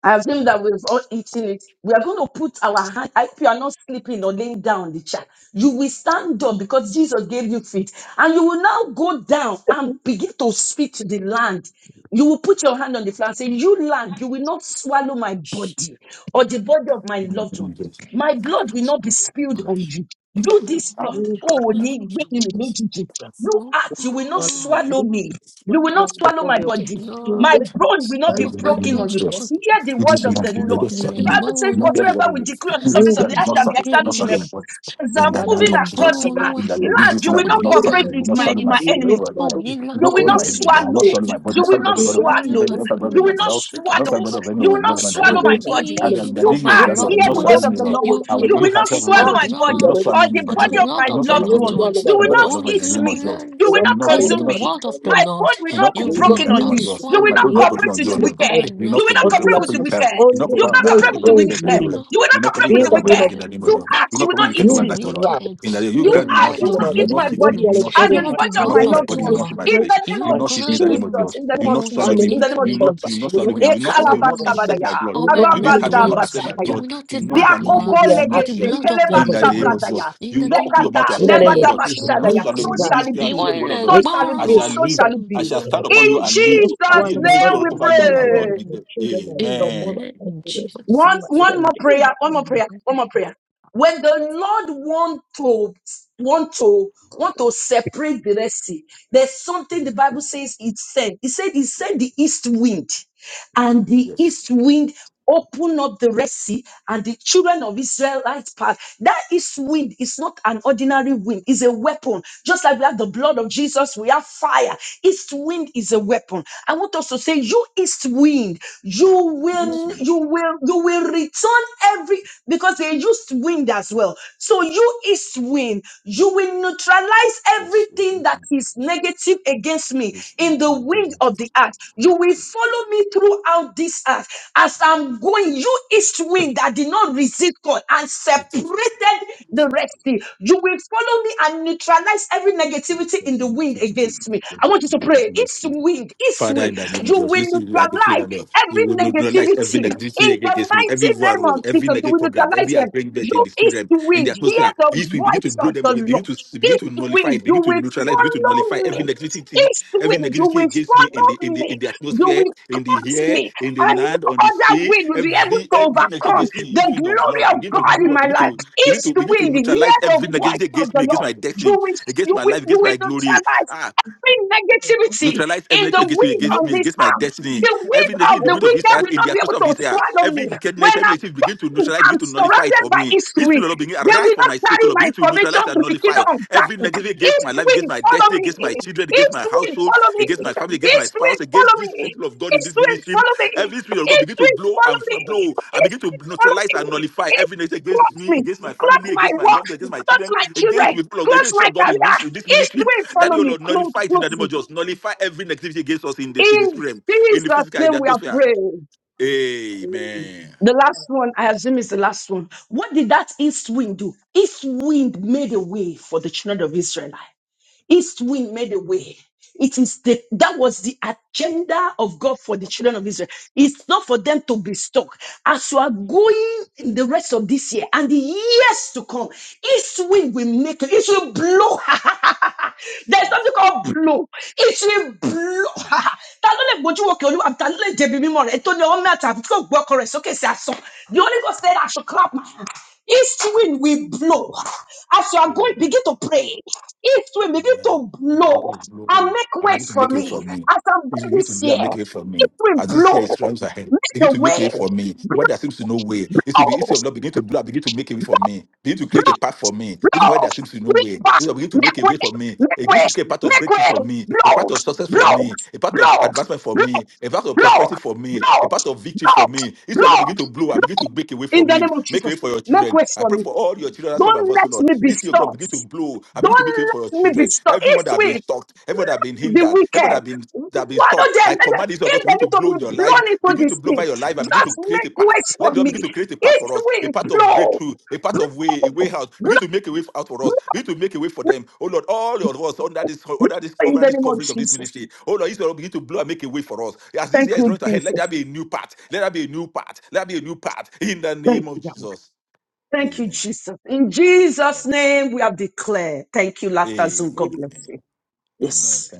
K: I assume that we've all eaten it. We are going to put our hand. If you are not sleeping or laying down on the chair, you will stand up because Jesus gave you feet. And you will now go down and begin to speak to the land. You will put your hand on the floor and say, You land, you will not swallow my body or the body of my loved one. My blood will not be
F: Amen.
K: spilled
D: Amen.
K: on you. Do
F: Of
K: this earth. Oh,
F: my
K: ni- ni- ni- ni- ni- ni- ni. you earth, you will not
B: of Jesus,
K: swallow me.
B: What
K: You will not
B: one, the
K: swallow my
B: body of
K: body.
B: Jesus,
K: My
B: the
K: bone will not
D: You
K: be broken
B: grandchildren,
K: on
B: the
K: you.
F: loved one,
K: Hear the word
D: just
F: in
K: of
D: not
K: the
D: you
B: grandchildren,
K: Lord.
D: just
B: the
K: The
D: serving me. You
K: Bible
B: family.
K: says,
D: not get
F: one
D: what
K: whatsoever
D: it
K: we
D: is.
K: decree on the
D: You
K: surface
D: just
B: You
K: of
D: that
K: the
D: you're
K: earth
D: not
K: shall be
D: serving, you
B: give
D: not
K: established in
D: serving
B: the
D: my
K: heaven.
F: 오늘빼미미씨
D: body.
K: As
B: ah,
D: In
K: I'm
D: the
B: Father
D: name
K: moving
B: Lord,
D: of
F: 오늘
K: across
D: Jesus.
K: the
B: and then
K: earth,
F: 뭐로와
D: In the
B: we
D: name, you
K: Lord,
D: just
K: you
D: that
K: will
D: you're
K: not
D: not
B: will
D: serving
K: cooperate
D: me, you
K: with
F: 오늘라도
D: not
K: my,
D: serving my
K: my
B: We
F: 빼미미씨
D: food.
B: will
D: you
B: not
K: enemies.
D: do not,
B: swallow it.
D: you
K: You
D: not
F: 오늘라도
K: will
B: We will
D: covering
K: not
D: my
B: not
D: everything. you
F: 빼미미씨
B: swallow
D: not
K: swallow.
B: it.
D: serving my body. You're
K: You
B: The
K: will
D: serving the
K: not
D: body
F: 이카라바
D: body of
B: children,
D: my
B: the
K: swallow.
D: children. you
F: 고야바
D: not serving the body
B: grandchildren,
K: You
D: of
K: will
D: my
F: 소야야바
K: not
D: spouse. you not
B: the
F: 시다님
D: serving
K: swallow.
D: the body of any
K: You
D: of
F: You
D: my
K: will
F: will
K: not
D: loved
F: not
D: ones in the name
K: swallow
D: of
F: swallow
K: my
B: grandchildren,
D: Jesus.
B: and the
K: body.
F: me
D: And
B: family.
D: then the
F: or
K: You
D: day you're
F: my
B: Yes,
K: ask, hear
D: graduated,
B: now,
D: you
F: loved
B: we
D: not
K: the
B: will
K: word
B: not
D: serving
F: ones.
K: of
D: me,
K: the
D: Lord.
B: swallow
K: Lord.
F: You
B: my
D: I
F: will
B: body.
K: You
D: will
F: not
D: you
K: will not
D: have help,
F: take
D: oh
F: my
K: swallow
B: Ah,
D: God.
K: my
B: in
D: And
K: body
B: the
D: you not
F: blood
B: name of
K: or
D: swallow me
K: the
D: in the
F: or
D: name
F: the
D: of
K: body
B: Yes,
D: Jesus.
K: of
F: blood
K: my
D: You
B: now,
F: of
D: not
B: you
F: my
D: swallow my
K: loved
B: will not
D: body,
F: loved
K: one.
D: Lord.
B: swallow
F: ones.
B: my
K: You will
D: And the body
B: body.
D: of
K: not
D: my
F: Oh,
D: loved one in
K: eat
D: the
F: you
D: name of
K: me.
D: Jesus.
K: You
B: You
F: lands.
B: will
K: will
D: You
B: not
K: not
D: not, you
B: swallow
F: Hear
B: the
F: the
K: consume
D: not.
K: me.
B: body of
F: word
B: my
F: of
B: Lord.
F: the
K: My
F: Lord.
K: bone will
D: Do
K: not
D: not
K: be
F: You
B: You will
D: consume me
B: not
D: in
K: broken
F: will
D: the
K: on
D: name
F: not
D: of
B: need
K: you.
D: Jesus.
B: God.
K: You will
F: swallow
D: My
B: You
K: not
D: body
B: will
D: not
B: not
D: broken
K: cooperate
F: me
D: on
K: with
D: you
K: the
B: want a
D: alone.
F: or
K: wicked.
F: my
B: burden
D: Do
K: You
D: not
K: will
F: loved
K: not
D: cooperate
B: until
K: cooperate
B: I
K: with
F: ones.
K: the
D: properly
B: am
D: child.
K: wicked.
D: Do not
K: You will
D: cooperate
B: 100
K: not
F: You
B: years
D: darkness.
K: cooperate
D: Do not
K: with the
F: will
D: cooperate
B: old
D: with
K: wicked.
B: minimum.
D: deliverance.
F: not
K: You will
D: Do
K: not
D: not
K: cooperate
D: cooperate with
K: with
B: In
K: the
D: wicked
B: the
D: over
B: name
D: my
K: wicked.
B: of
D: life in the name
B: Jesus,
D: of
K: You
D: Jesus. Do
K: ask, you
D: not
K: will
D: cooperate
K: not
D: with
F: cooperate
D: wicked
K: eat
F: with
D: over
F: the
B: you
K: me.
D: my life, O Lord.
B: grab.
F: wicked.
D: In the name, you
B: You
K: You
B: will
F: You
B: not
F: will
D: grant, you will
K: are,
D: not
F: not
K: you will
D: hit
B: swallow
D: me.
K: not
F: do
B: my
D: You
K: eat
D: will
B: body.
K: my
D: not
B: You will
D: hit
B: not
D: me.
K: body
D: You
F: not-
D: will
B: swallow the
D: not
K: and
B: body
D: hit me.
B: of
K: the
F: hear
B: my
F: the
K: body
D: You will
K: of
D: not
K: my
F: word
D: hit
B: children,
D: my
F: of
B: my
K: loved
F: the
D: body. You will
K: ones.
D: not hit
F: Lord.
D: my
K: In
B: grandchildren,
K: the
D: flesh.
K: name
D: You
K: of
F: You
B: my
D: will not hit me in the name
B: siblings,
D: of
K: Jesus.
D: Jesus.
F: ground,
K: In the
D: You
K: name
D: will
F: you
K: of
D: not
F: will
D: swallow
K: Jesus.
F: not
B: family,
K: In
D: me.
B: and
K: the name
F: eat
K: of
D: You will
K: Jesus.
F: me.
D: not,
B: husband.
D: you will
B: You
D: not
B: will
F: You
D: swallow
B: not
F: will
D: me. You
F: not
D: will not,
B: swallow
D: you
B: my
D: will
F: swallow
D: not
B: body.
D: accept
F: me
K: Ekalabashabadaya,
D: my blood.
B: You
F: or
B: will
F: my
B: not
D: You this
B: swallow
F: loved
B: the
D: heart, you will
B: body of
D: not
F: ones.
B: my
D: accept my
F: You
K: arabadabasakaya,
B: husband.
D: blood.
F: will not
D: You will
F: take
D: not
F: my
B: That
D: swallow me
B: until
D: in
F: blood
D: the
B: we are
D: name
F: or
D: of
B: at
F: the
K: ziakokolegete,
D: Jesus.
F: blood
B: least
F: of my
D: In the
F: loved
B: 100
D: name
B: years.
D: of
F: ones.
D: Jesus.
K: kelebashabradaya,
F: In
D: You will
F: the
D: not open
F: name
D: your
F: of
K: zekada,
D: mouth to
B: In the
D: accept my
B: name of
D: blood.
B: Jesus,
D: You will not
K: lebadabashadaya.
B: you
D: swallow
F: Jesus.
K: So
D: me. You
B: grab.
K: shall
D: this
K: it
D: ground,
K: be.
F: Ìwọ
D: hear the word of
F: ilẹ̀
K: So
D: God.
B: Make it
K: shall it
D: I
F: gbọ́ràn
K: be.
B: big.
D: shall
F: wá.
K: So
B: to
D: live
K: shall it
D: I
K: be.
D: shall
B: start.
D: stand upon
K: In
D: you and
B: And
D: live.
B: those
D: I'll
K: Jesus'
B: one
D: be a
B: of my
D: living
K: name
B: body,
D: soul
K: we
D: over you.
B: surely
D: I
B: the
D: will
B: body
D: not
B: of
K: pray.
D: be
B: my
D: dead.
B: children, that I not all
D: Amen.
F: Amen.
B: my time
F: In
B: to them.
F: Jesus'
K: One,
F: name.
B: But in the
K: one more prayer,
B: name of
K: one more prayer,
F: Mhm.
K: one more prayer. When the Lord want to want to want to separate the Red Sea, there's something the Bible says it said. It said it said the east wind, and the
D: Yes.
K: east wind open up the Red Sea and the children of Israelites pass. That is wind. It's not an ordinary wind. It's a weapon. Just like we have the blood of Jesus, we have fire. East wind is a weapon. I want us to say, you east wind, you
D: Yes. Yes.
K: will, you will, you will return every every because they used wind as well. So you is wind. You will neutralize everything that is negative against me
D: Yes.
K: in the wind of the earth. You will follow me throughout this earth as I'm going. You east wind that did not resist God and separated the Red Sea. You will follow me and neutralize every negativity in the wind
D: Yes.
K: against me. I want you to pray.
D: Yes.
K: East
D: Yes.
K: wind, east
D: Father,
K: wind.
D: in the name of
K: You
D: Jesus,
K: will
D: you see, you are declared
K: neutralize
D: and you you
K: every
D: will neutralize every
K: negativity. In
D: negativity
K: the
D: against me,
K: mighty
D: every war
K: name
D: rule,
K: of
D: every
K: Jesus,
D: negative
K: we
D: program,
K: neutralize
D: every
K: them.
D: agreement in
K: You
D: the spirit
K: east
D: realm, in
K: wind,
D: the
K: hear
D: atmosphere.
K: the
D: These will begin to
K: voice
D: blow
K: of
D: them away,
K: the
D: begin to
K: Lord.
D: begin to
K: East
D: nullify,
K: wind,
D: it,
K: you
D: begin to
K: will
D: neutralize, begin to nullify
K: follow me.
D: every negativity,
K: East
D: every
K: wind, you
D: negativity
K: will
D: against me in the in
K: follow
D: the in
K: me.
D: the
K: You
D: atmosphere,
K: will
D: in
K: cross
D: the air,
K: me.
D: in the
K: And
D: land,
K: no
D: on the
K: other
D: sea,
K: wind will be able
B: with
D: every
K: to
D: every negativity
K: overcome
D: against me,
K: the
D: this
B: everything
D: wind of the Lord,
K: glory of
D: begin to
B: in
K: God in
D: blow up,
K: my
D: begin
K: life.
D: to begin
K: East
D: to begin to
K: wind, hear
D: neutralize
K: the
D: every negativity
K: voice of
D: against me,
K: the
D: against
K: Lord.
D: my
K: You
D: destiny,
K: will,
D: against
K: you
D: my
K: will,
D: life,
K: you
D: against
K: will
D: my glory.
K: neutralize
D: Ah.
K: every negativity
D: Neutralize every
K: in the
D: negative against me,
K: wind
D: against
K: on
D: me,
K: this
D: against my
K: earth.
D: destiny.
K: The
D: Every
K: weight
D: negative
K: of
D: in the
K: the
D: wind of this
K: wicked
D: earth,
K: will
D: in
K: not
D: the
K: be
D: atmosphere
K: able
D: of
K: to
D: this air.
K: swallow
D: Every
K: me. When
D: wickedness, every
K: I'm,
D: negative begin to neutralize, begin
K: I'm
D: to nullify it
K: surrounded
D: for
K: by
D: me.
K: east
D: His spirit,
K: wind.
D: Lord, begin
K: They
D: arise
K: will
D: for
K: not
D: my sake, O
K: carry
D: Lord.
K: my
D: Begin to
K: information
D: neutralize
K: to
D: and
K: the
D: nullify
K: kingdom of
D: every
K: darkness.
D: negative against my
K: East
D: life, against
K: wind,
D: my
K: follow
D: destiny,
K: me.
D: against my children, against
K: East
D: my
K: wind,
D: household,
K: follow me.
D: against my family, against my
K: East
D: spouse,
K: wind,
D: against
K: follow
D: this
K: me.
D: people of God in
K: East
D: this
K: wind,
D: ministry.
K: follow me.
D: Every spirit of God
K: East
D: begin to
K: wind,
D: blow and
K: follow me.
D: f- blow. I
K: East
D: begin to
K: wind, follow
D: neutralize
K: me.
D: and nullify
K: East
D: every negative against
K: close
D: me,
K: me.
D: against my
K: Close
D: family,
K: my
D: against my
K: work.
D: loved, against my
K: Close
D: children,
K: my
D: against
K: children.
D: people of God,
K: Close
D: against
K: my
D: your God in
K: career.
D: ministry, this
K: East
D: ministry.
K: wind, follow
D: Daddy, oh
K: me.
D: Lord,
K: Close,
D: nullify it in the name
K: close
D: of
K: me.
D: Jesus. Nullify every negativity against us in the in the
K: In
D: spirit, realm, in the
K: Jesus'
D: physical, in the
K: name we are
D: atmosphere.
K: praying.
B: my
D: Amen.
K: The last one, I assume, is the last one. What did that east wind do? East wind made a way for the children of Israel. East wind made a way. It is the that was the agenda of God for the children of Israel. It's not for them to be stuck. As you are going in the rest of this year and the years to come, east wind will make it. It will blow. *laughs* There's something called blow. It will blow. *laughs* Ta ló lè gbójú òkè olúwa? Ta ló lè jẹ̀bi mímọ́ rẹ̀? Ètò ni ọwọ́ mẹ́ta àfi tí kò gbọ́ ọkọ rẹ̀ sókè sí asán. The only God said I should clap my hands. East wind will blow. As you are going,
D: Amen.
K: begin to pray. East wind begin
D: Amen.
K: to
D: You will
K: blow
D: begin to
K: and
D: blow.
K: make
D: I
K: way
D: begin to
K: for
D: make way for
K: me.
D: me.
K: As I'm
D: You
K: going
D: begin to
K: this
D: blow
K: year,
D: and make way for me.
K: east wind
D: As this year
K: blow.
D: is rounds ahead,
K: Make
D: begin
K: the
D: to make
K: way.
D: way for me.
K: Blow,
D: Where there seems to no way, it will be instead of Lord begin to blow, and begin to make way for me. Begin to create
K: blow,
D: a path for me. Even where
K: blow.
D: there seems to no way,
K: Bring
D: it
K: back.
D: will begin to make
K: Make
D: a
K: way.
D: way for me.
K: Make
D: It begin
K: way.
D: to create a path of
K: Make
D: breakthrough
K: way.
D: for me, a
K: Blow.
D: path of success for
K: Blow.
D: me, a path of
K: Blow.
D: advancement for
K: Blow.
D: me, a path of
K: Blow.
D: prosperity for me,
K: Blow.
D: a path of victory
K: Blow.
D: for me. Instead of Lord
K: Blow.
D: begin to blow and
K: Blow.
D: begin to make a way for
K: In the
D: me.
K: name of
D: Make a
K: Jesus.
D: way for your
K: Make
D: children.
K: way
D: I
K: for
D: pray
K: me.
D: for all your children that's heard my
K: Don't
D: voice, O
K: let
D: Lord.
K: me be
D: Each your God begin to
K: stopped.
D: blow. I begin
K: Don't
D: to make a way for your
K: let me be
D: children. Everyone that have
K: stopped.
D: been stalked, everyone that have been
K: the
D: hindered, everyone that
K: wicked.
D: have been that have been
K: Why do
D: stopped.
K: they,
D: I
K: let them-
D: command this of God
K: if
D: to
K: they
D: begin
K: need
D: to
K: to
D: blow in your
K: be
D: life
K: blown into
D: Begin
K: the
D: to blow by
K: sea,
D: your life and begin to
K: just
D: create a
K: make
D: path.
K: ways
D: Let
K: for
D: God
K: me.
D: begin to create a path
K: It
D: for us, a
K: will
D: path of
K: blow,
D: breakthrough, a path of way, a
K: blow,
D: way out. Begin to make a way out for us.
K: blow
D: Begin to make a way for them. Oh Lord, all of us under this under this
K: in
D: under
K: the
D: this
K: name of
D: coverage of this
K: Jesus.
D: ministry. Oh Lord, Israel begin to blow and make a way for us. As this
K: Thank
D: year is
K: you,
D: running ahead, let there
K: Jesus.
D: be a new path. Let there be a new path. Let there be a new path in the
K: Thank
D: name of
K: you, Yahweh.
D: Jesus.
K: Thank you,
D: Amen.
K: Jesus. In Jesus'
D: Lord.
K: name, we have declared. Thank you, Laughter Zone. God bless
D: Amen.
K: you.
D: Amen.
K: Yes.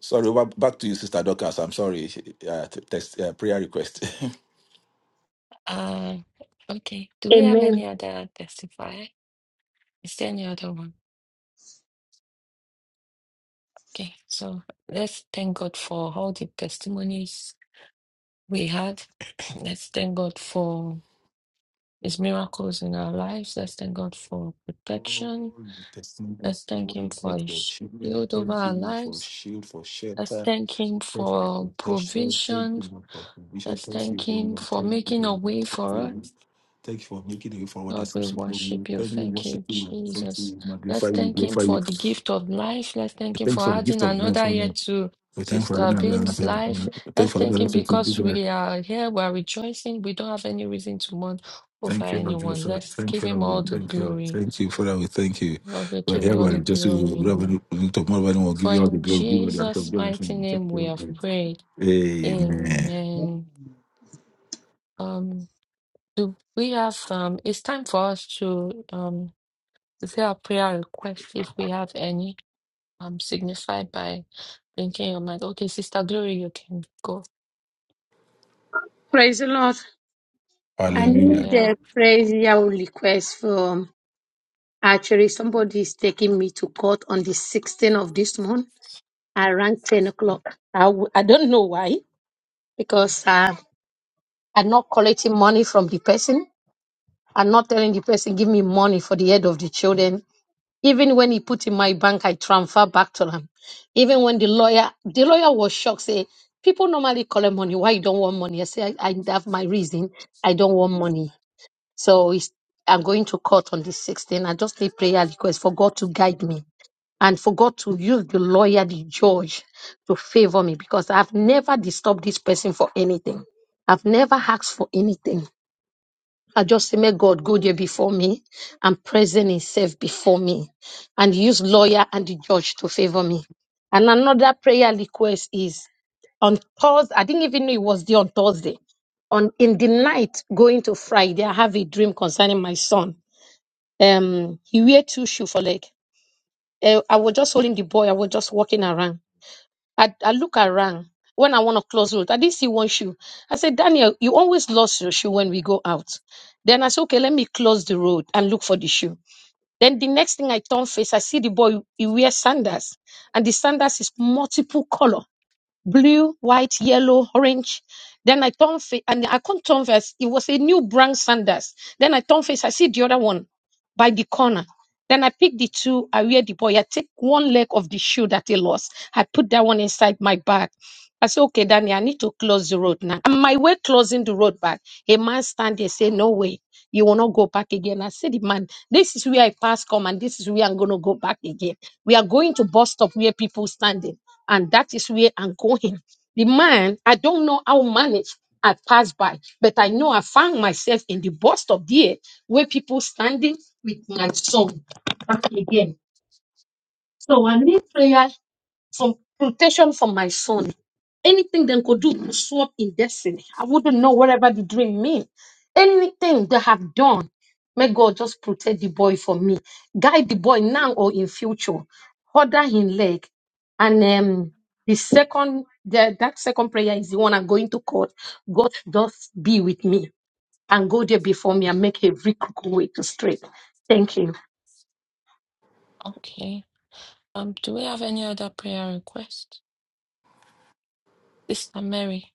D: Sorry, wa- back to you, Sister Dorcas. I'm sorry. Uh, t- text, uh, prayer request. *laughs*
F: Uh, okay. Do we have
G: Amen.
F: any other testifier? Is there any other one? Okay. So let's thank God for all the testimonies we had. *clears throat* Let's thank God for His miracles in our lives. Let's thank God for protection.
D: Holy testimony of
F: Let's thank Him
D: glory,
F: for
D: God, for
F: His
D: children.
F: shield over
D: Thank
F: our
D: you Lord, for
F: lives.
D: shield, for
F: Let's
D: shelter,
F: thank Him
D: thank you
F: for
D: for protection. Thank
F: provision.
D: you Lord, for provision.
F: Let's
D: Thank
F: thank
D: you, O
F: Him
D: Lord.
F: for
D: Thank you, O
F: making a
D: Lord.
F: way
D: Thank
F: for
D: you,
F: us.
D: Lord. Thank you for making a way forward that
F: Lord, we
D: seems to be no way.
F: worship you.
D: Thank you,
F: Thank you,
D: worship you, and thank
F: Jesus.
D: you,
F: Let's
D: magnify you,
F: thank him
D: glorify you.
F: for the gift of life. Let's thank him
D: Thank you
F: for
D: for the gift
F: adding
D: of life,
F: another
D: O
F: year
D: Lord.
F: to
D: We thank you for
F: Sister
D: another.
F: Beam's life.
D: Thank you
F: Let's
D: for
F: thank him because
D: another.
F: we are here, we are rejoicing. We don't have any reason to mourn over
D: Thank you, Lord
F: anyone.
D: Jesus.
F: Let's give
D: Thank you,
F: him all
D: Lord.
F: the
D: Thank you. Lord.
F: glory.
D: Thank you, Father. We thank you.
F: Lord, we
D: We're
F: give
D: here,
F: you all
D: we're
F: the
D: just
F: glory.
D: revenue tomorrow, and we'll give
F: For
D: you all the
F: in
D: glory. Give you all the act of
F: Jesus' mighty
D: adoration. Thank
F: name we
D: you,
F: have
D: Lord.
F: prayed.
D: Amen.
B: life.
F: Amen. Um, do we have um it's time for us to um If you have prayer requests, if we have any, um, signify by blinking your mind. Okay, Sister Glory, you can go.
G: Praise the Lord. I need
D: Hallelujah.
F: Hallelujah.
G: a prayer request from actually somebody is taking me to court on the 16th of this month around 10 o'clock. I, w- I don't know why because uh, I'm not collecting money from the person. I'm not telling the person, give me money for the head of the children. Even when he put in my bank, I transfer back to them. Even when the lawyer, the lawyer was shocked, say, people normally collect money. Why you don't want money? I say, I, I have my reason. I don't want money. So it's, I'm going to court on the 16th. I just need prayer request for God to guide me and for God to use the lawyer, the judge to favor me because I've never disturbed this person for anything. I've never asked for anything. I just say, may God go there before me and present himself before me and use lawyer and the judge to favor me. And another prayer request is on Thursday, I didn't even know it was there on Thursday. On in the night going to Friday, I have a dream concerning my son. Um, he wear two shoe for leg. Eh, I was just holding the boy, I was just walking around. I, I look around when I want to close road. I didn't see one shoe. I said, Daniel, you always lost your shoe when we go out. Then I said, okay, let me close the road and look for the shoe. Then the next thing I turn face, I see the boy, he wears sandals. And the sandals is multiple color blue, white, yellow, orange. Then I turn face, and I can't turn face. It was a new brand sandals. Then I turn face. I see the other one by the corner. Then I pick the two. I wear the boy. I take one leg of the shoe that he lost. I put that one inside my bag. I said, okay, Danny, I need to close the road now. And my way closing the road back, a man stand there say, no way, you will not go back again. I said, the man, this is where I pass come and this is where I'm going to go back again. We are going to bus stop where people standing and that is where I'm going. The man, I don't know how managed I passed by, but I know I found myself in the bus stop there where people standing with my son back again. So I need prayer some temptation for my son. Anything they could do to swap in destiny. I wouldn't know whatever the dream mean. Anything they have done, may God just protect the boy for me. Guide the boy now or in future. Order him leg. And um, the second, the, that second prayer is the one I'm going to court. God just be with me and go there before me and make every crooked way to straight. Thank you.
F: Okay. Um, do we have any other prayer request? Sister Mary.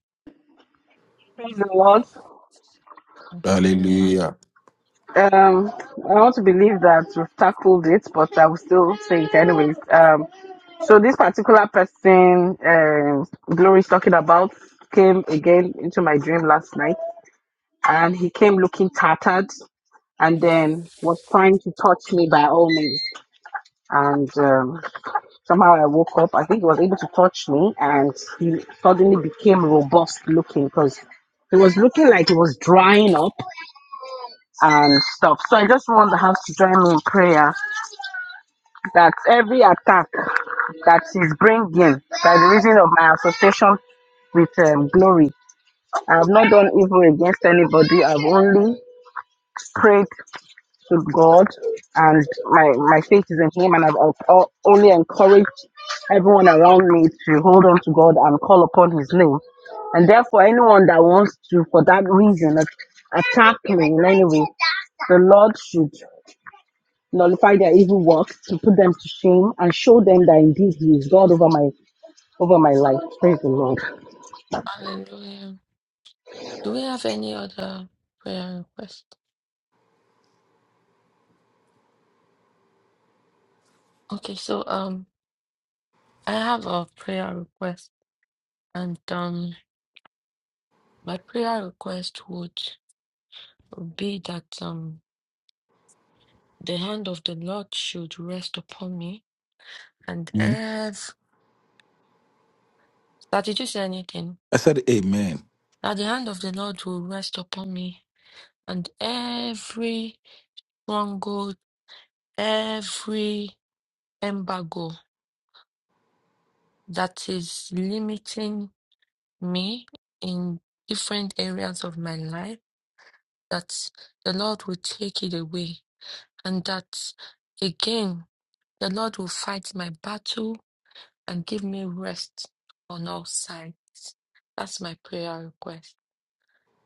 F: Hallelujah.
D: Hallelujah.
I: And um, somehow I woke up. I think he was able to touch me, and he suddenly became robust looking because he was looking like he was drying
F: Okay,
I: up and stuff. So I just want the house to join me in prayer that every attack That is bringing by the reason of my association with um, glory. I have not done evil against anybody. I've only prayed to God, and my my faith is in Him, and I've al- only encouraged everyone around me to hold on to God and call upon His name. And therefore, anyone that wants to, for that reason, at- attack me in any way, the Lord should nullify their evil works, to put them to shame, and show them that indeed He is God over my over my life. Praise the Lord.
F: Hallelujah. Do we have any other prayer request? Okay, so um I have a prayer request and um my prayer request would be that um The hand of the Lord should rest upon me, and
D: Hmm?
F: every that did you say anything?
D: I said amen.
F: That the hand of the Lord will rest upon me, and every stronghold, every embargo that is limiting me in different areas of my life, that the Lord will take it away, and that again the Lord will fight my battle and give me rest on all sides. That's my prayer request.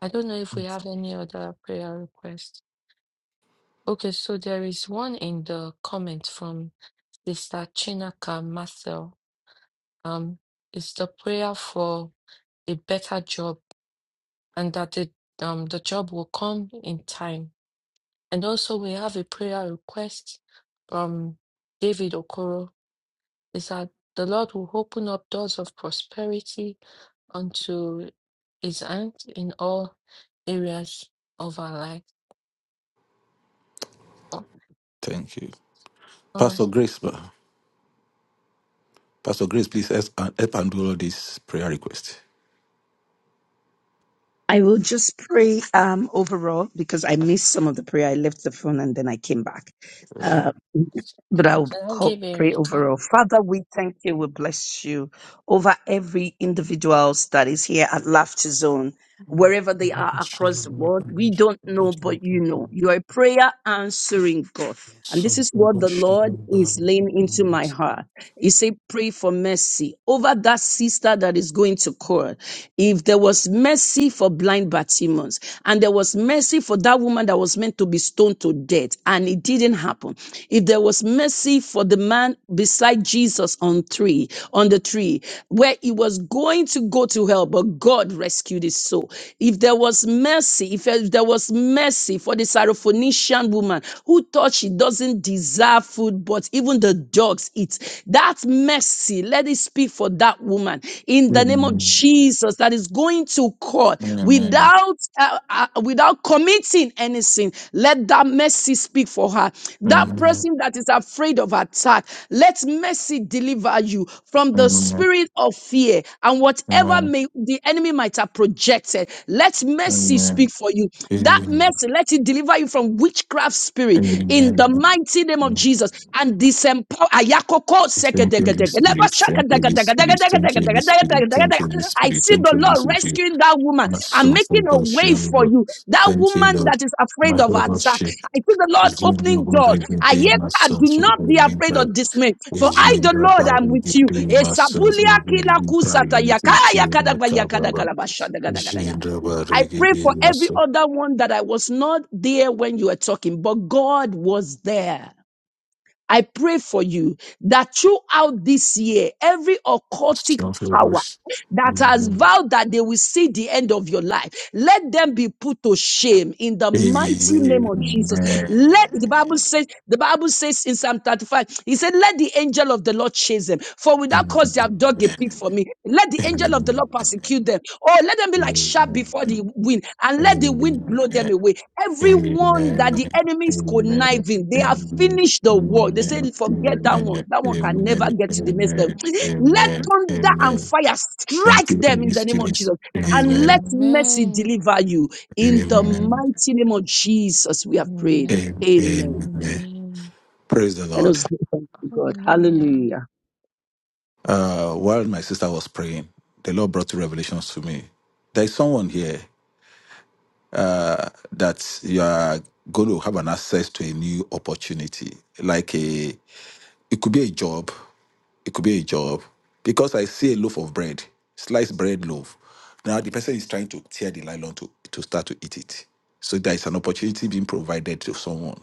F: I don't know if we have any other prayer request. Okay, so there is one in the comment from Sister Chinaka Marcel. Um, it's the prayer for a better job and that the um the job will come in time. And also we have a prayer request from David Okoro. Is that the Lord will open up doors of prosperity unto his hand in all areas of our life.
D: Thank you.
F: All right.
D: Pastor Grace, ma. Pastor Grace, please help and help and do all this prayer request.
K: I will just pray um, overall because I missed some of the prayer. I left the phone and then I came back.
D: Uh,
K: But I will
F: Shall I
K: co-
F: give a
K: pray
F: recap?
K: overall. Father, we thank you. We bless you over every individuals that is here at Laughter Zone wherever they are across the
D: Amen.
K: world. We don't know, but you know. You are a prayer answering God. And this is what the Lord is laying into my heart. He said, pray for mercy over that sister that is going to call. If there was mercy for blind Bartimaeus and there was mercy for that woman that was meant to be stoned to death and it didn't happen. If there was mercy for the man beside Jesus on tree, on the tree where he was going to go to hell, but God rescued his soul. If there was mercy, if if there was mercy for the Syrophoenician woman who thought she doesn't deserve food, but even the dogs eat, that mercy, let it speak for that woman in the name of Jesus that is going to court
D: Amen.
K: without uh, uh, without committing any sin. Let that mercy speak for her. That
D: Amen.
K: person that is afraid of attack, let mercy deliver you from the
D: Amen.
K: spirit of fear and whatever
D: Amen.
K: may the enemy might have projected. Let mercy
D: Amen.
K: speak for you. That
D: Amen.
K: mercy, let it deliver you from witchcraft spirit in the
D: Amen.
K: mighty name of
D: Amen.
K: Jesus. And I see
D: Thank you, Holy Spirit. Thank you, Holy Spirit. Thank you, Holy Spirit. Thank you, Holy Spirit. Thank
K: the
D: you, Holy
K: Lord
D: Spirit.
K: rescuing that woman
D: My
K: and
D: soul for
K: making a way
D: worship.
K: for you. That
D: Thank you,
K: woman
D: Lord.
K: that is afraid
D: My
K: of attack.
D: worship.
K: I see the Lord
D: in your
K: opening doors.
D: wandering day, my
K: Ayeka,
D: soul
K: do
D: through the
K: not be afraid or
D: limber.
K: dismay, for
D: Is
K: I,
D: in
K: the
D: the
K: Lord,
D: body,
K: am with
D: the my soul through the limber. Limiting to my cababa.
K: you.
D: Resume the
K: I
D: body, the
K: pray
D: day,
K: for
D: my
K: every
D: soul.
K: other one that I was not there when you were talking, but God was there. I pray for you that throughout this year, every occultic
D: Soul for
K: power
D: worship.
K: that has vowed that they will see the end of your life. Let them be put to shame in the mighty name
D: Amen.
K: of Jesus.
D: Amen.
K: Let the Bible says, the Bible says in Psalm 35, he said, Let the angel of the Lord chase them. For without cause they have dug a pit for me. Let the angel of the Lord persecute them. Oh, let them be like sharp before the wind, and
D: Amen.
K: let the wind blow them away. Everyone that
D: Amen.
K: the enemy is
D: Amen.
K: conniving, they have
D: Amen.
K: finished the work. They say, Forget that one. That one can never
D: Amen.
K: get to the next level.
D: Amen.
K: Let
D: Amen.
K: thunder and
D: Amen.
K: fire
D: Thank
K: strike
D: you,
K: them in
D: Holy
K: the name of
D: Spirit.
K: Jesus. And
D: Amen.
K: let mercy
F: Amen.
K: deliver you. In the
D: Amen.
F: Amen.
K: mighty name of Jesus, we have prayed.
D: Amen.
F: Amen.
K: Amen.
D: Amen.
F: Amen.
D: Praise the
K: Let
D: Lord.
K: us give thanks to God.
F: Hallelujah.
K: Hallelujah.
D: Uh, while my sister was praying, the Lord brought two revelations to me. There is someone here uh, that you are going to have an access to a new opportunity, like a It could be a job. It could be a job. Because I see a loaf of bread, sliced bread loaf. Now the person is trying to tear the nylon to, to start to eat it. So there is an opportunity being provided to someone.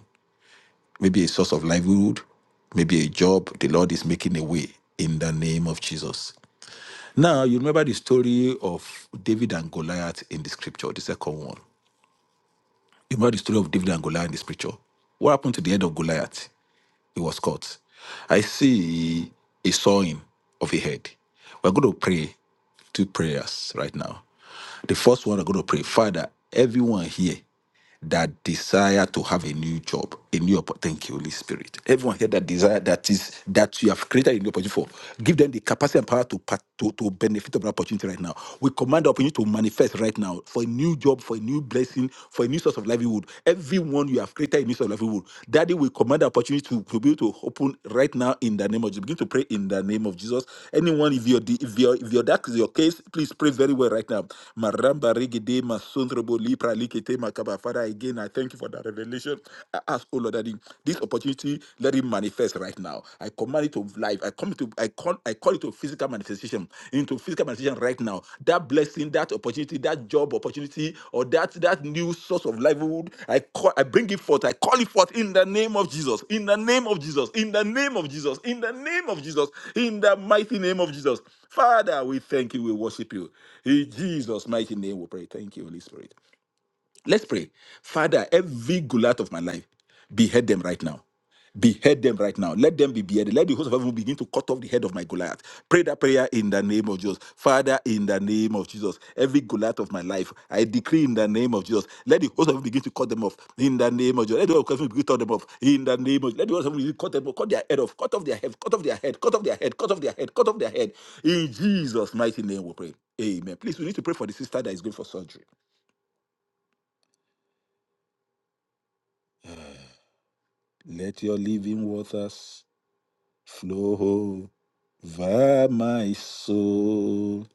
D: Maybe a source of livelihood, maybe a job. The Lord is making a way in the name of Jesus. Now you remember the story of David and Goliath in the scripture, the second one. You remember the story of David and Goliath in the scripture. What happened to the head of Goliath? He was caught. I see a sawing of a head. We're going to pray two prayers right now. The first one, we're going to pray, Father, everyone here that desire to have a new job, a new opportunity. Thank you, Holy Spirit. Everyone here that desire that is that you have created a new opportunity for, give them the capacity and power to part- to, to benefit of the opportunity right now. We command the opportunity to manifest right right now for a new job, for a new blessing, for a new source of livelihood. Everyone you have created a new source of livelihood. Daddy will command the opportunity to, to be able to open right now in the name of Jesus. Begin to pray in the name of Jesus. Anyone, if your if your if your that is your case, please pray very well right now. Maramba regede masondrobo lipra likete makaba. Father, again, I thank you for that revelation. I ask, oh Lord, Daddy, this opportunity let it manifest right now. I command it to life. I come to I call I call it to physical manifestation into physical manifestation right now. That blessing, that opportunity, that job opportunity, or that that new source of livelihood. I call I bring it forth. I call it forth in the name of Jesus. In the name of Jesus. In the name of Jesus. In the name of Jesus. In the mighty name of Jesus. Father, we thank you. We worship you. In Jesus' mighty name, we pray. Thank you, Holy Spirit. Let's pray. Father, every gulat of my life, behead them right now. Behead them right now. Let them be beheaded. Let the host of heaven begin to cut off the head of my Goliath. Pray that prayer in the name of Jesus. Father, in the name of Jesus, every Goliath of my life, I decree in the name of Jesus. Let the host of heaven begin to cut them off in the name of Jesus. Let the host of heaven begin to cut them off in the name of Jesus. Let the host of heaven begin to cut them off. Cut their head off. Cut off their head. Cut off their head. Cut off their head. Cut off their head. Cut off their head. In Jesus' mighty name, we pray. Amen. Please, we need to pray for the sister that is going for surgery. Let your living waters flow over my soul.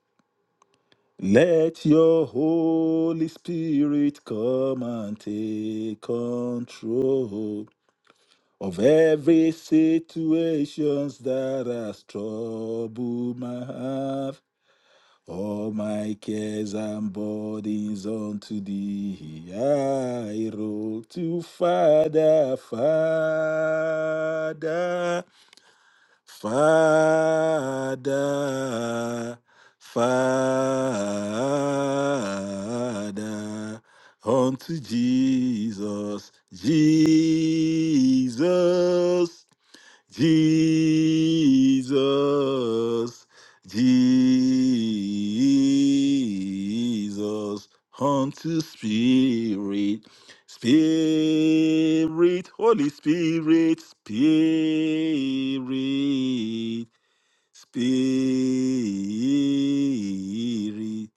D: Let your Holy Spirit come and take control of every situations that has troubled my heart. All my cares and burdens unto thee I roll to Father, Father. Father, Father, unto Jesus, Jesus. Jesus, Jesus, unto Spirit, Spirit, Holy Spirit, Spirit. Spirit.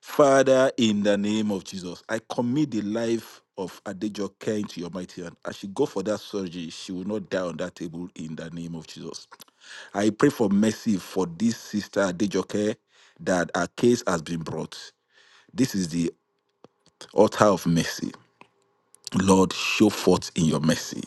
D: Father, in the name of Jesus, I commit the life of Adejoke into your mighty hand. As she go for that surgery, she will not die on that table in the name of Jesus. I pray for mercy for this sister Adejoke that her case has been brought. This is the altar of mercy. Lord, show forth in your mercy.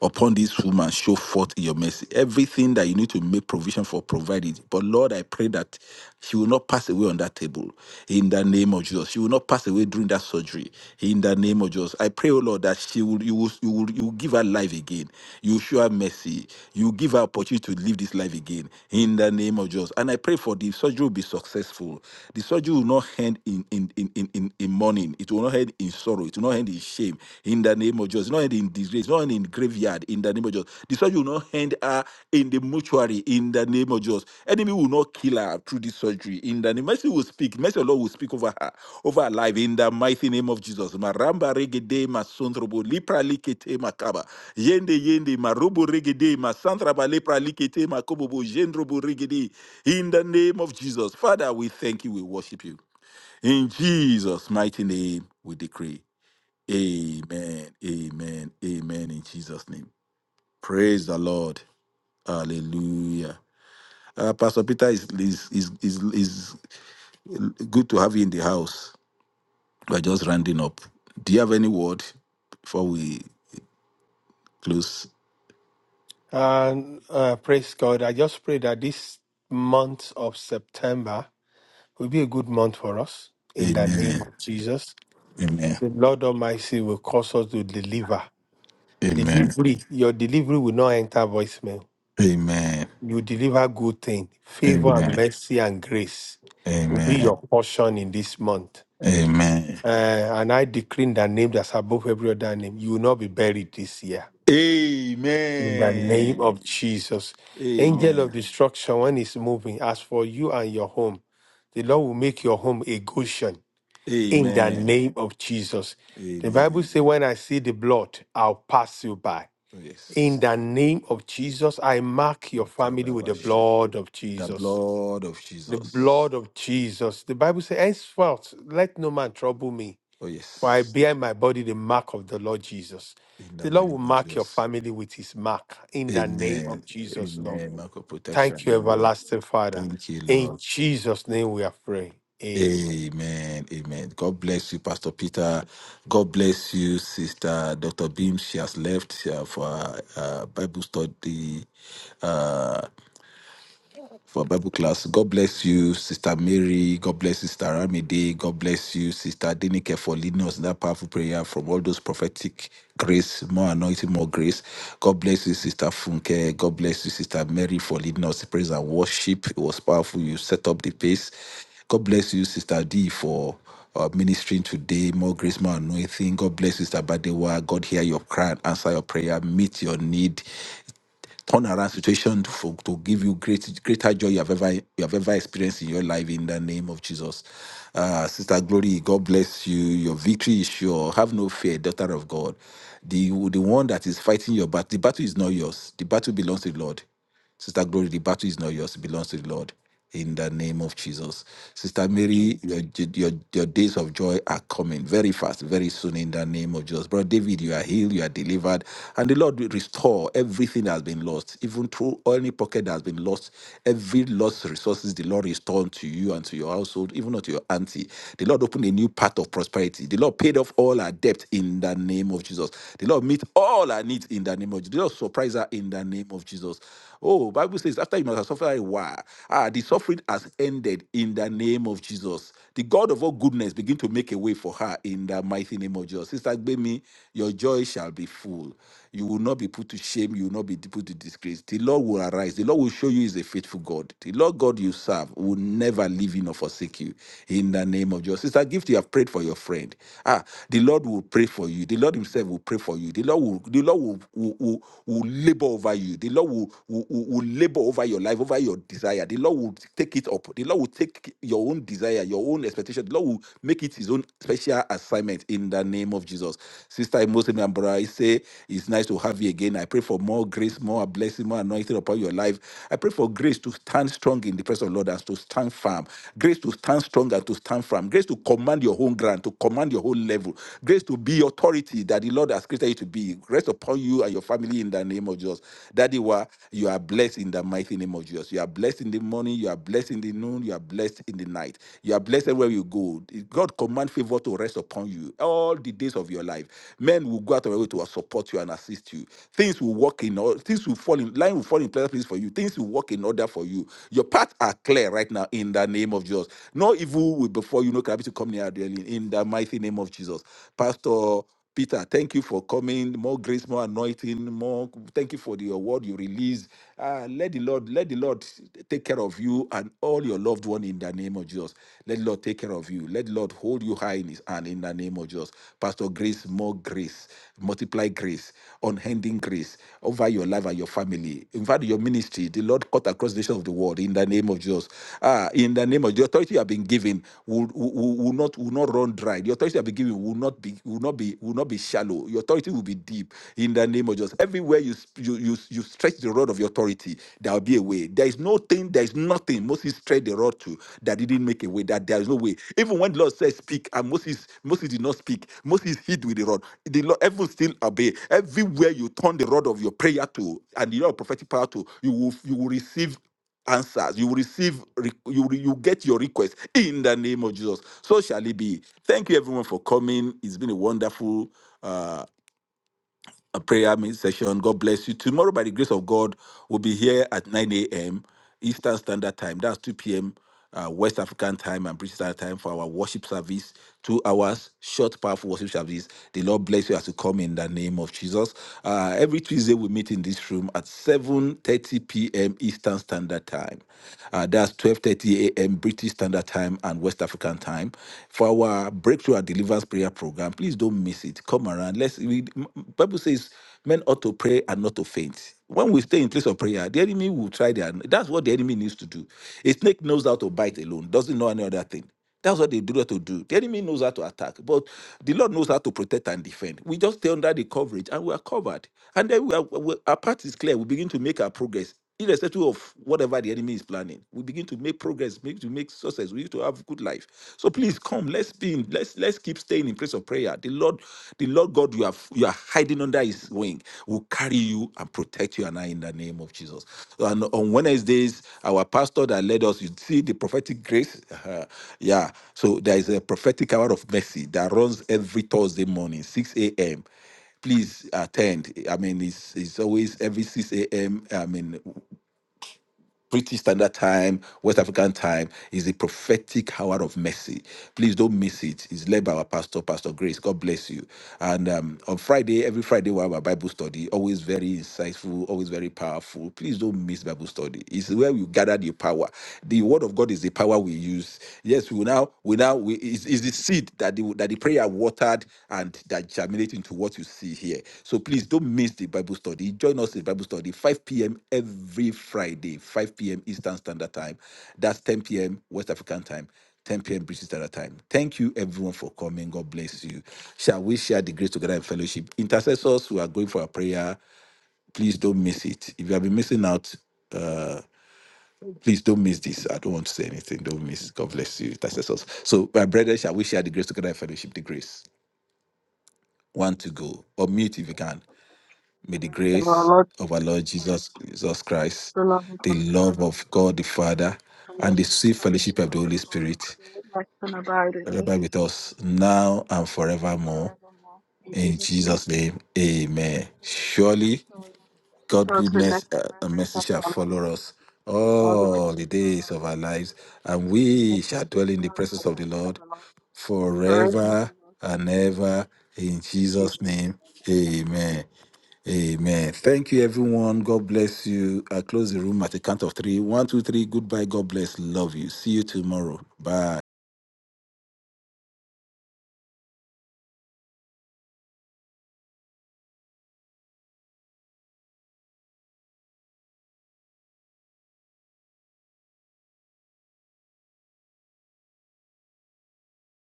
D: Upon this woman, show forth in your mercy. Everything that you need to make provision for, provide it. But Lord, I pray that she will not pass away on that table. In the name of Jesus. She will not pass away during that surgery. In the name of Jesus. I pray, oh Lord, that she will you will you will, you will give her life again. You will show her mercy. You will give her opportunity to live this life again. In the name of Jesus. And I pray for the surgery surgery will be successful. The surgery will not end in in in in, in, in mourning. It will not end in sorrow. It will not end in shame. In the name of Jesus. It will not end in disgrace. It will not end in graveyard. In the name of Jesus. The surgery will not end her in the mortuary. In the name of Jesus. Enemy will not kill her through this surgery. In the name. Mercy will speak. Mercy of the Lord will speak over her, over her life. In the mighty name of Jesus. Maramba regede masondrobo lipra likete makaba. Yende yende marobo regede masantraba lepra likete makobobo jendrobo regede in the name of Jesus, Father, we thank you, we worship you. In Jesus' mighty name, we decree. Amen, amen, amen. In Jesus' name. Praise the Lord. Hallelujah. Uh, Pastor Peter is, is, is, is, is good to have you in the house. We're just rounding up. Do you have any word before we close?
L: And uh, praise God. I just pray that this month of September will be a good month for us in the name
D: Amen,
L: of Jesus.
D: amen,
L: The Lord Almighty will cause us to deliver.
D: amen,
L: Delivery, your delivery will not enter voicemail.
D: amen,
L: You deliver good thing, favor and
D: amen,
L: mercy and grace will be
D: amen,
L: your portion in this month.
D: amen.
L: Uh, and I decree in the name that's above every other name, you will not be buried this year In the name
D: Amen.
L: of Jesus. Angel of
D: Amen.
L: destruction, when it's moving, as for you and your home, the Lord will make your home a Goshen. In the
D: Amen.
L: name of Jesus. The Bible
D: Amen.
L: says, When I see the blood, I'll pass you by.
D: Oh,
L: In
D: yes.
L: the name of Jesus, I mark your family with the
D: Makabrabashe.
L: blood of
D: The
L: Jesus.
D: blood of
L: The
D: Jesus.
L: blood of Jesus. The Bible says, Henceforth, let no man trouble me.
D: Oh,
L: For I
D: yes.
L: bear in my body the mark of the Lord Jesus.
D: In the
L: The Lord will
D: name of
L: mark your
D: Jesus.
L: family with his mark in the name
D: Amen.
L: of Jesus, Lord.
D: Amen. Mark of protection.
L: Thank you,
D: Amen.
L: everlasting Father.
D: Thank you,
L: In
D: Lord.
L: Jesus' name we are praying. Amen.
D: Amen. Amen. God bless you, Pastor Peter. God bless you, Sister Dr. Beam. She has left uh, for uh, Bible study. uh, for Bible class. God bless you, Sister Mary. God bless Sister Ramide. God bless you, Sister Denike, for leading us in that powerful prayer from all those prophetic grace, more anointing, more grace. God bless you, Sister Funke. God bless you, Sister Mary, for leading us in praise and worship. It was powerful. You set up the pace. God bless you, Sister D, for uh, ministering today. More grace, more anointing. God bless you, Sister Badewa. God hear your cry and answer your prayer. Meet your need turn around situation to, for, to give you great greater joy you have ever you have ever experienced in your life in the name of Jesus. Uh, Sister Glory, God bless you. Your victory is sure. Have no fear, daughter of God. The the one that is fighting your battle, the battle is not yours. The battle belongs to the Lord. Sister Glory, the battle is not yours, it belongs to the Lord. In the name of Jesus. Sister Mary, your, your, your days of joy are coming very fast, very soon in the name of Jesus. Brother David, you are healed, you are delivered, and the Lord will restore everything that has been lost, even through any pocket that has been lost, every lost resources, the Lord restored to you and to your household, even unto your auntie. The Lord opened a new path of prosperity. The Lord paid off all her debt in the name of Jesus. The Lord meet all her needs in the name of Jesus. The Lord surprise her in the name of Jesus. Oh, Bible says, after you must have suffered a while, ah, the suffering has ended in the name of Jesus. The God of all goodness begin to make a way for her in the mighty name of Jesus. Sister Gbemi, your joy shall be full. You will not be put to shame. You will not be put to disgrace. The Lord will arise. The Lord will show you is a faithful God. The Lord God you serve will never leave you nor forsake you. In the name of Jesus. Sister Gift, you have prayed for your friend. Ah, the Lord will pray for you. The Lord Himself will pray for you. The Lord will, the Lord will, will, will, will labor over you. The Lord will, will, will will labor over your life, over your desire. The Lord will take it up. The Lord will take your own desire, your own expectation. The Lord will make it his own special assignment in the name of Jesus. Sister Imosemi and brother, I say it's nice to have you again. I pray for more grace, more blessing, more anointing upon your life. I pray for grace to stand strong in the presence of the Lord and to stand firm. Grace to stand strong and to stand firm. Grace to command your own ground, to command your own level. Grace to be authority that the Lord has created you to be rest upon you and your family in the name of Jesus. Daddy, wa, you are blessed in the mighty name of Jesus. You are blessed in the morning, you are blessed in the noon, you are blessed in the night. You are blessed everywhere you go. God command favor to rest upon you all the days of your life. Men will go out of their way to support you and assist you. Things will work in all things will fall in line will fall in place for you. Things will work in order for you. Your paths are clear right now in the name of Jesus. No evil will before you, no gravity come near Adeline, in the mighty name of Jesus. Pastor Peter, thank you for coming. More grace, more anointing, more. Thank you for the award you released. Uh, let the Lord, let the Lord take care of you and all your loved one in the name of Jesus. Let the Lord take care of you. Let the Lord hold you high in His hand in the name of Jesus. Pastor Grace, more grace, multiply grace, unending grace over your life and your family. In fact, your ministry, the Lord cut across the nation of the world in the name of Jesus. Ah, in the name name of the authority you have been given will, will, will not will not run dry. The authority you have been given will not be will not be will not be shallow. Your authority will be deep in the name of Jesus. Everywhere you sp- you you, you stretch the rod of your authority, there will be a way. There is no thing, there is nothing Moses stretched the rod to that didn't make a way. That there is no way. Even when the Lord says speak, and Moses Moses did not speak. Moses hid with the rod. The Lord everyone still obey. Everywhere you turn the rod of your prayer to and the Lord of prophetic power to, you will you will receive answers. You will receive, re- you will, you will get your request in the name of Jesus. So shall it be. Thank you, everyone, for coming. It's been a wonderful. uh a prayer meet session. God bless you. Tomorrow, by the grace of God, we'll be here at 9 a.m. Eastern Standard Time. That's 2 p.m. Uh, West African time and British Standard Time for our worship service. Two hours, short, powerful worship service. The Lord bless you as you come in the name of Jesus. Uh, every Tuesday we meet in this room at 7:30 p.m. Eastern Standard Time. Uh, that's 12:30 a.m. British Standard Time and West African time for our breakthrough and deliverance Believers Prayer Program. Please don't miss it. Come around. Let's. We, m- Bible says men ought to pray and not to faint. When we stay in place of prayer, the enemy will try their. That's what the enemy needs to do. A snake knows how to bite alone. Doesn't know any other thing. That's what they do not to do. The enemy knows how to attack, but the Lord knows how to protect and defend. We just stay under the coverage and we are covered. And then we are, we, our path is clear. We begin to make our progress irrespective of whatever the enemy is planning we begin to make progress make to make success we need to have good life so please come let's be in let's let's keep staying in place of prayer the lord the lord god you are you are hiding under his wing will carry you and protect you and i in the name of jesus and on wednesdays our pastor that led us you see the prophetic grace *laughs* uh, yeah so there is a prophetic hour of mercy that runs every thursday morning 6 a.m please attend. I mean, it's it's always every 6 a.m. I mean, British Standard Time, West African Time is the prophetic hour of mercy. Please don't miss it. It's led by our pastor, Pastor Grace. God bless you. And um, on Friday, every Friday, we have our Bible study. Always very insightful, always very powerful. Please don't miss Bible study. It's where we gather the power. The Word of God is the power we use. Yes, we will now, we now, we, it's, it's the seed that the that the prayer watered and that germinate into what you see here. So please don't miss the Bible study. Join us in Bible study 5 p.m. every Friday, 5 p.m. Eastern Standard Time. That's 10 p.m. West African time. 10 p.m. British Standard Time. Thank you, everyone, for coming. God bless you. Shall we share the grace together in fellowship? Intercessors who are going for a prayer, please don't miss it. If you have been missing out, uh, Please don't miss this. I don't want to say anything. Don't miss. God bless you. That's us. So, my brethren, shall we share the grace together in fellowship? The grace. One to go. Or mute if you can. May the grace of our Lord Jesus, Jesus Christ, the love of God the Father, and the sweet fellowship of the Holy Spirit be with us now and forevermore. In Jesus' name, amen. Surely. God goodness uh, and mercy shall follow us all the days of our lives, and we shall dwell in the presence of the Lord forever and ever. In Jesus' name, amen. Amen. Thank you, everyone. God bless you. I close the room at the count of three. One, two, three. Goodbye. God bless. Love you. See you tomorrow. Bye.